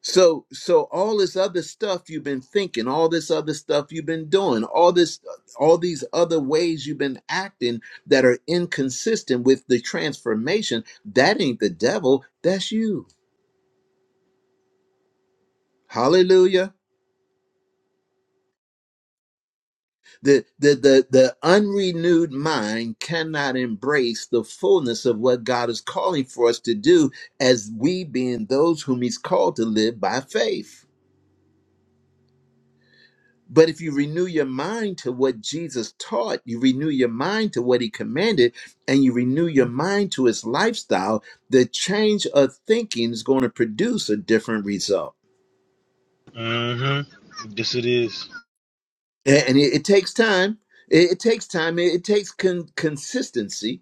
Speaker 2: So so all this other stuff you've been thinking, all this other stuff you've been doing, all this all these other ways you've been acting that are inconsistent with the transformation, that ain't the devil, that's you. Hallelujah. The the the the unrenewed mind cannot embrace the fullness of what God is calling for us to do as we being those whom he's called to live by faith. But if you renew your mind to what Jesus taught, you renew your mind to what he commanded, and you renew your mind to his lifestyle, the change of thinking is going to produce a different result.
Speaker 6: Mm-hmm. Yes, it is.
Speaker 2: A- And it, it takes time. It, it takes time. It, it takes con- consistency,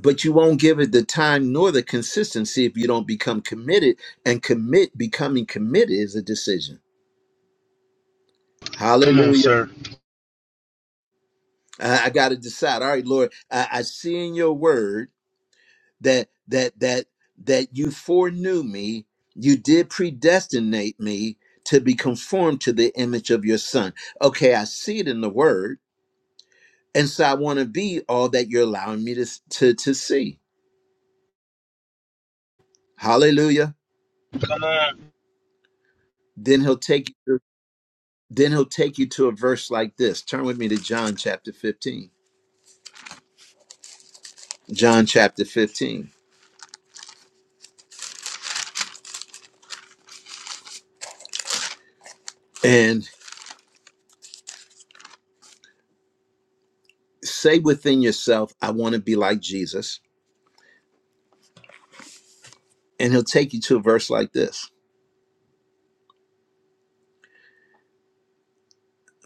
Speaker 2: but you won't give it the time nor the consistency if you don't become committed. And commit, becoming committed is a decision.
Speaker 6: Come on,
Speaker 2: Hallelujah.
Speaker 6: sir.
Speaker 2: I, I got to decide. All right, Lord, I, I see in your word that that that that you foreknew me you did predestinate me to be conformed to the image of your son okay i see it in the word and so i want to be all that you're allowing me to, s- to to see hallelujah then he'll take you to, then he'll take you to a verse like this turn with me to john chapter 15 john chapter 15 and say within yourself i want to be like jesus and he'll take you to a verse like this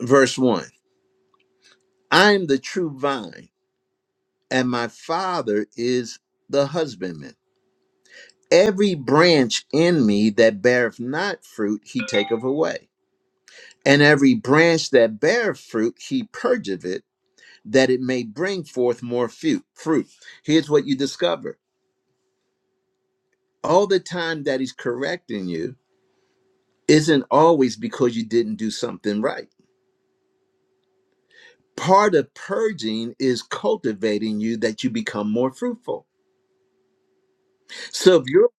Speaker 2: verse 1 I am the true vine, and my Father is the husbandman. Every branch in me that beareth not fruit, he taketh away. And every branch that beareth fruit, he purgeth it, that it may bring forth more fu- fruit. Here's what you discover all the time that he's correcting you isn't always because you didn't do something right. Part of purging is cultivating you that you become more fruitful So if you're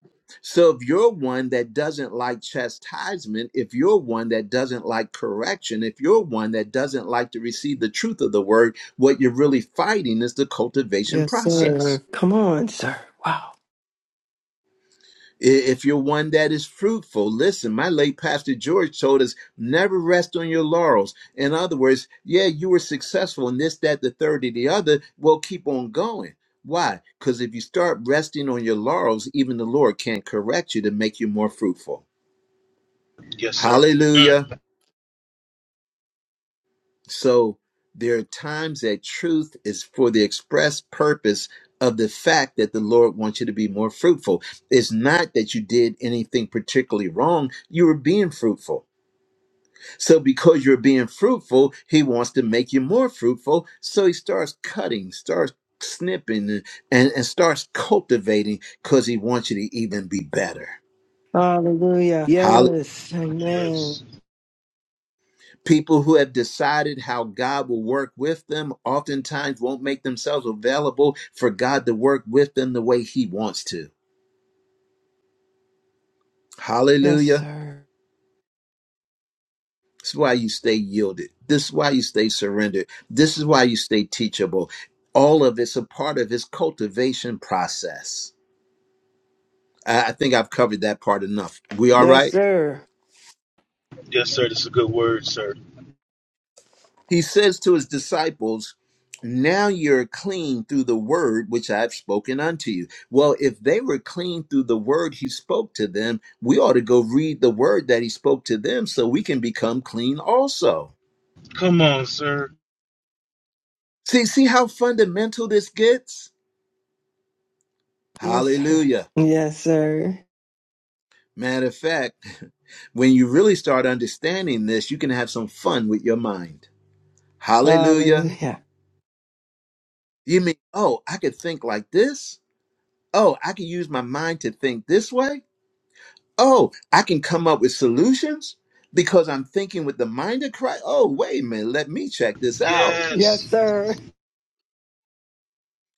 Speaker 2: so if you're one that doesn't like chastisement, if you're one that doesn't like correction, if you're one that doesn't like to receive the truth of the word, what you're really fighting is the cultivation
Speaker 4: Yes,
Speaker 2: process.
Speaker 4: sir. Come on, sir. Wow.
Speaker 2: I- If you're one that is fruitful, listen, my late pastor George told us never rest on your laurels. In other words, yeah, you were successful in this, that, the third, and the other. Well, keep on going. Why? Because if you start resting on your laurels, even the Lord can't correct you to make you more fruitful.
Speaker 6: Yes, sir.
Speaker 2: Hallelujah. So there are times that truth is for the express purpose of the fact that the Lord wants you to be more fruitful. It's not that you did anything particularly wrong, you were being fruitful. So because you're being fruitful, he wants to make you more fruitful. So he starts cutting, starts snipping and, and starts cultivating because he wants you to even be better.
Speaker 4: Hallelujah. Yes. Amen.
Speaker 6: Yes.
Speaker 2: People who have decided how God will work with them oftentimes won't make themselves available for God to work with them the way He wants to.
Speaker 4: Yes,
Speaker 2: Hallelujah.
Speaker 4: sir.
Speaker 2: This is why you stay yielded. This is why you stay surrendered. This is why you stay teachable. All of it's a part of His cultivation process. I I think I've covered that part enough. We all
Speaker 4: Yes,
Speaker 2: right?
Speaker 4: sir.
Speaker 6: Yes, sir. That's a good word, sir.
Speaker 2: He says to his disciples, Now you're clean through the word which I've spoken unto you. Well, if they were clean through the word he spoke to them, we ought to go read the word that he spoke to them so we can become clean also.
Speaker 6: Come on, sir.
Speaker 2: See, see how fundamental this gets?
Speaker 4: Yes, sir.
Speaker 2: Hallelujah.
Speaker 4: Yes, sir.
Speaker 2: Matter of fact, when you really start understanding this, you can have some fun with your mind. Hallelujah.
Speaker 4: Hallelujah.
Speaker 2: You mean, oh, I could think like this? Oh, I could use my mind to think this way? Oh, I can come up with solutions because I'm thinking with the mind of Christ. Oh, wait a minute, let me check this out.
Speaker 4: Yes,
Speaker 6: Yes.
Speaker 4: sir.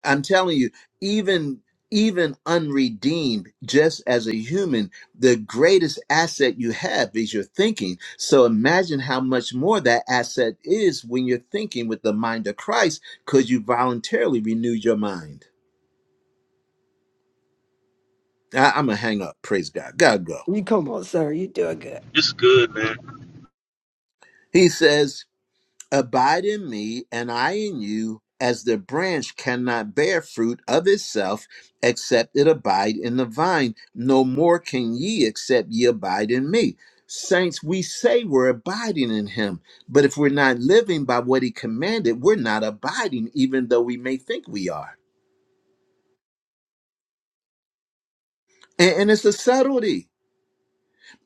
Speaker 2: I'm telling you, even even unredeemed, just as a human, the greatest asset you have is your thinking. So imagine how much more that asset is when you're thinking with the mind of Christ, because you voluntarily renewed your mind. I, I'm gonna hang up. Praise God. God go.
Speaker 4: You come on, sir. You doing good.
Speaker 6: It's good, man.
Speaker 2: He says. Abide in me, and I in you, as the branch cannot bear fruit of itself except it abide in the vine. No more can ye except ye abide in me. Saints, we say we're abiding in him, but if we're not living by what he commanded, we're not abiding, even though we may think we are. And, and it's a subtlety.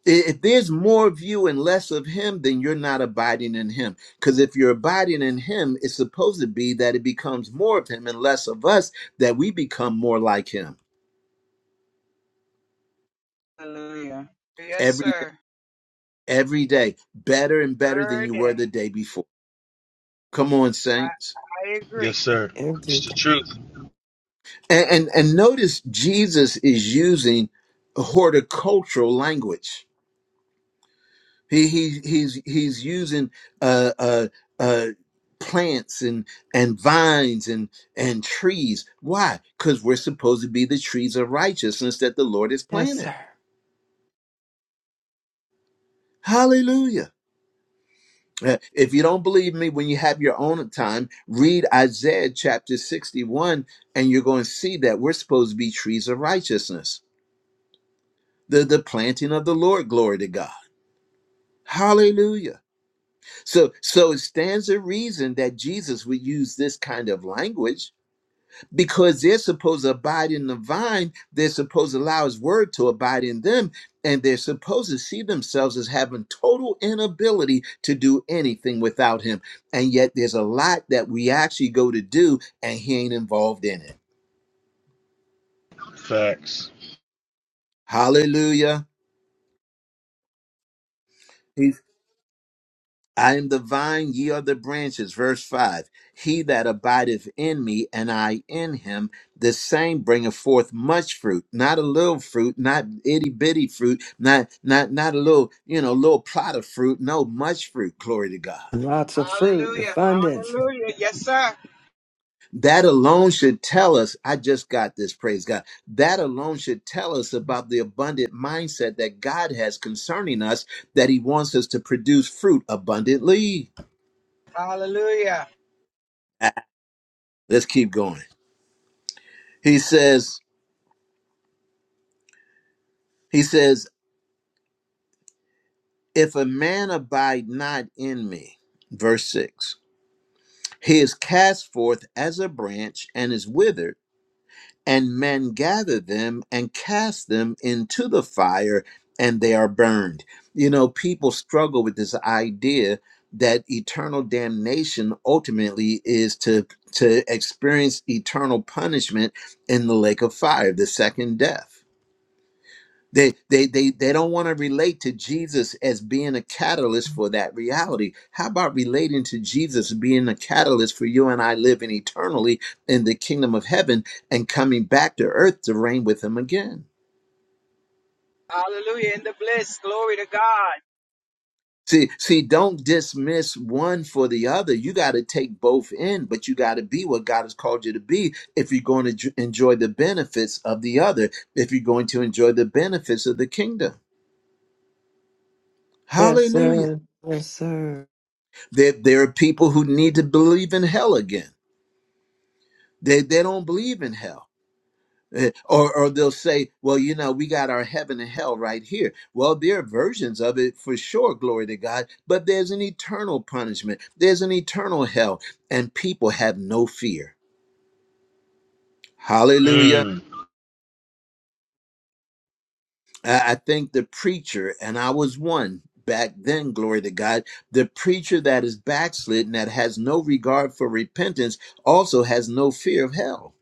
Speaker 2: If there's more of you and less of him, then you're not abiding in him. Because if you're abiding in him, it's supposed to be that it becomes more of him and less of us, that we become more like him
Speaker 7: Yes,
Speaker 2: every day,
Speaker 7: sir.
Speaker 2: every day, better and better than
Speaker 7: Every
Speaker 2: you were
Speaker 7: day.
Speaker 2: the day before. Come on,
Speaker 7: I,
Speaker 2: saints.
Speaker 7: I
Speaker 6: Yes,
Speaker 7: agree.
Speaker 6: sir.
Speaker 4: Every day.
Speaker 6: It's the truth.
Speaker 2: And and, and notice Jesus is using horticultural language. He, he he's he's using uh, uh, uh, plants and and vines and and trees. Why? Because we're supposed to be the trees of righteousness that the Lord has
Speaker 4: Yes,
Speaker 2: planted.
Speaker 4: sir.
Speaker 2: Hallelujah. Uh, If you don't believe me, when you have your own time, read Isaiah chapter 61, and you're going to see that we're supposed to be trees of righteousness, the, the planting of the Lord. Glory to God. Hallelujah. So, so it stands a reason that Jesus would use this kind of language because they're supposed to abide in the vine. They're supposed to allow His word to abide in them, and they're supposed to see themselves as having total inability to do anything without Him. And yet, there's a lot that we actually go to do, and He ain't involved in it.
Speaker 6: Facts.
Speaker 2: Hallelujah. I am the vine, ye are the branches. Verse 5 He that abideth in me, and I in him, the same bringeth forth much fruit, not a little fruit, not itty bitty fruit, not, not, not a little, you know, little plot of fruit. No, much fruit. Glory to God.
Speaker 4: Lots of fruit,
Speaker 7: Hallelujah.
Speaker 4: abundance.
Speaker 7: Hallelujah. Yes, sir.
Speaker 2: That alone should tell us, I just got this, praise God. That alone should tell us about the abundant mindset that God has concerning us, that He wants us to produce fruit abundantly.
Speaker 7: Hallelujah.
Speaker 2: Ah, Let's keep going. He says, He says, If a man abide not in me, verse 6, he is cast forth as a branch and is withered, and men gather them and cast them into the fire, and they are burned. You know, people struggle with this idea that eternal damnation ultimately is to to experience eternal punishment in the lake of fire the second death They they they they don't want to relate to Jesus as being a catalyst for that reality. How about relating to Jesus being a catalyst for you and I living eternally in the kingdom of heaven and coming back to earth to reign with him again?
Speaker 7: Hallelujah. In the bliss. Glory to God.
Speaker 2: See, see, don't dismiss one for the other. You got to take both in, but you got to be what God has called you to be if you're going to j- enjoy the benefits of the other, if you're going to enjoy the benefits of the kingdom.
Speaker 4: Yes,
Speaker 2: Hallelujah.
Speaker 4: sir. Yes, sir.
Speaker 2: There, there are people who need to believe in hell again. They, they don't believe in hell. Eh, Or, or they'll say, well, you know, we got our heaven and hell right here. Well, there are versions of it for sure, glory to God, but there's an eternal punishment, there's an eternal hell, and people have no fear. Hallelujah.
Speaker 6: Mm.
Speaker 2: I I think the preacher, and I was one back then, glory to God, the preacher that is backslidden, that has no regard for repentance, also has no fear of hell.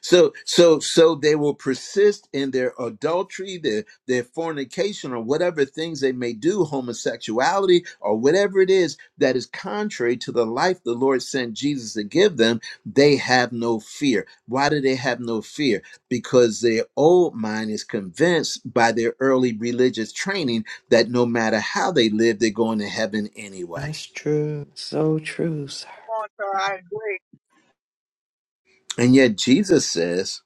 Speaker 2: So so so they will persist in their adultery, their their fornication, or whatever things they may do, homosexuality, or whatever it is that is contrary to the life the Lord sent Jesus to give them. They have no fear. Why do they have no fear? Because their old mind is convinced by their early religious training that no matter how they live, they're going to heaven anyway.
Speaker 4: That's true. So true, sir.
Speaker 7: Come on, sir. I agree.
Speaker 2: And yet Jesus says,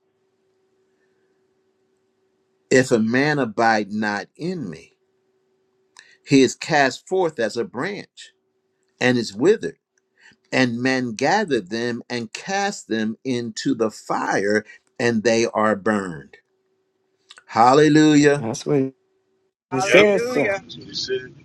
Speaker 2: if a man abide not in me. He is cast forth as a branch and is withered, and men gather them and cast them into the fire, and they are burned. Hallelujah.
Speaker 4: That's what it
Speaker 6: Yep.
Speaker 4: says, sir.
Speaker 7: Hallelujah.
Speaker 6: That's what he said.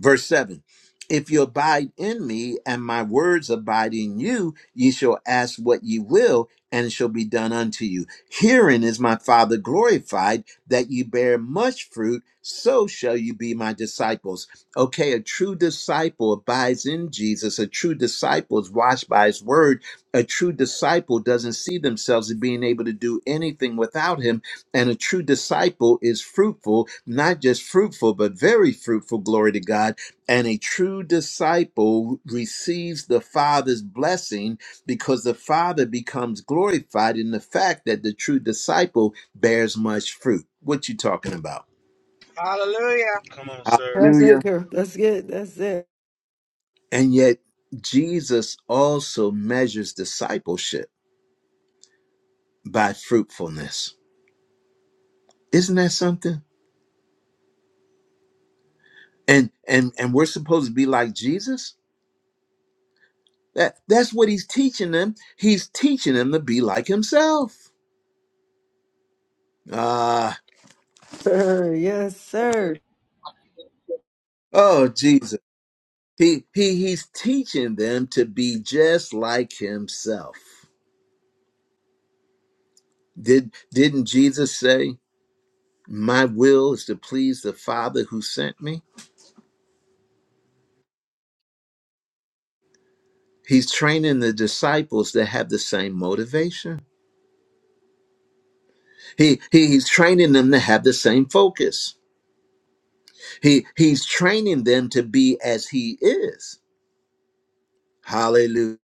Speaker 2: Verse 7 If you abide in me and my words abide in you, ye shall ask what ye will, and it shall be done unto you. Herein is my Father glorified, that ye bear much fruit, so shall you be my disciples. Okay, a true disciple abides in Jesus. A true disciple is washed by his word. A true disciple doesn't see themselves as being able to do anything without him and a true disciple is fruitful, not just fruitful, but very fruitful, glory to God. And a true disciple receives the Father's blessing because the Father becomes glorified in the fact that the true disciple bears much fruit. What you talking about?
Speaker 7: Hallelujah.
Speaker 6: Come on, sir.
Speaker 4: That's it,
Speaker 2: Hallelujah.
Speaker 4: girl. That's it. That's it.
Speaker 2: And yet Jesus also measures discipleship by fruitfulness. Isn't that something? And and and we're supposed to be like Jesus? That that's what he's teaching them. He's teaching them to be like himself. Ah,
Speaker 4: Sir. Yes, sir.
Speaker 2: oh Jesus. He he he's teaching them to be just like himself. Did didn't Jesus say, "My will is to please the Father who sent me"? He's training the disciples to have the same motivation. He, he he's training them to have the same focus. He he's training them to be as he is. Hallelujah.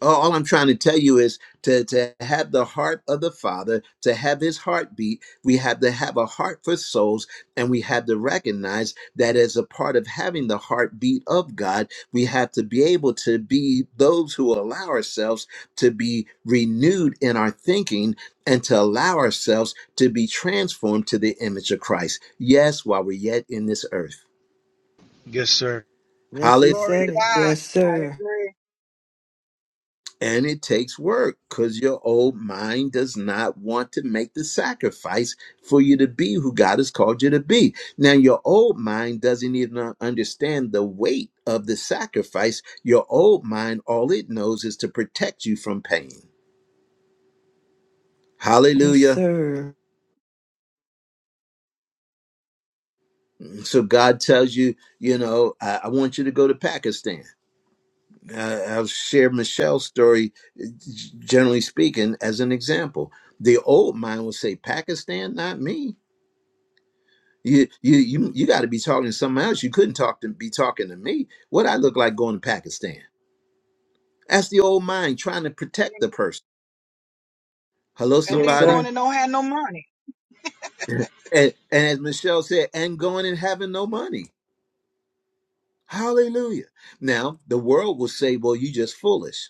Speaker 2: Oh, all I'm trying to tell you is to, to have the heart of the Father, to have his heartbeat, we have to have a heart for souls, and we have to recognize that as a part of having the heartbeat of God, we have to be able to be those who allow ourselves to be renewed in our thinking and to allow ourselves to be transformed to the image of Christ. Yes, while we're yet in this earth.
Speaker 6: Yes, sir.
Speaker 4: Yes, he
Speaker 7: Glory to
Speaker 4: said it.
Speaker 7: God.
Speaker 4: Yes,
Speaker 7: I
Speaker 4: sir.
Speaker 7: agree.
Speaker 2: And it takes work because your old mind does not want to make the sacrifice for you to be who God has called you to be. Now, your old mind doesn't even understand the weight of the sacrifice. Your old mind, all it knows is to protect you from pain.
Speaker 4: Yes,
Speaker 2: Hallelujah.
Speaker 4: sir.
Speaker 2: So God tells you, you know, I, I want you to go to Pakistan. Uh, I'll share Michelle's story, generally speaking, as an example. The old mind will say, Pakistan, not me You you you you got to be talking to someone else. You couldn't talk to be talking to me. What I look like going to Pakistan? That's the old mind trying to protect
Speaker 7: And
Speaker 2: the person. Hello,
Speaker 7: then, and
Speaker 4: Yes,
Speaker 7: then
Speaker 2: somebody.
Speaker 7: going
Speaker 4: sir.
Speaker 7: and don't have no money.
Speaker 2: And, and as Michelle said, and going and having no money. Hallelujah. Now the world will say, "Well, you just foolish."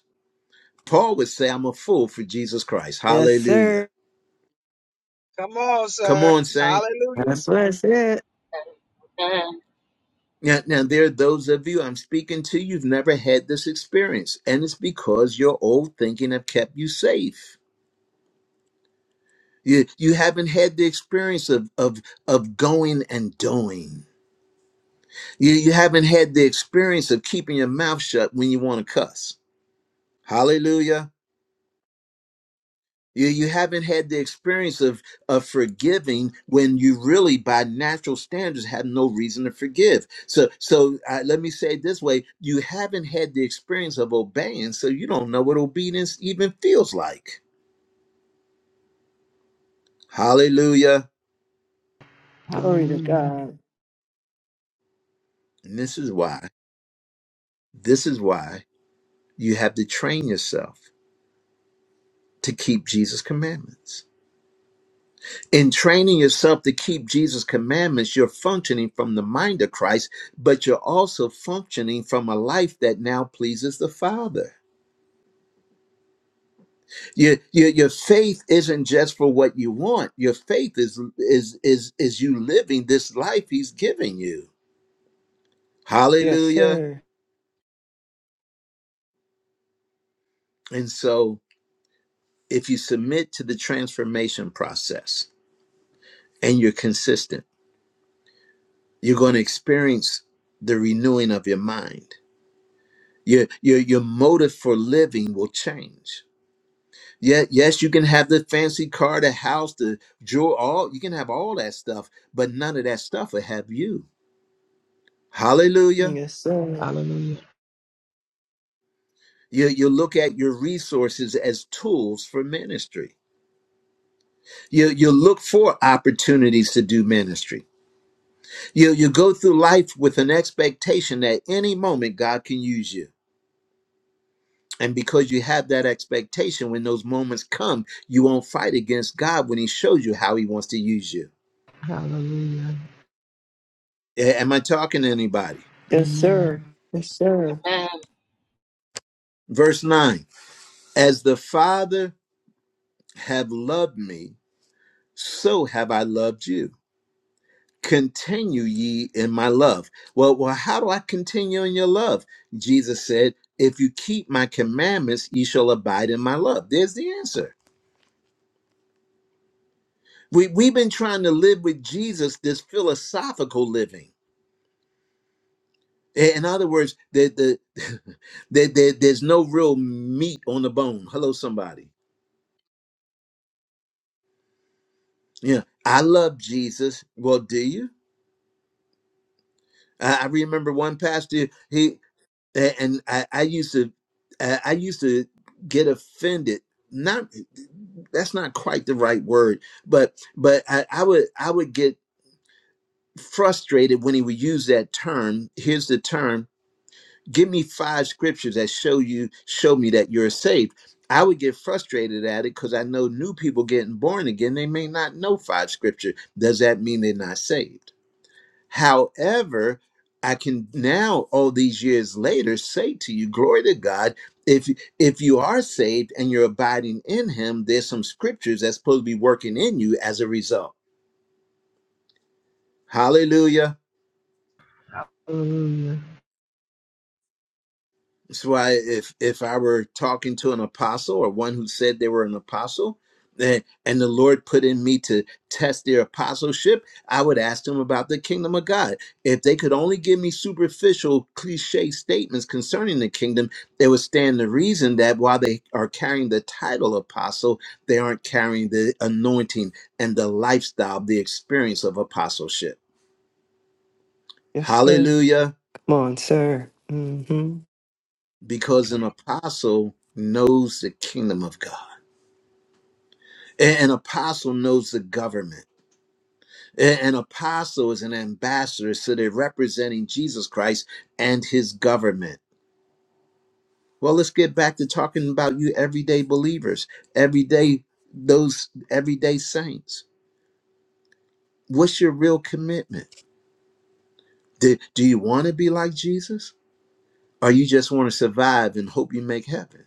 Speaker 2: Paul would say, "I'm a fool for Jesus Christ."
Speaker 4: Yes,
Speaker 2: Hallelujah.
Speaker 4: sir.
Speaker 7: Come on,
Speaker 2: Come
Speaker 7: sir.
Speaker 2: on, saint.
Speaker 7: Hallelujah.
Speaker 4: That's what it said.
Speaker 1: Amen.
Speaker 2: Now, now there are those of you I'm speaking to. You've never had this experience, and it's because your old thinking have kept you safe You you haven't had the experience of of of going and doing. You you haven't had the experience of keeping your mouth shut when you want to cuss. Hallelujah. You you haven't had the experience of of forgiving when you really by natural standards have no reason to forgive. So so uh, let me say it this way, you haven't had the experience of obeying, so you don't know what obedience even feels like. Hallelujah.
Speaker 4: Glory to
Speaker 5: Hallelujah.
Speaker 4: God.
Speaker 2: And this is why. This is why you have to train yourself to keep Jesus' commandments. In training yourself to keep Jesus' commandments, you're functioning from the mind of Christ, but you're also functioning from a life that now pleases the Father. Your, your, your faith isn't just for what you want. Your faith is is is is you living this life He's giving you.
Speaker 4: Yes,
Speaker 2: Hallelujah.
Speaker 4: sir.
Speaker 2: And so if you submit to the transformation process and you're consistent, you're going to experience the renewing of your mind Your, your, your motive for living will change. Yeah, yes, you can have the fancy car, the house, the jewel, all you can have all that stuff, but none of that stuff will have you. Hallelujah.
Speaker 4: Yes, sir.
Speaker 5: Hallelujah.
Speaker 2: You, you look at your resources as tools for ministry. You, you look for opportunities to do ministry. You, you go through life with an expectation that any moment God can use you. And because you have that expectation, when those moments come, you won't fight against God when He shows you how He wants to use you.
Speaker 5: Hallelujah.
Speaker 2: A- Am I talking to anybody?
Speaker 4: Yes,
Speaker 5: Amen.
Speaker 4: sir. Yes, sir.
Speaker 1: Amen.
Speaker 2: Verse 9 As the Father have loved me, so have I loved you. Continue ye in my love. Well, well, how do I continue in your love? Jesus said, If you keep my commandments, ye shall abide in my love. There's the answer. We, we've been trying to live with Jesus this philosophical living. I- In other words, the, the, the, the, there's no real meat on the bone. Hello, somebody. you know, I love Jesus. Well, do you? I, I remember one pastor. He and I, I used to, I I used to get offended. Not that's not quite the right word, but but I, I would I would get frustrated when he would use that term. Here's the term: Give me five scriptures that show you show me that you're saved. I would get frustrated at it because I know new people getting born again. They may not know five scripture. Does that mean they're not saved? However, I can now, all these years later, say to you, glory to God, if if you are saved and you're abiding in him, there's some scriptures that's supposed to be working in you as a result. Hallelujah.
Speaker 5: Hallelujah.
Speaker 2: That's why if if I were talking to an apostle or one who said they were an apostle, and, and the Lord put in me to test their apostleship, I would ask them about the kingdom of God. If they could only give me superficial cliche statements concerning the kingdom, it would stand the reason that while they are carrying the title apostle, they aren't carrying the anointing and the lifestyle, the experience of apostleship.
Speaker 4: Yes, sir.
Speaker 2: Hallelujah.
Speaker 4: Come on, sir. Mm-hmm.
Speaker 2: Because an apostle knows the kingdom of God. An apostle knows the government. An apostle is an ambassador, so they're representing Jesus Christ and his government. Well, let's get back to talking about you everyday believers, everyday those everyday saints. What's your real commitment? Do, do you want to be like Jesus? Or you just want to survive and hope you make heaven?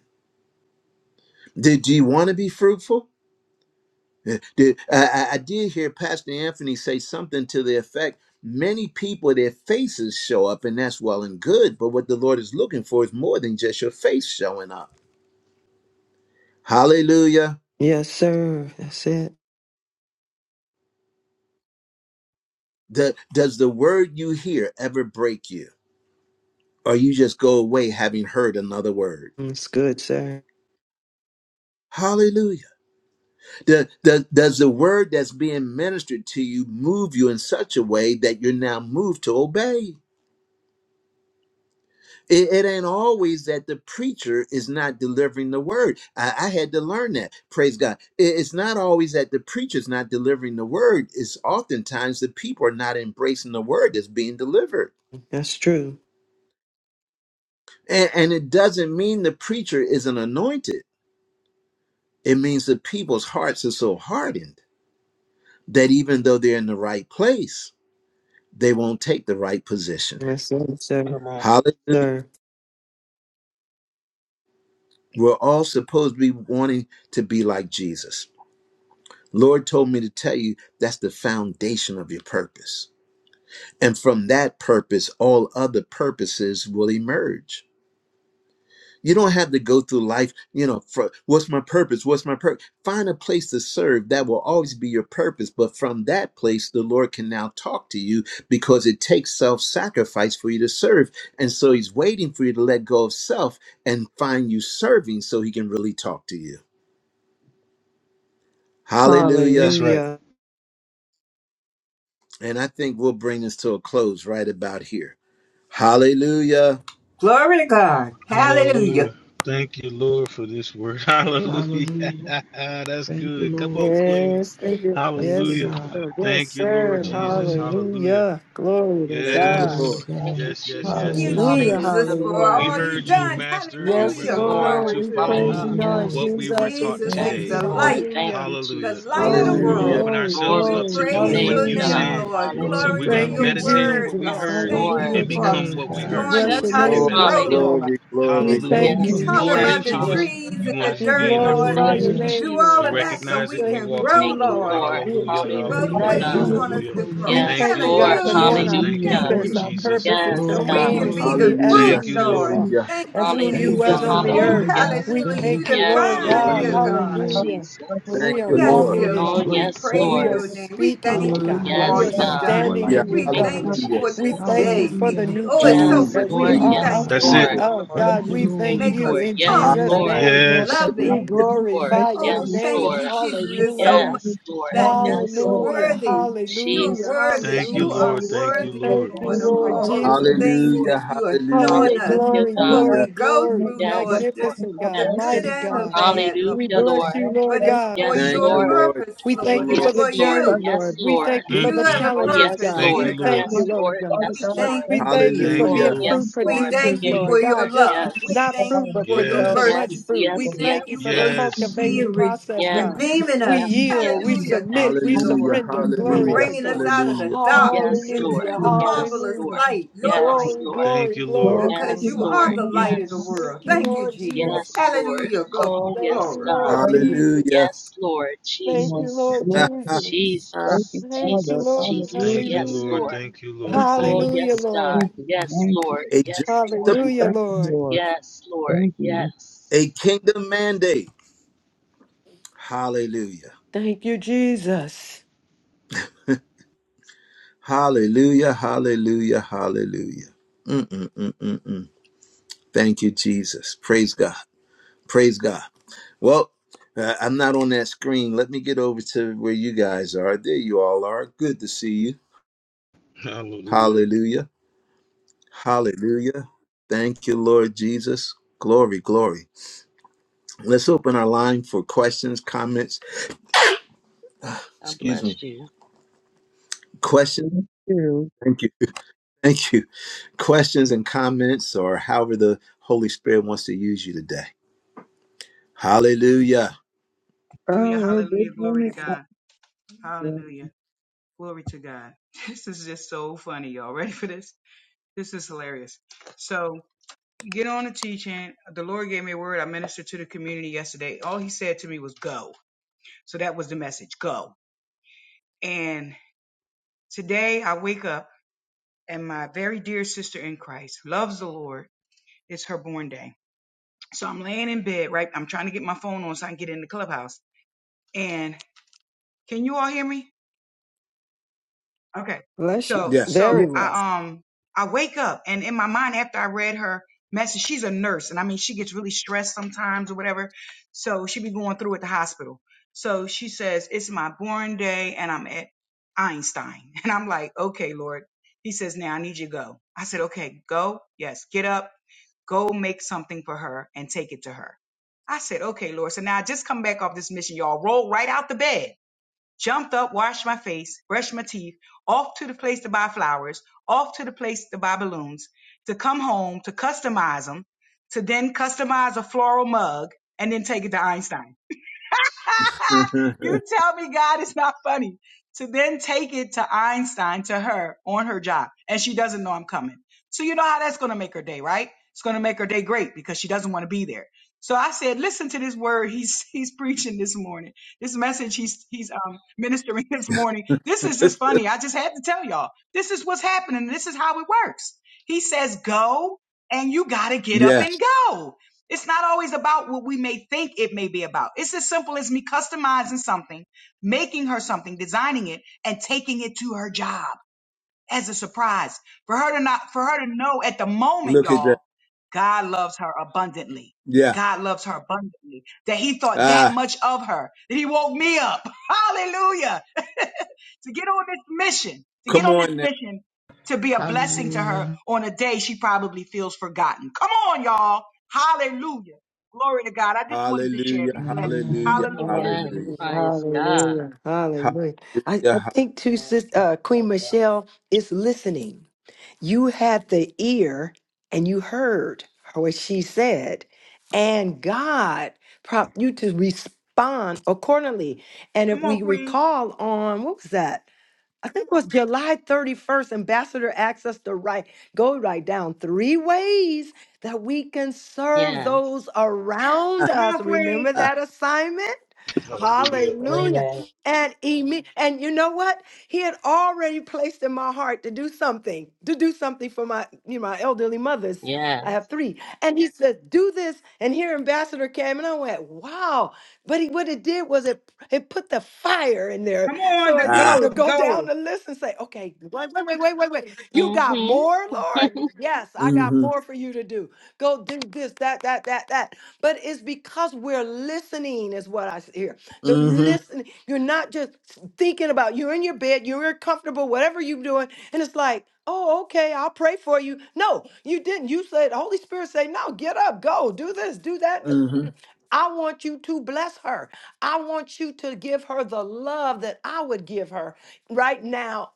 Speaker 2: Do, do you want to be fruitful? Uh, the- I, I I did hear Pastor Anthony say something to the effect many people, their faces show up, and that's well and good. But what the Lord is looking for is more than just your face showing up. Hallelujah.
Speaker 4: Yes, sir. That's it.
Speaker 2: The- does the word you hear ever break you? Or you just go away having heard another word?
Speaker 4: That's good, sir.
Speaker 2: Hallelujah. The- the- does the word that's being ministered to you move you in such a way that you're now moved to obey? It, it ain't always that the preacher is not delivering the word. I, I had to learn that. Praise God. It- it's not always that the preacher's not delivering the word. It's oftentimes the people are not embracing the word that's being delivered.
Speaker 4: That's true.
Speaker 2: And, and it doesn't mean the preacher isn't anointed. It means the people's hearts are so hardened that even though they're in the right place, they won't take the right position.
Speaker 4: Yes, sir. Sir.
Speaker 6: Come on.
Speaker 2: Hallelujah.
Speaker 4: Sir.
Speaker 2: We're all supposed to be wanting to be like Jesus. Lord told me to tell you that's the foundation of your purpose. And from that purpose, all other purposes will emerge. You don't have to go through life, you know, for what's my purpose? What's my purpose? Find a place to serve that will always be your purpose. But from that place, the Lord can now talk to you because it takes self sacrifice for you to serve. And so He's waiting for you to let go of self and find you serving so He can really talk to you.
Speaker 6: That's
Speaker 2: Hallelujah.
Speaker 6: right.
Speaker 4: Hallelujah.
Speaker 2: And I think we'll bring this to a close right about here. Hallelujah.
Speaker 8: Glory to God. Hallelujah.
Speaker 6: Hallelujah. Thank you, Lord, for this word. Hallelujah.
Speaker 5: Hallelujah.
Speaker 6: That's
Speaker 5: Thank you,
Speaker 6: good. Come
Speaker 5: Lord.
Speaker 6: on, Queens.
Speaker 4: Yes, thank you.
Speaker 5: Thank you,
Speaker 4: yes,
Speaker 6: Hallelujah.
Speaker 5: God.
Speaker 4: sir. Yes,
Speaker 6: Thank you, Lord
Speaker 4: sir.
Speaker 6: Jesus.
Speaker 5: Hallelujah.
Speaker 6: Hallelujah.
Speaker 4: Hallelujah. Glory to
Speaker 2: Thank you,
Speaker 5: Glory
Speaker 6: Yes.
Speaker 4: God.
Speaker 5: to
Speaker 2: Lord.
Speaker 1: Thank
Speaker 5: God.
Speaker 1: you,
Speaker 6: Yes, yes,
Speaker 8: Thank
Speaker 6: yes,
Speaker 1: Jesus.
Speaker 8: you,
Speaker 6: yes,
Speaker 5: Hallelujah.
Speaker 4: Hallelujah.
Speaker 6: yes.
Speaker 8: Jesus,
Speaker 1: Hallelujah,
Speaker 8: for
Speaker 1: Lord.
Speaker 6: We
Speaker 4: Hallelujah.
Speaker 8: all
Speaker 5: Thank you,
Speaker 8: you
Speaker 6: heard you,
Speaker 5: Lord.
Speaker 8: done.
Speaker 6: Master, and
Speaker 4: Yes,
Speaker 6: we're
Speaker 1: Yes,
Speaker 8: Hallelujah.
Speaker 1: Lord.
Speaker 6: going
Speaker 4: Lord,
Speaker 8: Glory
Speaker 6: to
Speaker 4: we
Speaker 8: to
Speaker 4: praise
Speaker 5: Thank
Speaker 4: you,
Speaker 6: follow
Speaker 8: God.
Speaker 5: you,
Speaker 1: Hallelujah.
Speaker 4: Lord
Speaker 5: Lord.
Speaker 6: what we were
Speaker 4: Jesus.
Speaker 6: taught
Speaker 4: We
Speaker 8: Jesus
Speaker 5: Thank you,
Speaker 4: thank
Speaker 8: is
Speaker 4: you.
Speaker 1: Yes,
Speaker 8: the
Speaker 6: today.
Speaker 5: Father.
Speaker 1: Lord.
Speaker 8: light,
Speaker 1: Thank
Speaker 4: Hallelujah.
Speaker 1: you,
Speaker 8: the
Speaker 6: Hallelujah.
Speaker 8: light of the
Speaker 1: Jesus.
Speaker 6: We
Speaker 4: Glory,
Speaker 6: will
Speaker 5: Hallelujah.
Speaker 2: Hallelujah.
Speaker 8: world.
Speaker 6: open
Speaker 4: glory,
Speaker 6: ourselves
Speaker 8: We
Speaker 1: Glory
Speaker 6: up
Speaker 4: glory.
Speaker 6: to
Speaker 1: to your
Speaker 6: doing
Speaker 8: praise
Speaker 6: what
Speaker 1: name,
Speaker 5: Thank
Speaker 8: your
Speaker 6: you
Speaker 5: you,
Speaker 4: Hallelujah.
Speaker 8: name,
Speaker 1: God.
Speaker 6: said.
Speaker 5: Lord.
Speaker 8: Lord.
Speaker 6: So
Speaker 5: Glory,
Speaker 8: Glory
Speaker 6: we're going
Speaker 8: to
Speaker 6: to
Speaker 4: Thank
Speaker 1: Hallelujah.
Speaker 5: glory,
Speaker 4: you,
Speaker 8: your
Speaker 6: meditate
Speaker 5: glory.
Speaker 6: on what
Speaker 8: word,
Speaker 6: we
Speaker 4: Jesus.
Speaker 8: Lord.
Speaker 1: Yes,
Speaker 6: heard
Speaker 5: Thank
Speaker 8: Thank
Speaker 5: you
Speaker 1: Lord.
Speaker 5: for
Speaker 4: Hallelujah,
Speaker 6: and
Speaker 8: you
Speaker 5: the
Speaker 8: for
Speaker 6: become
Speaker 5: word,
Speaker 6: what
Speaker 1: Oh,
Speaker 4: Jesus.
Speaker 6: we
Speaker 4: We
Speaker 5: God.
Speaker 6: heard,
Speaker 8: showing
Speaker 4: bless
Speaker 8: us
Speaker 4: your
Speaker 6: Lord, that
Speaker 8: how
Speaker 6: we
Speaker 8: to
Speaker 1: Jesus.
Speaker 2: Glory,
Speaker 4: name,
Speaker 8: grow,
Speaker 4: Lord
Speaker 6: meditate
Speaker 1: Hallelujah.
Speaker 6: on.
Speaker 4: God.
Speaker 8: Lord.
Speaker 2: glory,
Speaker 4: We
Speaker 2: glory,
Speaker 6: Hallelujah.
Speaker 2: glory.
Speaker 5: Thank you
Speaker 4: thank
Speaker 8: You
Speaker 9: Thank
Speaker 4: you.
Speaker 5: for
Speaker 1: Yes,
Speaker 6: You
Speaker 4: We
Speaker 8: talk
Speaker 6: poured it
Speaker 1: Lord.
Speaker 8: about
Speaker 4: thank
Speaker 8: the
Speaker 4: you,
Speaker 6: into
Speaker 5: instruction.
Speaker 6: us.
Speaker 4: Lord.
Speaker 8: trees and
Speaker 6: You
Speaker 8: the
Speaker 1: Hallelujah.
Speaker 6: wanted to
Speaker 4: We
Speaker 6: be
Speaker 8: dirt,
Speaker 6: in there for
Speaker 8: Lord.
Speaker 6: a
Speaker 4: glorify
Speaker 1: Thank
Speaker 4: your
Speaker 1: you,
Speaker 6: reason.
Speaker 8: You
Speaker 5: Hallelujah.
Speaker 4: name,
Speaker 8: do all
Speaker 6: We
Speaker 4: Lord
Speaker 8: of
Speaker 4: God.
Speaker 8: that
Speaker 1: Jesus.
Speaker 8: so
Speaker 4: We
Speaker 6: recognize it
Speaker 8: we
Speaker 6: and we
Speaker 4: thank
Speaker 8: can
Speaker 4: you,
Speaker 6: walk in
Speaker 8: grow,
Speaker 6: it,
Speaker 1: Thank
Speaker 4: Jesus,
Speaker 6: Lord.
Speaker 1: you,
Speaker 8: Lord.
Speaker 4: for
Speaker 1: Lord.
Speaker 4: being
Speaker 6: Hallelujah.
Speaker 4: kings
Speaker 8: Grow
Speaker 4: of
Speaker 8: the
Speaker 5: Thank
Speaker 1: Hallelujah,
Speaker 5: you,
Speaker 8: way
Speaker 6: Hallelujah.
Speaker 1: God.
Speaker 8: you
Speaker 5: God,
Speaker 8: want
Speaker 5: for
Speaker 4: righteousness.
Speaker 8: us
Speaker 6: Hallelujah.
Speaker 8: to
Speaker 5: pruning
Speaker 8: grow.
Speaker 4: We
Speaker 5: us.
Speaker 1: Yes,
Speaker 6: Thank
Speaker 4: thank
Speaker 6: you,
Speaker 4: you,
Speaker 1: Lord.
Speaker 4: God,
Speaker 6: Lord
Speaker 4: for knowing
Speaker 8: Hallelujah.
Speaker 6: Jesus.
Speaker 4: our
Speaker 6: Thank you,
Speaker 5: Hallelujah.
Speaker 8: Thank
Speaker 1: Hallelujah.
Speaker 6: Lord
Speaker 4: purpose.
Speaker 8: you.
Speaker 4: Our
Speaker 6: Jesus.
Speaker 4: purpose is
Speaker 1: Yes,
Speaker 4: to
Speaker 8: so
Speaker 5: Glory,
Speaker 8: we
Speaker 4: aim
Speaker 1: God.
Speaker 8: can
Speaker 9: you.
Speaker 4: is to
Speaker 8: be
Speaker 5: glory.
Speaker 4: be
Speaker 8: the
Speaker 4: as who
Speaker 2: Hallelujah.
Speaker 8: fruit,
Speaker 6: Thank you,
Speaker 4: you
Speaker 1: Jesus.
Speaker 6: Lord.
Speaker 8: Lord.
Speaker 4: are,
Speaker 2: Hallelujah.
Speaker 8: Thank
Speaker 4: as
Speaker 8: you,
Speaker 4: who you
Speaker 5: Thank you,
Speaker 1: Hallelujah.
Speaker 4: was
Speaker 8: Jesus.
Speaker 4: on the
Speaker 5: God, for
Speaker 8: Oh,
Speaker 6: Hallelujah.
Speaker 4: earth.
Speaker 1: Hallelujah.
Speaker 5: making us
Speaker 4: We
Speaker 8: hallelujah.
Speaker 5: better.
Speaker 8: You
Speaker 4: thank
Speaker 8: the
Speaker 4: you,
Speaker 1: Yes,
Speaker 4: Lord
Speaker 1: Lord.
Speaker 8: vine,
Speaker 4: God.
Speaker 8: dear
Speaker 6: Hallelujah.
Speaker 8: God.
Speaker 5: Hallelujah.
Speaker 4: Hallelujah. For
Speaker 1: Jesus.
Speaker 2: Thank
Speaker 8: Oh,
Speaker 4: we are
Speaker 2: you,
Speaker 5: For
Speaker 8: yes,
Speaker 2: Lord.
Speaker 4: walking
Speaker 8: dear
Speaker 5: drawing
Speaker 4: in
Speaker 5: us
Speaker 1: Oh,
Speaker 8: Lord.
Speaker 4: truth.
Speaker 8: We
Speaker 1: yes,
Speaker 5: closer.
Speaker 4: We
Speaker 8: praise
Speaker 1: Lord.
Speaker 4: are
Speaker 8: your name. We
Speaker 4: speaking
Speaker 8: thank
Speaker 4: it,
Speaker 8: you
Speaker 4: God.
Speaker 8: for
Speaker 5: Hallelujah.
Speaker 4: We
Speaker 8: all
Speaker 4: are
Speaker 1: Yes,
Speaker 5: Making
Speaker 8: you've
Speaker 5: us
Speaker 1: God.
Speaker 5: more
Speaker 8: done.
Speaker 4: standing
Speaker 5: like
Speaker 2: Hallelujah.
Speaker 4: in your
Speaker 5: you,
Speaker 8: We
Speaker 1: Thank you,
Speaker 8: thank
Speaker 5: God.
Speaker 4: government.
Speaker 8: you
Speaker 2: Hallelujah.
Speaker 8: for
Speaker 4: We
Speaker 8: this
Speaker 4: thank
Speaker 1: Jesus.
Speaker 4: you
Speaker 8: day.
Speaker 4: for
Speaker 8: We
Speaker 4: the
Speaker 5: Hallelujah.
Speaker 8: th-
Speaker 4: new
Speaker 8: oh, it's so
Speaker 4: government
Speaker 1: Yes,
Speaker 2: Jesus,
Speaker 4: that
Speaker 8: much to
Speaker 4: we
Speaker 1: Lord.
Speaker 5: Yes,
Speaker 8: be
Speaker 2: Jesus,
Speaker 4: are a
Speaker 1: Yes,
Speaker 5: God.
Speaker 6: That's
Speaker 8: thankful
Speaker 6: it.
Speaker 1: Lord.
Speaker 4: part
Speaker 2: Jesus.
Speaker 8: for,
Speaker 4: of,
Speaker 8: Lord.
Speaker 4: God.
Speaker 5: Thank you,
Speaker 4: We
Speaker 1: Hear
Speaker 4: thank
Speaker 5: Lord.
Speaker 1: you,
Speaker 8: Make
Speaker 4: you
Speaker 8: us
Speaker 1: Lord.
Speaker 4: in
Speaker 1: Yes,
Speaker 2: Hallelujah.
Speaker 4: Jesus'
Speaker 8: humble,
Speaker 5: Hallelujah.
Speaker 1: Lord.
Speaker 4: name.
Speaker 6: Yes.
Speaker 4: We
Speaker 8: loving.
Speaker 1: Lord.
Speaker 4: glorify your
Speaker 8: Oh,
Speaker 1: Yes,
Speaker 4: name.
Speaker 8: thank
Speaker 1: Lord.
Speaker 8: you, Jesus. It's so much
Speaker 4: Hallelujah.
Speaker 1: Yes, Lord.
Speaker 8: that you
Speaker 1: Yes,
Speaker 8: were
Speaker 1: Lord.
Speaker 4: Hallelujah.
Speaker 8: worthy. You're
Speaker 4: Hallelujah.
Speaker 1: Jesus.
Speaker 8: worthy.
Speaker 6: Thank you,
Speaker 8: You
Speaker 4: Hallelujah.
Speaker 8: are
Speaker 6: Lord.
Speaker 1: Jesus.
Speaker 6: Thank you,
Speaker 8: worthy,
Speaker 4: Thank
Speaker 6: Lord.
Speaker 4: you,
Speaker 8: Lord,
Speaker 1: Yes,
Speaker 8: of
Speaker 4: Lord
Speaker 1: Lord.
Speaker 8: all the
Speaker 1: Yes,
Speaker 4: Jesus.
Speaker 8: things
Speaker 1: Lord.
Speaker 2: Hallelujah.
Speaker 8: that you are
Speaker 2: Hallelujah.
Speaker 8: showing
Speaker 4: Oh,
Speaker 8: us.
Speaker 1: Hallelujah,
Speaker 4: glory,
Speaker 8: What
Speaker 1: God.
Speaker 4: glory,
Speaker 2: Hallelujah.
Speaker 8: we go
Speaker 4: glory.
Speaker 8: through,
Speaker 1: Yes,
Speaker 8: Lord, the,
Speaker 1: Lord.
Speaker 4: Magnificent
Speaker 8: the
Speaker 4: God,
Speaker 8: good
Speaker 1: Yes.
Speaker 4: mighty
Speaker 8: and the
Speaker 4: God.
Speaker 8: bad, Lord.
Speaker 4: We
Speaker 1: Hallelujah,
Speaker 4: bless you,
Speaker 1: Lord.
Speaker 4: Lord
Speaker 8: But it's
Speaker 4: God.
Speaker 8: for
Speaker 1: Yes,
Speaker 2: Thank
Speaker 8: your
Speaker 2: you,
Speaker 1: Lord.
Speaker 2: Lord. Thank
Speaker 8: purpose,
Speaker 4: We
Speaker 2: you,
Speaker 8: Lord.
Speaker 4: thank you
Speaker 8: It's
Speaker 2: Lord.
Speaker 4: for the
Speaker 1: Yes,
Speaker 8: for
Speaker 1: Lord.
Speaker 4: journey,
Speaker 8: you.
Speaker 1: Yes,
Speaker 4: Lord. We
Speaker 1: Lord.
Speaker 4: thank you for
Speaker 6: Mm,
Speaker 8: You
Speaker 4: the
Speaker 6: mm,
Speaker 8: have a
Speaker 1: Oh,
Speaker 6: mm.
Speaker 4: challenges,
Speaker 1: yes,
Speaker 8: purpose,
Speaker 4: God.
Speaker 6: Thank
Speaker 4: We
Speaker 1: Lord.
Speaker 8: dear
Speaker 6: you, Lord.
Speaker 4: thank
Speaker 8: God.
Speaker 4: you,
Speaker 1: Yes, Lord.
Speaker 4: Lord God.
Speaker 9: Father
Speaker 1: Yes,
Speaker 8: We
Speaker 9: God,
Speaker 1: Lord.
Speaker 8: thank
Speaker 4: We
Speaker 8: you,
Speaker 9: thank
Speaker 4: thank you
Speaker 9: you.
Speaker 4: for
Speaker 6: Thank
Speaker 8: Jesus.
Speaker 6: you,
Speaker 1: Oh,
Speaker 4: being
Speaker 2: Hallelujah.
Speaker 6: Lord.
Speaker 4: fruit
Speaker 9: Um,
Speaker 1: yes,
Speaker 9: thank
Speaker 8: We
Speaker 1: Lord. I
Speaker 9: you,
Speaker 4: producers,
Speaker 8: thank
Speaker 1: hear
Speaker 8: you
Speaker 9: Jesus.
Speaker 1: you,
Speaker 4: Lord
Speaker 8: for your
Speaker 4: God,
Speaker 1: Lord.
Speaker 4: just
Speaker 9: We
Speaker 8: love.
Speaker 9: can
Speaker 8: We
Speaker 4: not
Speaker 9: come
Speaker 8: thank
Speaker 1: Yes.
Speaker 4: fruit,
Speaker 8: you
Speaker 9: on.
Speaker 4: but
Speaker 8: for your
Speaker 9: So,
Speaker 4: producing
Speaker 6: Yes.
Speaker 4: much
Speaker 8: mercy.
Speaker 1: Yes,
Speaker 4: fruit. We
Speaker 8: We
Speaker 1: yes,
Speaker 9: Lord,
Speaker 1: yes,
Speaker 8: thank
Speaker 4: thank you
Speaker 8: you
Speaker 4: for the
Speaker 8: for
Speaker 9: thank
Speaker 8: you
Speaker 9: you,
Speaker 6: Yes.
Speaker 1: yes.
Speaker 9: Jesus.
Speaker 4: cultivating
Speaker 8: being re-
Speaker 4: process, God.
Speaker 1: Yes,
Speaker 8: redeeming
Speaker 4: We
Speaker 8: us.
Speaker 9: Thank
Speaker 1: yes,
Speaker 9: you,
Speaker 4: yield,
Speaker 1: yes,
Speaker 4: we
Speaker 9: Jesus.
Speaker 8: Hallelujah.
Speaker 1: yes,
Speaker 4: submit,
Speaker 8: Thank
Speaker 4: we
Speaker 8: you,
Speaker 2: Hallelujah.
Speaker 8: Lord,
Speaker 9: Thank
Speaker 4: surrender.
Speaker 9: you,
Speaker 8: for
Speaker 4: Glory
Speaker 2: Hallelujah.
Speaker 9: Lord.
Speaker 4: to
Speaker 1: yes,
Speaker 8: bringing
Speaker 1: Lord,
Speaker 8: us
Speaker 4: God.
Speaker 8: out of the
Speaker 2: Hallelujah.
Speaker 9: Thank
Speaker 8: dark
Speaker 1: yes,
Speaker 9: you,
Speaker 1: Lord,
Speaker 4: Hallelujah,
Speaker 8: into the
Speaker 9: Jesus.
Speaker 1: yes,
Speaker 8: marvelous
Speaker 1: Lord,
Speaker 4: hallelujah.
Speaker 8: light, your light,
Speaker 1: yes,
Speaker 4: Glory,
Speaker 1: Lord,
Speaker 4: glory,
Speaker 6: Thank you, Lord.
Speaker 4: glory,
Speaker 9: Lord,
Speaker 8: because
Speaker 9: to
Speaker 1: yes,
Speaker 4: glory,
Speaker 8: you
Speaker 9: this
Speaker 1: Lord,
Speaker 8: are
Speaker 4: glory.
Speaker 8: the light
Speaker 9: morning,
Speaker 8: of the
Speaker 9: thank
Speaker 1: yes,
Speaker 4: Thank
Speaker 8: world.
Speaker 4: you,
Speaker 8: Thank
Speaker 9: you,
Speaker 8: you,
Speaker 4: Lord
Speaker 9: Lord.
Speaker 8: Jesus.
Speaker 4: Jesus.
Speaker 1: yes, Lord.
Speaker 9: It's
Speaker 8: Hallelujah.
Speaker 9: the
Speaker 8: Glory,
Speaker 1: Oh,
Speaker 4: Thank
Speaker 1: yes,
Speaker 4: you,
Speaker 8: glory,
Speaker 1: God,
Speaker 8: glory.
Speaker 4: Lord
Speaker 9: upgraded
Speaker 4: Jesus.
Speaker 2: Hallelujah.
Speaker 1: yes, Lord,
Speaker 4: Thank
Speaker 9: one.
Speaker 4: you,
Speaker 1: Jesus,
Speaker 4: Lord
Speaker 9: Lord,
Speaker 4: Jesus.
Speaker 9: thank
Speaker 2: a
Speaker 9: you,
Speaker 1: Jesus,
Speaker 4: Thank you,
Speaker 9: Father.
Speaker 1: Jesus,
Speaker 4: Lord.
Speaker 1: Jesus,
Speaker 9: Hallelujah.
Speaker 6: Thank you,
Speaker 1: yes,
Speaker 6: Lord.
Speaker 4: Hallelujah.
Speaker 1: Lord.
Speaker 6: Thank you,
Speaker 9: Thank
Speaker 6: Lord.
Speaker 9: you,
Speaker 1: Oh,
Speaker 6: Thank
Speaker 9: Lord.
Speaker 6: you.
Speaker 4: Hallelujah,
Speaker 9: Thank you,
Speaker 1: yes, God,
Speaker 4: Lord.
Speaker 9: thank you,
Speaker 1: yes,
Speaker 9: thank you,
Speaker 1: Lord,
Speaker 2: journey
Speaker 1: yes,
Speaker 2: to
Speaker 1: Lord,
Speaker 4: Hallelujah,
Speaker 9: thank you,
Speaker 4: Lord.
Speaker 9: Lord.
Speaker 1: yes, Lord,
Speaker 9: Thank you.
Speaker 1: yes.
Speaker 2: a kingdom mandate. Hallelujah.
Speaker 4: Thank you, Jesus.
Speaker 2: Hallelujah. Hallelujah. Hallelujah. Mm-mm-mm-mm-mm. Thank you, Jesus. Praise God. Praise God. Well, uh, I'm not on that screen. Let me get over to where you guys are. There you all are. Good to see you.
Speaker 6: Hallelujah.
Speaker 2: Hallelujah. Hallelujah. Thank you, Lord Jesus. Glory, glory. Let's open our line for questions, comments.
Speaker 1: God
Speaker 2: Excuse me.
Speaker 1: bless you.
Speaker 2: Questions.
Speaker 9: Me too.
Speaker 2: Thank you. Questions and comments, or however the Holy Spirit wants to use you today. Hallelujah.
Speaker 7: Hallelujah.
Speaker 9: Oh, well, good
Speaker 7: Hallelujah. Glory to
Speaker 9: morning. out
Speaker 7: God.
Speaker 9: there.
Speaker 7: Hallelujah. Glory to God. This is just so funny, y'all. Ready for this? This is hilarious. So get on the teaching. The Lord gave me a word. I ministered to the community yesterday. All he said to me was go. So that was the message go. And today I wake up and my very dear sister in Christ loves the Lord. It's her born day. So I'm laying in bed, right? I'm trying to get my phone on so I can get in the clubhouse. And can you all hear me? Okay.
Speaker 4: Bless you.
Speaker 7: So
Speaker 2: Yes.
Speaker 4: Very
Speaker 7: so
Speaker 4: well.
Speaker 9: Yes.
Speaker 7: I um I wake up and in my mind after I read her message, she's a nurse and I mean she gets really stressed sometimes or whatever. So she be going through at the hospital. So she says, It's my born day and I'm at Einstein. And I'm like, Okay, Lord. He says, Now I need you to go. I said, Okay, go. Yes, get up, go make something for her and take it to her. I said, Okay, Lord. So now I just come back off this mission, y'all. Roll right out the bed jumped up, washed my face, brushed my teeth, off to the place to buy flowers, off to the place to buy balloons, to come home, to customize them, to then customize a floral mug, and then take it to Einstein. you tell me God is not funny. To then take it to Einstein, to her on her job, and she doesn't know I'm coming. So you know how that's going to make her day, right? It's going to make her day great because she doesn't want to be there. So I said, listen to this word he's he's preaching this morning. This message he's he's um, ministering this morning. This is just funny. I just had to tell y'all. This is what's happening. This is how it works. He says, go and you got to get up and
Speaker 2: yes.
Speaker 7: go. It's not always about what we may think it may be about. It's as simple as me customizing something, making her something, designing it, and taking it to her job as a surprise for her to not, for her to know at the moment,
Speaker 2: Look at that.
Speaker 7: y'all, God loves her abundantly.
Speaker 2: Yeah.
Speaker 7: God loves her abundantly that he thought that
Speaker 2: Ah,
Speaker 7: much of her, that he woke me up. Hallelujah to get on this mission, to get
Speaker 2: come
Speaker 7: on this
Speaker 2: on now.
Speaker 7: mission to be a blessing to her
Speaker 5: Hallelujah.
Speaker 7: on a day she probably feels forgotten. Come on, y'all. Hallelujah. Glory to God. I just wanted to share.
Speaker 2: Hallelujah.
Speaker 7: Be blessed.
Speaker 5: Amen.
Speaker 2: Hallelujah.
Speaker 7: Hallelujah.
Speaker 1: Amen.
Speaker 2: Hallelujah.
Speaker 4: Hallelujah.
Speaker 1: Praise God.
Speaker 4: Hallelujah. Hallelujah. I,
Speaker 2: Hallelujah.
Speaker 4: I
Speaker 2: ha-
Speaker 4: think too,
Speaker 10: Amen.
Speaker 4: sis, uh, Queen Michelle is listening. You had the ear and you heard what she said, and God prompted you to respond accordingly. And if
Speaker 7: Come on,
Speaker 4: we
Speaker 7: Queen.
Speaker 4: recall on, what was that? I think it was July 31st, Ambassador asked us to write, go write down three ways that we can serve
Speaker 1: Yes,
Speaker 4: those around
Speaker 7: Come
Speaker 4: us.
Speaker 7: on, Queen.
Speaker 4: Remember that assignment? Hallelujah. And imme- and you know what? He had already placed in my heart to do something, to do something for my, you know, my elderly mothers.
Speaker 1: yes.
Speaker 4: I have three. And he said, do this. And here Ambassador came and I went, wow. But he, what it did was it it put the fire in there
Speaker 7: Come on,
Speaker 4: so uh,
Speaker 7: the
Speaker 4: you know
Speaker 2: Ah.
Speaker 7: go,
Speaker 4: to
Speaker 7: the
Speaker 4: go down
Speaker 7: go.
Speaker 4: the list and say, okay, wait, wait, wait, wait, wait, wait. You got
Speaker 1: Mm-hmm.
Speaker 4: more, Lord? Yes, I got
Speaker 2: Mm-hmm.
Speaker 4: more for you to do. Go do this, that, that, that, that. But it's because we're listening, is what I s- hear. The
Speaker 2: Mm-hmm.
Speaker 4: listening, you're not just thinking about you're in your bed, you're comfortable, whatever you're doing, and it's like, oh, okay, I'll pray for you. No, you didn't. You said, Holy Spirit say, no, get up, go, do this, do that. I want you to bless her. I want you to give her the love that I would give her right now,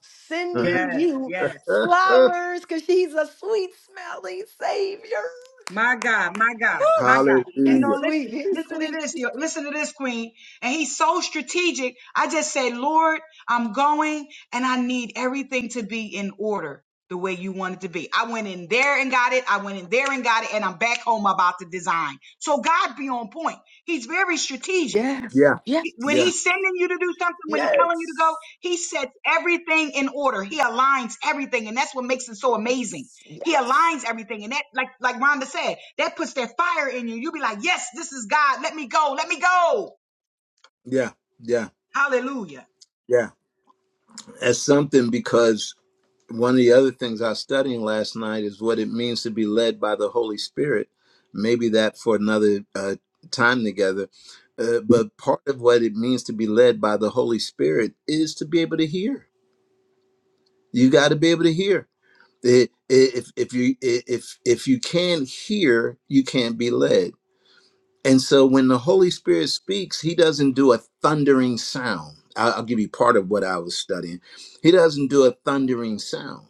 Speaker 2: Mm-hmm.
Speaker 4: sending
Speaker 7: Yes,
Speaker 4: you
Speaker 7: yes.
Speaker 4: flowers because she's a sweet smelling savior.
Speaker 7: My God, my God,
Speaker 4: Woo!
Speaker 7: my God. And
Speaker 4: She's
Speaker 7: no,
Speaker 2: hallelujah.
Speaker 4: sweet.
Speaker 7: listen,
Speaker 4: He's
Speaker 7: listen to
Speaker 4: sweet.
Speaker 7: this, yo- listen to this, Queen. And he's so strategic. I just say, Lord, I'm going and I need everything to be in order the way you want it to be. I went in there and got it. I went in there and got it. And I'm back home about the design. So God be on point. He's very strategic
Speaker 4: Yes.
Speaker 2: Yeah.
Speaker 4: Yes.
Speaker 7: when
Speaker 2: yeah.
Speaker 7: he's sending you to do something, when he's telling you to go,
Speaker 4: Yes.
Speaker 7: he sets everything in order. He aligns everything, and that's what makes it so amazing. He
Speaker 4: Yes.
Speaker 7: aligns everything, and that, like like Rhonda said, that puts that fire in you. You'll be like, "Yes, this is God. Let me go. Let me go."
Speaker 2: Yeah, yeah,
Speaker 7: Hallelujah.
Speaker 2: yeah. That's something because one of the other things I was studying last night is what it means to be led by the Holy Spirit. Maybe that for another uh, time together. Uh, but part of what it means to be led by the Holy Spirit is to be able to hear. You got to be able to hear. It, i- if if you i- if if you can't hear, you can't be led. And so when the Holy Spirit speaks, he doesn't do a thundering sound. I'll, I'll give you part of what I was studying. He doesn't do a thundering sound.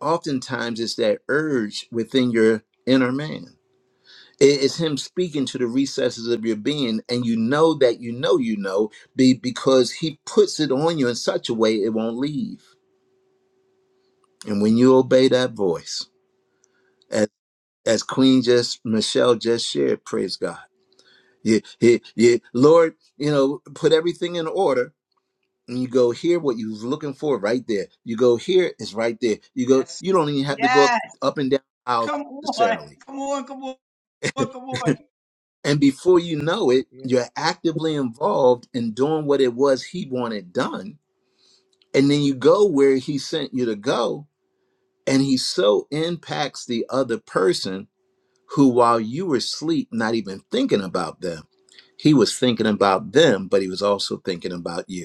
Speaker 2: Oftentimes, it's that urge within your inner man. It- It's him speaking to the recesses of your being, and you know that you know you know be- because he puts it on you in such a way it won't leave. And when you obey that voice, as, as Queen just Michelle just shared, praise God You, you, you, Lord, you know, put everything in order. And you go here, what you was looking for, right there. You go here, it's right there. You go,
Speaker 7: Yes.
Speaker 2: you don't even have to go up,
Speaker 7: Yes.
Speaker 2: up and down aisles
Speaker 7: Come on.
Speaker 2: necessarily.
Speaker 7: Come on. Come on. Come on.
Speaker 2: And before you know it,
Speaker 9: Yes.
Speaker 2: you're actively involved in doing what it was he wanted done. And then you go where he sent you to go. And he so impacts the other person who, while you were asleep, not even thinking about them, he was thinking about them, but he was also thinking about you.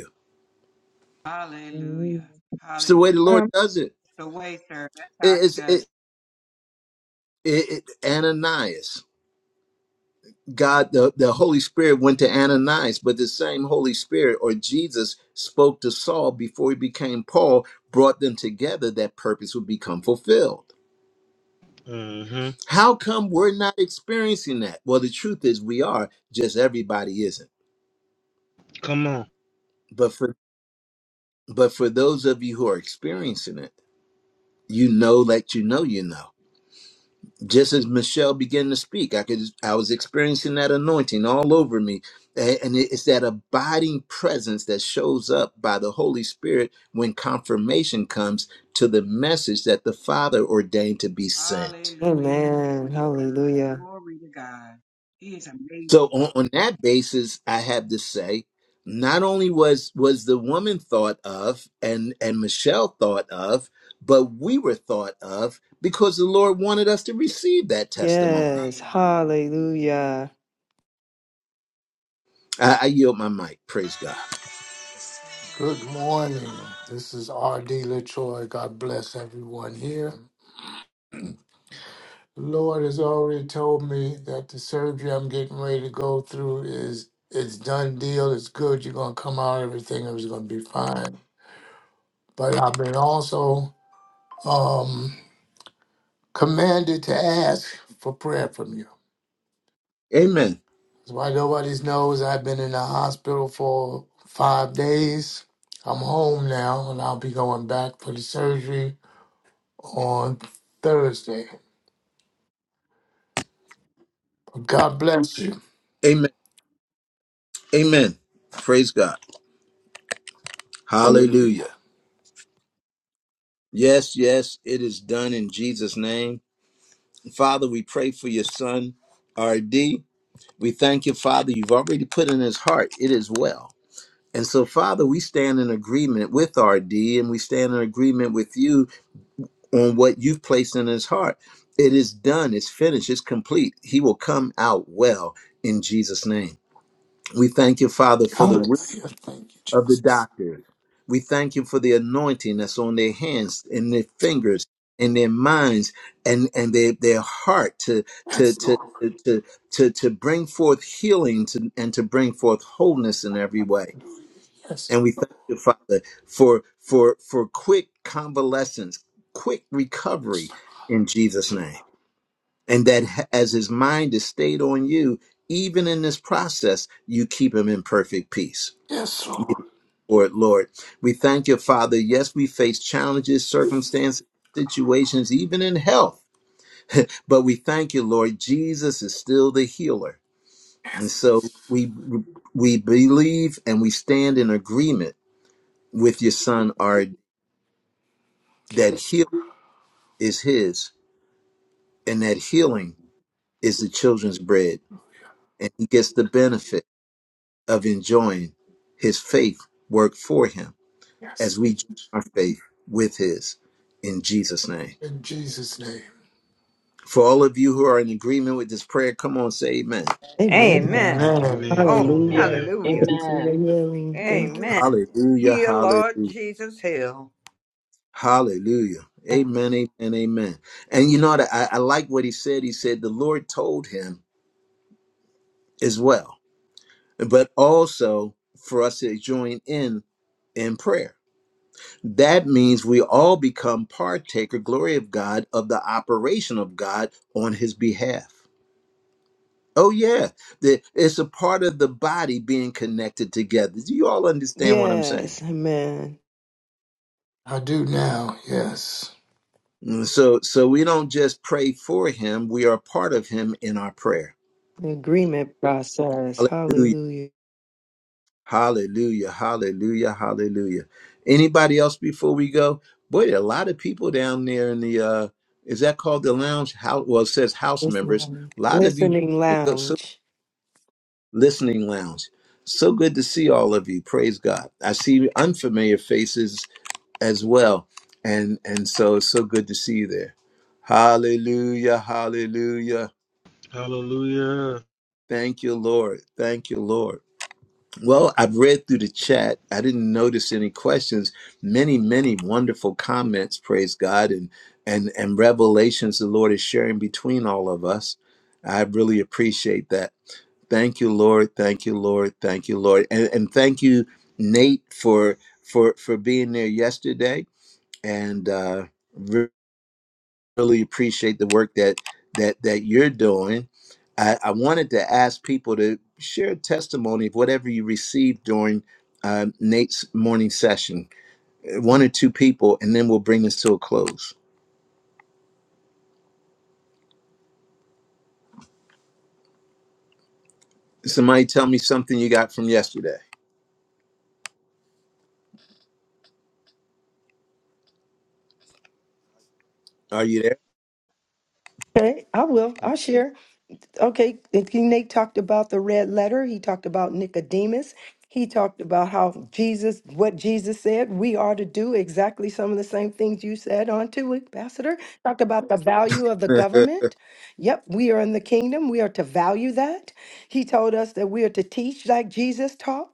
Speaker 9: mm,
Speaker 7: Hallelujah.
Speaker 2: It's the way
Speaker 7: Hallelujah.
Speaker 2: the Lord
Speaker 9: I'm
Speaker 2: does it.
Speaker 7: The way, sir. That's
Speaker 2: It
Speaker 7: how he
Speaker 2: is
Speaker 7: does.
Speaker 2: it,
Speaker 7: it.
Speaker 2: it, it Ananias. God, the, the Holy Spirit went to Ananias, but the same Holy Spirit or Jesus spoke to Saul before he became Paul, brought them together that purpose would become fulfilled.
Speaker 6: hmm
Speaker 2: How come we're not experiencing that? Well, the truth is we are, just everybody isn't.
Speaker 6: Come on.
Speaker 2: But for but for those of you who are experiencing it, you know that you know you know. just as Michelle began to speak, I could I was experiencing that anointing all over me. A- And it's that abiding presence that shows up by the Holy Spirit when confirmation comes to the message that the Father ordained to be sent.
Speaker 7: Hallelujah.
Speaker 4: Amen.
Speaker 7: Glory to God.
Speaker 4: Hallelujah.
Speaker 7: Glory to God. He is
Speaker 2: So
Speaker 7: amazing.
Speaker 2: on, on that basis, I have to say, not only was was the woman thought of and and Michelle thought of, but we were thought of because the Lord wanted us to receive that testimony.
Speaker 4: Yes.
Speaker 7: Hallelujah, Jesus.
Speaker 4: Hallelujah.
Speaker 2: I, I yield my mic. Praise God.
Speaker 3: Good morning. This is R.D. LaTroy. God bless everyone here. The Lord has already told me that the surgery I'm getting ready to go through is it's done deal. It's good. You're gonna come out. Everything is gonna be fine. But I've been also um, commanded to ask for prayer from you.
Speaker 2: Amen.
Speaker 3: That's why nobody knows I've been in the hospital for five days. I'm home now, and I'll be going back for the surgery on Thursday. God bless you.
Speaker 2: Amen. Amen. Praise God.
Speaker 3: Hallelujah.
Speaker 2: Hallelujah. Yes, yes, it is done in Jesus' name. Father, we pray for your son, RD. We thank you, Father. You've already put in his heart, it is well. And so, Father, we stand in agreement with RD and we stand in agreement with you on what you've placed in his heart. It is done, it's finished, it's complete. He will come out well in Jesus' name. We thank you, Father, for the
Speaker 3: Hallelujah. Thank you,
Speaker 2: of the
Speaker 3: Jesus.
Speaker 2: doctors. We thank you for the anointing that's on their hands and their fingers and their minds and, and their, their heart to, to, to, to, to, to bring forth healing to, and to bring forth wholeness in every way.
Speaker 3: Yes.
Speaker 2: And we thank you, Father, for, for, for quick convalescence, quick recovery in Jesus' name. And that h- as his mind is stayed on you, even in this process, you keep him in perfect peace.
Speaker 3: Yes, Lord.
Speaker 2: Lord, Lord. We thank you, Father. Yes, we face challenges, circumstances, situations, even in health, but we thank you, Lord. Jesus is still the healer. And so we we believe and we stand in agreement with your son our that
Speaker 3: Yes.
Speaker 2: healing is his and that healing is the children's bread and he gets the benefit of enjoying his faith work for him
Speaker 3: Yes.
Speaker 2: as we join our faith with his in Jesus name
Speaker 3: In Jesus' name.
Speaker 2: For all of you who are in agreement with this prayer, come on, say amen.
Speaker 4: Amen.
Speaker 8: Amen.
Speaker 10: Amen.
Speaker 3: Amen.
Speaker 6: Amen.
Speaker 8: Oh,
Speaker 1: Amen.
Speaker 4: Hallelujah.
Speaker 6: Hallelujah.
Speaker 4: Thank
Speaker 8: hallelujah.
Speaker 4: you for the
Speaker 1: Amen.
Speaker 4: healing. Thank
Speaker 8: Amen.
Speaker 2: Hallelujah,
Speaker 8: Heal, Lord
Speaker 2: hallelujah,
Speaker 8: Jesus, heal.
Speaker 2: hallelujah. Amen, amen, amen. And you know what? I, I like what he said. He said, The Lord told him as well, but also for us to join in in prayer. That means we all become partaker, glory of God, of the operation of God on his behalf. Oh, yeah. The- It's a part of the body being connected together. Do you all
Speaker 4: you.
Speaker 2: understand what I'm saying?
Speaker 4: Yes. Amen.
Speaker 3: I do now. Yes.
Speaker 2: Mm, So so we don't just pray for him, we are part of him in our prayer.
Speaker 4: The agreement process.
Speaker 2: Hallelujah.
Speaker 4: Hallelujah.
Speaker 2: Hallelujah. Hallelujah. Hallelujah. Anybody else before we go? Boy, there are a lot of people down there in the uh is that called the lounge? How well it says house members.
Speaker 4: Listening,
Speaker 2: A lot of you
Speaker 4: listening
Speaker 2: it goes so
Speaker 4: lounge.
Speaker 2: listening lounge. So good to see all of you. Praise God. I see unfamiliar faces as well. And and so it's so good to see you there. Hallelujah. Hallelujah.
Speaker 6: Hallelujah.
Speaker 2: Thank you, Lord. Thank you, Lord. Well, I've read through the chat. I didn't notice any questions. Many, many wonderful comments, praise God, and and and revelations the Lord is sharing between all of us. I really appreciate that. Thank you, Lord. Thank you, Lord. Thank you, Lord. And and thank you, Nate, for for for being there yesterday and uh really appreciate the work that that that you're doing. I, I wanted to ask people to share a testimony of whatever you received during um, Nate's morning session. Uh, One or two people, and then we'll bring this to a close. Somebody tell me something you got from yesterday. Are you
Speaker 4: Okay, I will. I'll share. Okay, and King Nate talked about the red letter. He talked about Nicodemus. He talked about how Jesus, what Jesus said, we are to do exactly some of the same things you said on to Ambassador. Talked about the value of the
Speaker 2: there?
Speaker 4: government. Yep, we are in the kingdom. We are to value that. He told us that we are to teach like Jesus taught.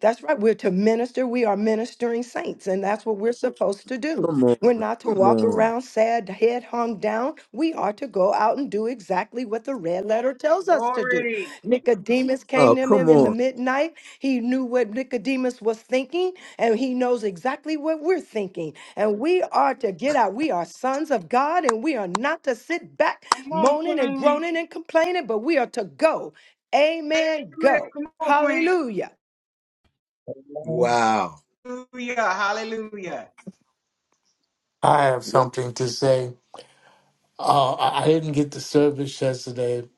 Speaker 4: That's right. We're to minister. We are ministering saints, and that's what we're supposed to do.
Speaker 2: come on,
Speaker 4: We're not to
Speaker 2: come
Speaker 4: walk
Speaker 2: on,
Speaker 4: around sad, head hung down. We are to go out and do exactly what the red letter tells us to do.
Speaker 7: Glory.
Speaker 4: Nicodemus came
Speaker 2: oh,
Speaker 4: to him
Speaker 2: come
Speaker 4: in the
Speaker 2: on!
Speaker 4: midnight. He knew what Nicodemus was thinking, and he knows exactly what we're thinking. And we are to get out. We are sons of God, and we are not to sit back
Speaker 7: Come on,
Speaker 4: moaning and
Speaker 7: Queen.
Speaker 4: groaning and complaining, but we are to go.
Speaker 7: Let it
Speaker 4: Amen.
Speaker 7: rip.
Speaker 4: Go.
Speaker 7: Come on, Queen.
Speaker 4: Hallelujah.
Speaker 1: Amen.
Speaker 2: Wow,
Speaker 7: Hallelujah. Hallelujah.
Speaker 3: I have
Speaker 2: Wha-
Speaker 3: something to say. Uh, I I didn't get the service yesterday,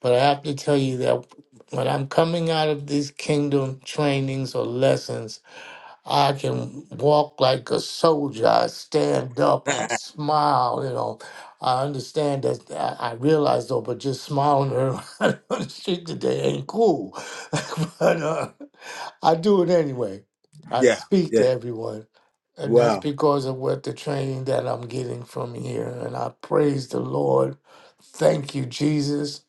Speaker 3: but I have to tell you that when I'm coming out of these kingdom trainings or lessons, I can walk like a soldier. I stand up. I smile. You know, I understand that. I, I realize though, but just smiling around on the street today ain't cool. but uh, I do it anyway. I
Speaker 2: yeah,
Speaker 3: speak to
Speaker 2: yeah,
Speaker 3: everyone, and that's
Speaker 2: wow.
Speaker 3: because of what the training that I'm getting from here. And I praise the Lord. Thank you, Jesus.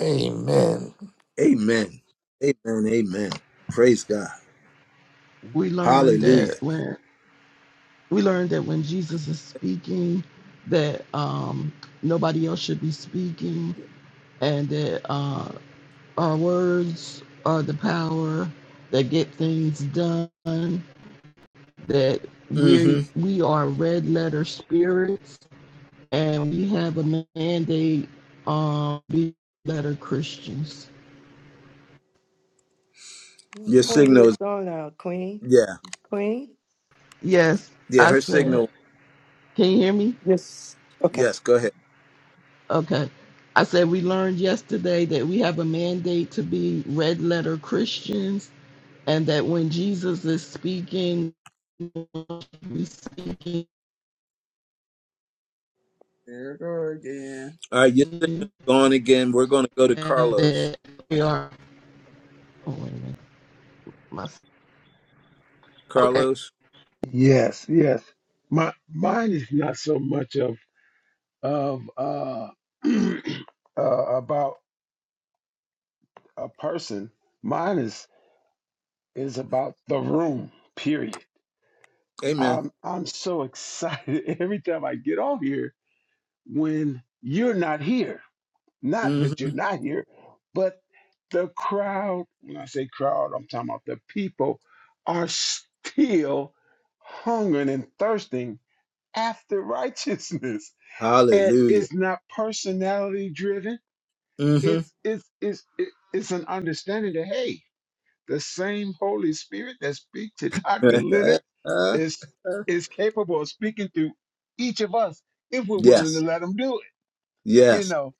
Speaker 3: Amen.
Speaker 2: Amen, amen, amen. Praise God,
Speaker 5: we learned that
Speaker 2: Hallelujah.
Speaker 5: when we learned that when Jesus is speaking, that um, nobody else should be speaking, and that uh, our words are the power that get things done. That we
Speaker 2: hmm
Speaker 5: we are red letter spirits, and we have a mandate um, be letter Christians.
Speaker 2: Your
Speaker 4: Queen,
Speaker 2: signal
Speaker 4: you're
Speaker 2: is
Speaker 4: gone out, Queen.
Speaker 2: yeah.
Speaker 4: Queen?
Speaker 5: Yes,
Speaker 2: Yeah,
Speaker 5: I
Speaker 2: her
Speaker 5: said.
Speaker 2: signal.
Speaker 5: Can you hear me?
Speaker 4: Yes. Okay.
Speaker 2: Yes, go ahead.
Speaker 5: Okay. I said we learned yesterday that we have a mandate to be red letter Christians and that when Jesus is speaking, we speaking
Speaker 9: there to go again.
Speaker 2: All right, your
Speaker 5: and
Speaker 2: signal's gone again. We're going to go to Carlos.
Speaker 5: that we are oh wait a minute. My, okay.
Speaker 2: Carlos,
Speaker 11: Yes, yes. My mine is not so much of of uh, uh about a person. Mine is is about the room. Period.
Speaker 2: amen.
Speaker 11: I'm I'm so excited every time I get on here when you're not here. Not
Speaker 2: hmm
Speaker 11: that you're not here, but the crowd. When I say crowd, I'm talking about the people are still hungering and thirsting after righteousness it
Speaker 2: Hallelujah.
Speaker 11: is not personality driven.
Speaker 2: hmm
Speaker 11: It's it's it's it- it's an understanding that hey, the same Holy Spirit that speaks to Dr. Leonard is is capable of speaking through each of us if we're willing to
Speaker 2: yes,
Speaker 11: let him do it, you
Speaker 2: yes.
Speaker 11: know.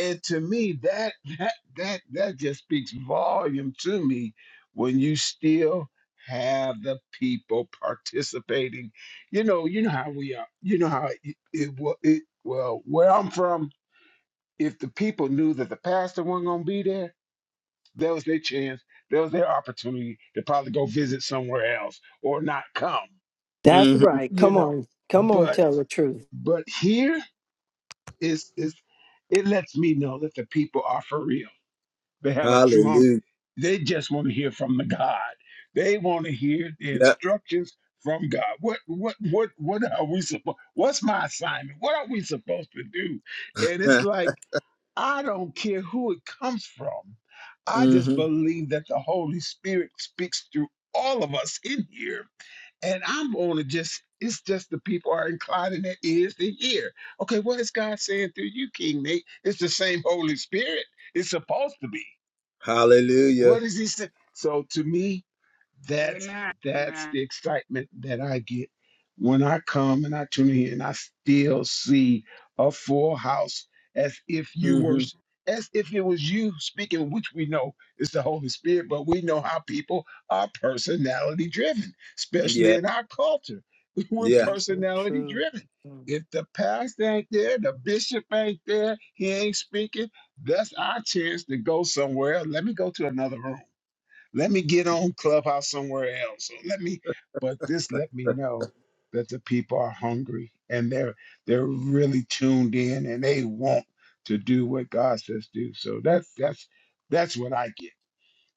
Speaker 11: And to me, that that that that just speaks volume to me when you still have the people participating. You know, you know how we are. You know how it, it, it, it well, where I'm from, if the people knew that the pastor wasn't going to be there, that was their chance. That was their opportunity to probably go visit somewhere else or not come,
Speaker 4: That's
Speaker 2: hmm
Speaker 4: right.
Speaker 11: you
Speaker 4: Come
Speaker 11: know.
Speaker 4: on. Come on,
Speaker 11: But
Speaker 4: tell the truth.
Speaker 11: but here is is it lets me know that the people are for real. They have a true hunger.
Speaker 2: Hallelujah.
Speaker 11: They just want to hear from the God. They want to hear the
Speaker 2: Yep.
Speaker 11: instructions from God. What what what what are we supposed? What's my assignment? What are we supposed to do? And it's like I don't care who it comes from. I just
Speaker 2: hmm
Speaker 11: believe that the Holy Spirit speaks through all of us in here. And I'm going to just, it's just the people are inclining their ears to hear. Okay, what is God saying through you, King Nate? It's the same Holy Spirit. It's supposed to be.
Speaker 2: Hallelujah.
Speaker 11: What is he saying? So to me, that's
Speaker 7: Amen.
Speaker 11: that's
Speaker 7: Amen.
Speaker 11: the excitement that I get when I come and I tune in and I still see a full house as if you were
Speaker 2: hmm
Speaker 11: as if it was you speaking, which we know is the Holy Spirit, but we know how people are personality driven, especially
Speaker 2: Yeah,
Speaker 11: in our culture. We're
Speaker 2: yeah.
Speaker 4: It's so
Speaker 11: personality
Speaker 4: true.
Speaker 11: driven. If the pastor ain't there, the bishop ain't there, he ain't speaking, that's our chance to go somewhere. else. Let me go to another room let me get on Clubhouse somewhere else. Or let me, but this let me know that the people are hungry and they're they're really tuned in and they want to do what God says do. So that's that's that's what I get.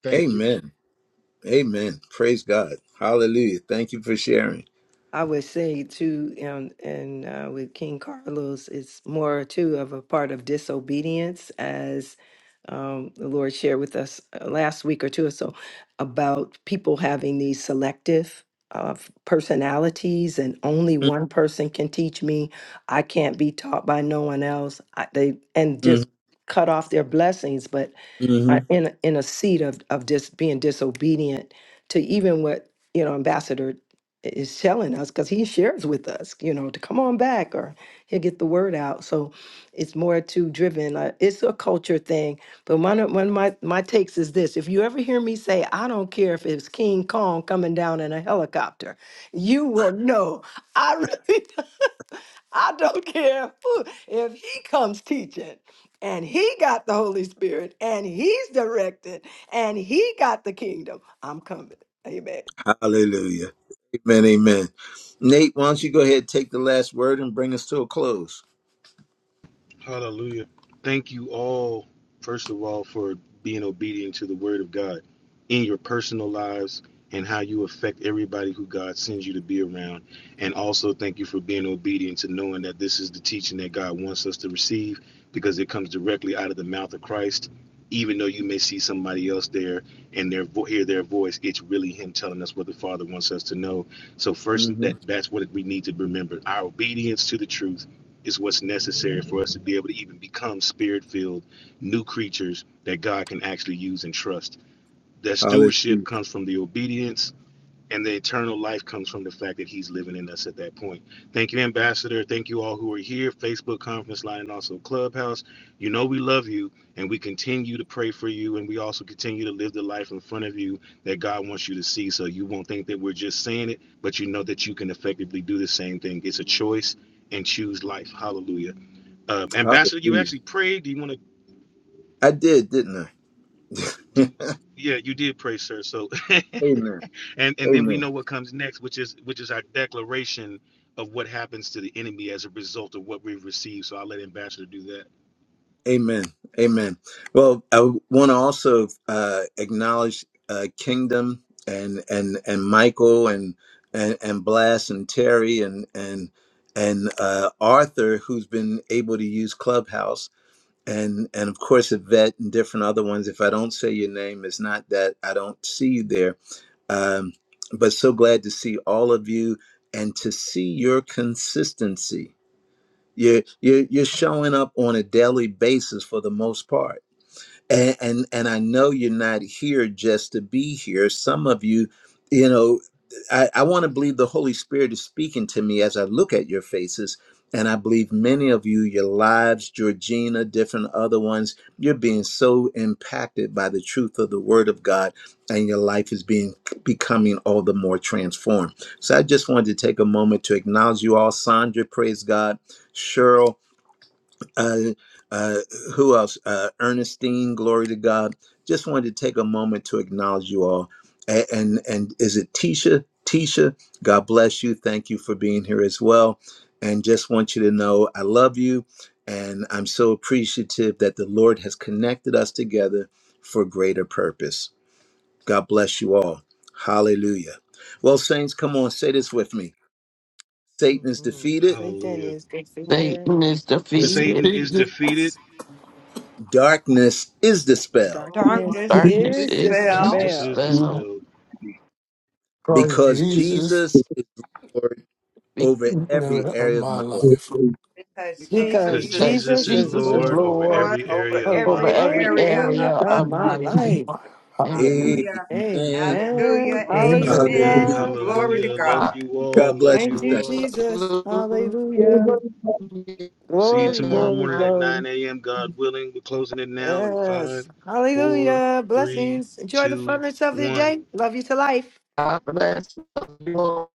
Speaker 11: Thank you.
Speaker 2: Amen. Amen. Praise God. Hallelujah. Thank you for sharing.
Speaker 4: I would say too, um, and uh, with King Carlos, it's more too of a part of disobedience, as um, the Lord shared with us uh, last week or two or so about people having these selective uh, f- personalities, and only one person can teach me. I can't be taught by no one else. I, they and just cut off their blessings. But
Speaker 2: hmm
Speaker 4: are in a- in a seat of of just being disobedient to even what you know ambassador i- is telling us because he shares with us you know to come on back or he'll get the word out so it's more to driven uh, it's a culture thing but one of, one of my my takes is this if you ever hear me say i don't care if it's king kong coming down in a helicopter you will know i really I don't care who. If he comes teaching and he got the Holy Spirit and he's directed and he got the kingdom, I'm coming. Amen.
Speaker 2: Hallelujah. Amen. Amen. Nate, why don't you go ahead and take the last word and bring us to a close?
Speaker 6: Hallelujah. Thank you all, first of all, for being obedient to the word of God in your personal lives and how you affect everybody who God sends you to be around. And also, thank you for being obedient to knowing that this is the teaching that God wants us to receive because it comes directly out of the mouth of Christ. Even though you may see somebody else there and their vo- hear their voice, it's really Him telling us what the Father wants us to know. So first,
Speaker 2: hmm
Speaker 6: that that's what we need to remember: our obedience to the truth is what's necessary for us to be able to even become spirit filled new creatures that God can actually use and trust. That
Speaker 2: Hallelujah.
Speaker 6: stewardship comes from the obedience, and the eternal life comes from the fact that He's living in us at that point. Thank you, Ambassador. Thank you all who are here, Facebook conference line, and also Clubhouse. You know we love you, and we continue to pray for you, and we also continue to live the life in front of you that God wants you to see. So you won't think that we're just saying it, but you know that you can effectively do the same thing. It's a choice and choose life. Hallelujah. Um, Ambassador, you
Speaker 2: Hallelujah.
Speaker 6: actually prayed. Do you want to
Speaker 2: I did, didn't I?
Speaker 6: do? Yeah, you did pray, sir. So,
Speaker 2: Amen.
Speaker 6: and and then we
Speaker 2: Amen.
Speaker 6: know what comes next, which is which is our declaration of what happens to the enemy as a result of what we've received. So I'll let Ambassador do that.
Speaker 2: Amen. Amen. Well, I want to also uh, acknowledge uh, Kingdom and and and Michael and and and Blast and Terry and and and uh, Arthur, who's been able to use Clubhouse and and of course Yvette and different other ones. If I don't say your name, it's not that I don't see you there. Um, but so glad to see all of you and to see your consistency. You're, you're you're showing up on a daily basis for the most part and and, and I know you're not here just to be here. Some of you, you know, I, I want to believe the Holy Spirit is speaking to me as I look at your faces. And I believe many of you, your lives, Georgina, different other ones, you're being so impacted by the truth of the Word of God, and your life is being becoming all the more transformed. So I just wanted to take a moment to acknowledge you all. Sandra, praise God. Cheryl, uh, uh, who else? Uh, Ernestine, glory to God. Just wanted to take a moment to acknowledge you all. And, and and is it Tisha? Tisha, God bless you. Thank you for being here as well. And just want you to know I love you, and I'm so appreciative that the Lord has connected us together for greater purpose. God bless you all. Hallelujah. Well, saints, come on, say this with me. Satan is
Speaker 4: hmm
Speaker 2: defeated.
Speaker 4: Satan
Speaker 6: Hallelujah.
Speaker 4: is defeated.
Speaker 5: Satan is
Speaker 3: It's
Speaker 5: defeated,
Speaker 6: Satan is defeated.
Speaker 3: Jesus.
Speaker 2: Darkness is dispelled
Speaker 4: Darkness
Speaker 8: Darkness is
Speaker 5: darkness
Speaker 4: is
Speaker 5: is just
Speaker 8: dispelled
Speaker 6: Darkness is
Speaker 4: dispelled
Speaker 5: dispelled
Speaker 6: dispelled
Speaker 3: Praise
Speaker 2: because
Speaker 3: Jesus.
Speaker 2: Jesus is Lord
Speaker 5: be-
Speaker 2: over every
Speaker 3: Spirit of
Speaker 2: area of
Speaker 3: my
Speaker 2: my life.
Speaker 3: life.
Speaker 8: because
Speaker 7: Because
Speaker 6: because
Speaker 4: because
Speaker 8: Jesus
Speaker 7: Jesus
Speaker 8: is,
Speaker 5: because
Speaker 6: Jesus
Speaker 4: Jesus
Speaker 7: is
Speaker 6: is
Speaker 4: is
Speaker 5: Jesus is
Speaker 8: is
Speaker 4: Lord
Speaker 6: Lord over
Speaker 7: Lord
Speaker 5: Lord
Speaker 8: Lord
Speaker 6: every
Speaker 8: over
Speaker 6: area of
Speaker 4: over
Speaker 6: my
Speaker 5: over
Speaker 7: over
Speaker 8: every
Speaker 6: life.
Speaker 5: every
Speaker 4: every
Speaker 7: every
Speaker 8: area
Speaker 7: area
Speaker 4: area
Speaker 5: area
Speaker 8: of
Speaker 7: of
Speaker 8: my
Speaker 4: of
Speaker 7: my
Speaker 5: of
Speaker 4: my
Speaker 7: life.
Speaker 5: my
Speaker 8: life.
Speaker 5: life.
Speaker 4: life.
Speaker 5: Amen.
Speaker 3: Hallelujah.
Speaker 7: Hallelujah.
Speaker 2: Amen.
Speaker 7: Blessings to
Speaker 4: Amen.
Speaker 7: you
Speaker 8: Hallelujah.
Speaker 7: all.
Speaker 3: Amen.
Speaker 6: Amen.
Speaker 2: Hallelujah.
Speaker 8: Amen.
Speaker 4: Hallelujah.
Speaker 8: Glory
Speaker 4: Glory.
Speaker 8: to
Speaker 6: Hallelujah. Love
Speaker 8: God.
Speaker 6: you all.
Speaker 2: God
Speaker 6: Love
Speaker 2: bless you,
Speaker 4: Thank
Speaker 6: you
Speaker 4: you,
Speaker 2: Saint.
Speaker 6: all.
Speaker 4: Jesus.
Speaker 5: Hallelujah.
Speaker 4: Hallelujah.
Speaker 6: See you
Speaker 9: Amen.
Speaker 4: Glory,
Speaker 6: tomorrow
Speaker 4: glory,
Speaker 6: morning at
Speaker 4: glory.
Speaker 6: 9 a.m. God willing. We're closing it now in
Speaker 4: Yes.
Speaker 6: five, four,
Speaker 4: Hallelujah.
Speaker 6: three,
Speaker 4: Blessings. Enjoy the
Speaker 6: two,
Speaker 4: funness of the
Speaker 6: one.
Speaker 4: day. Love you to life.
Speaker 5: God bless you.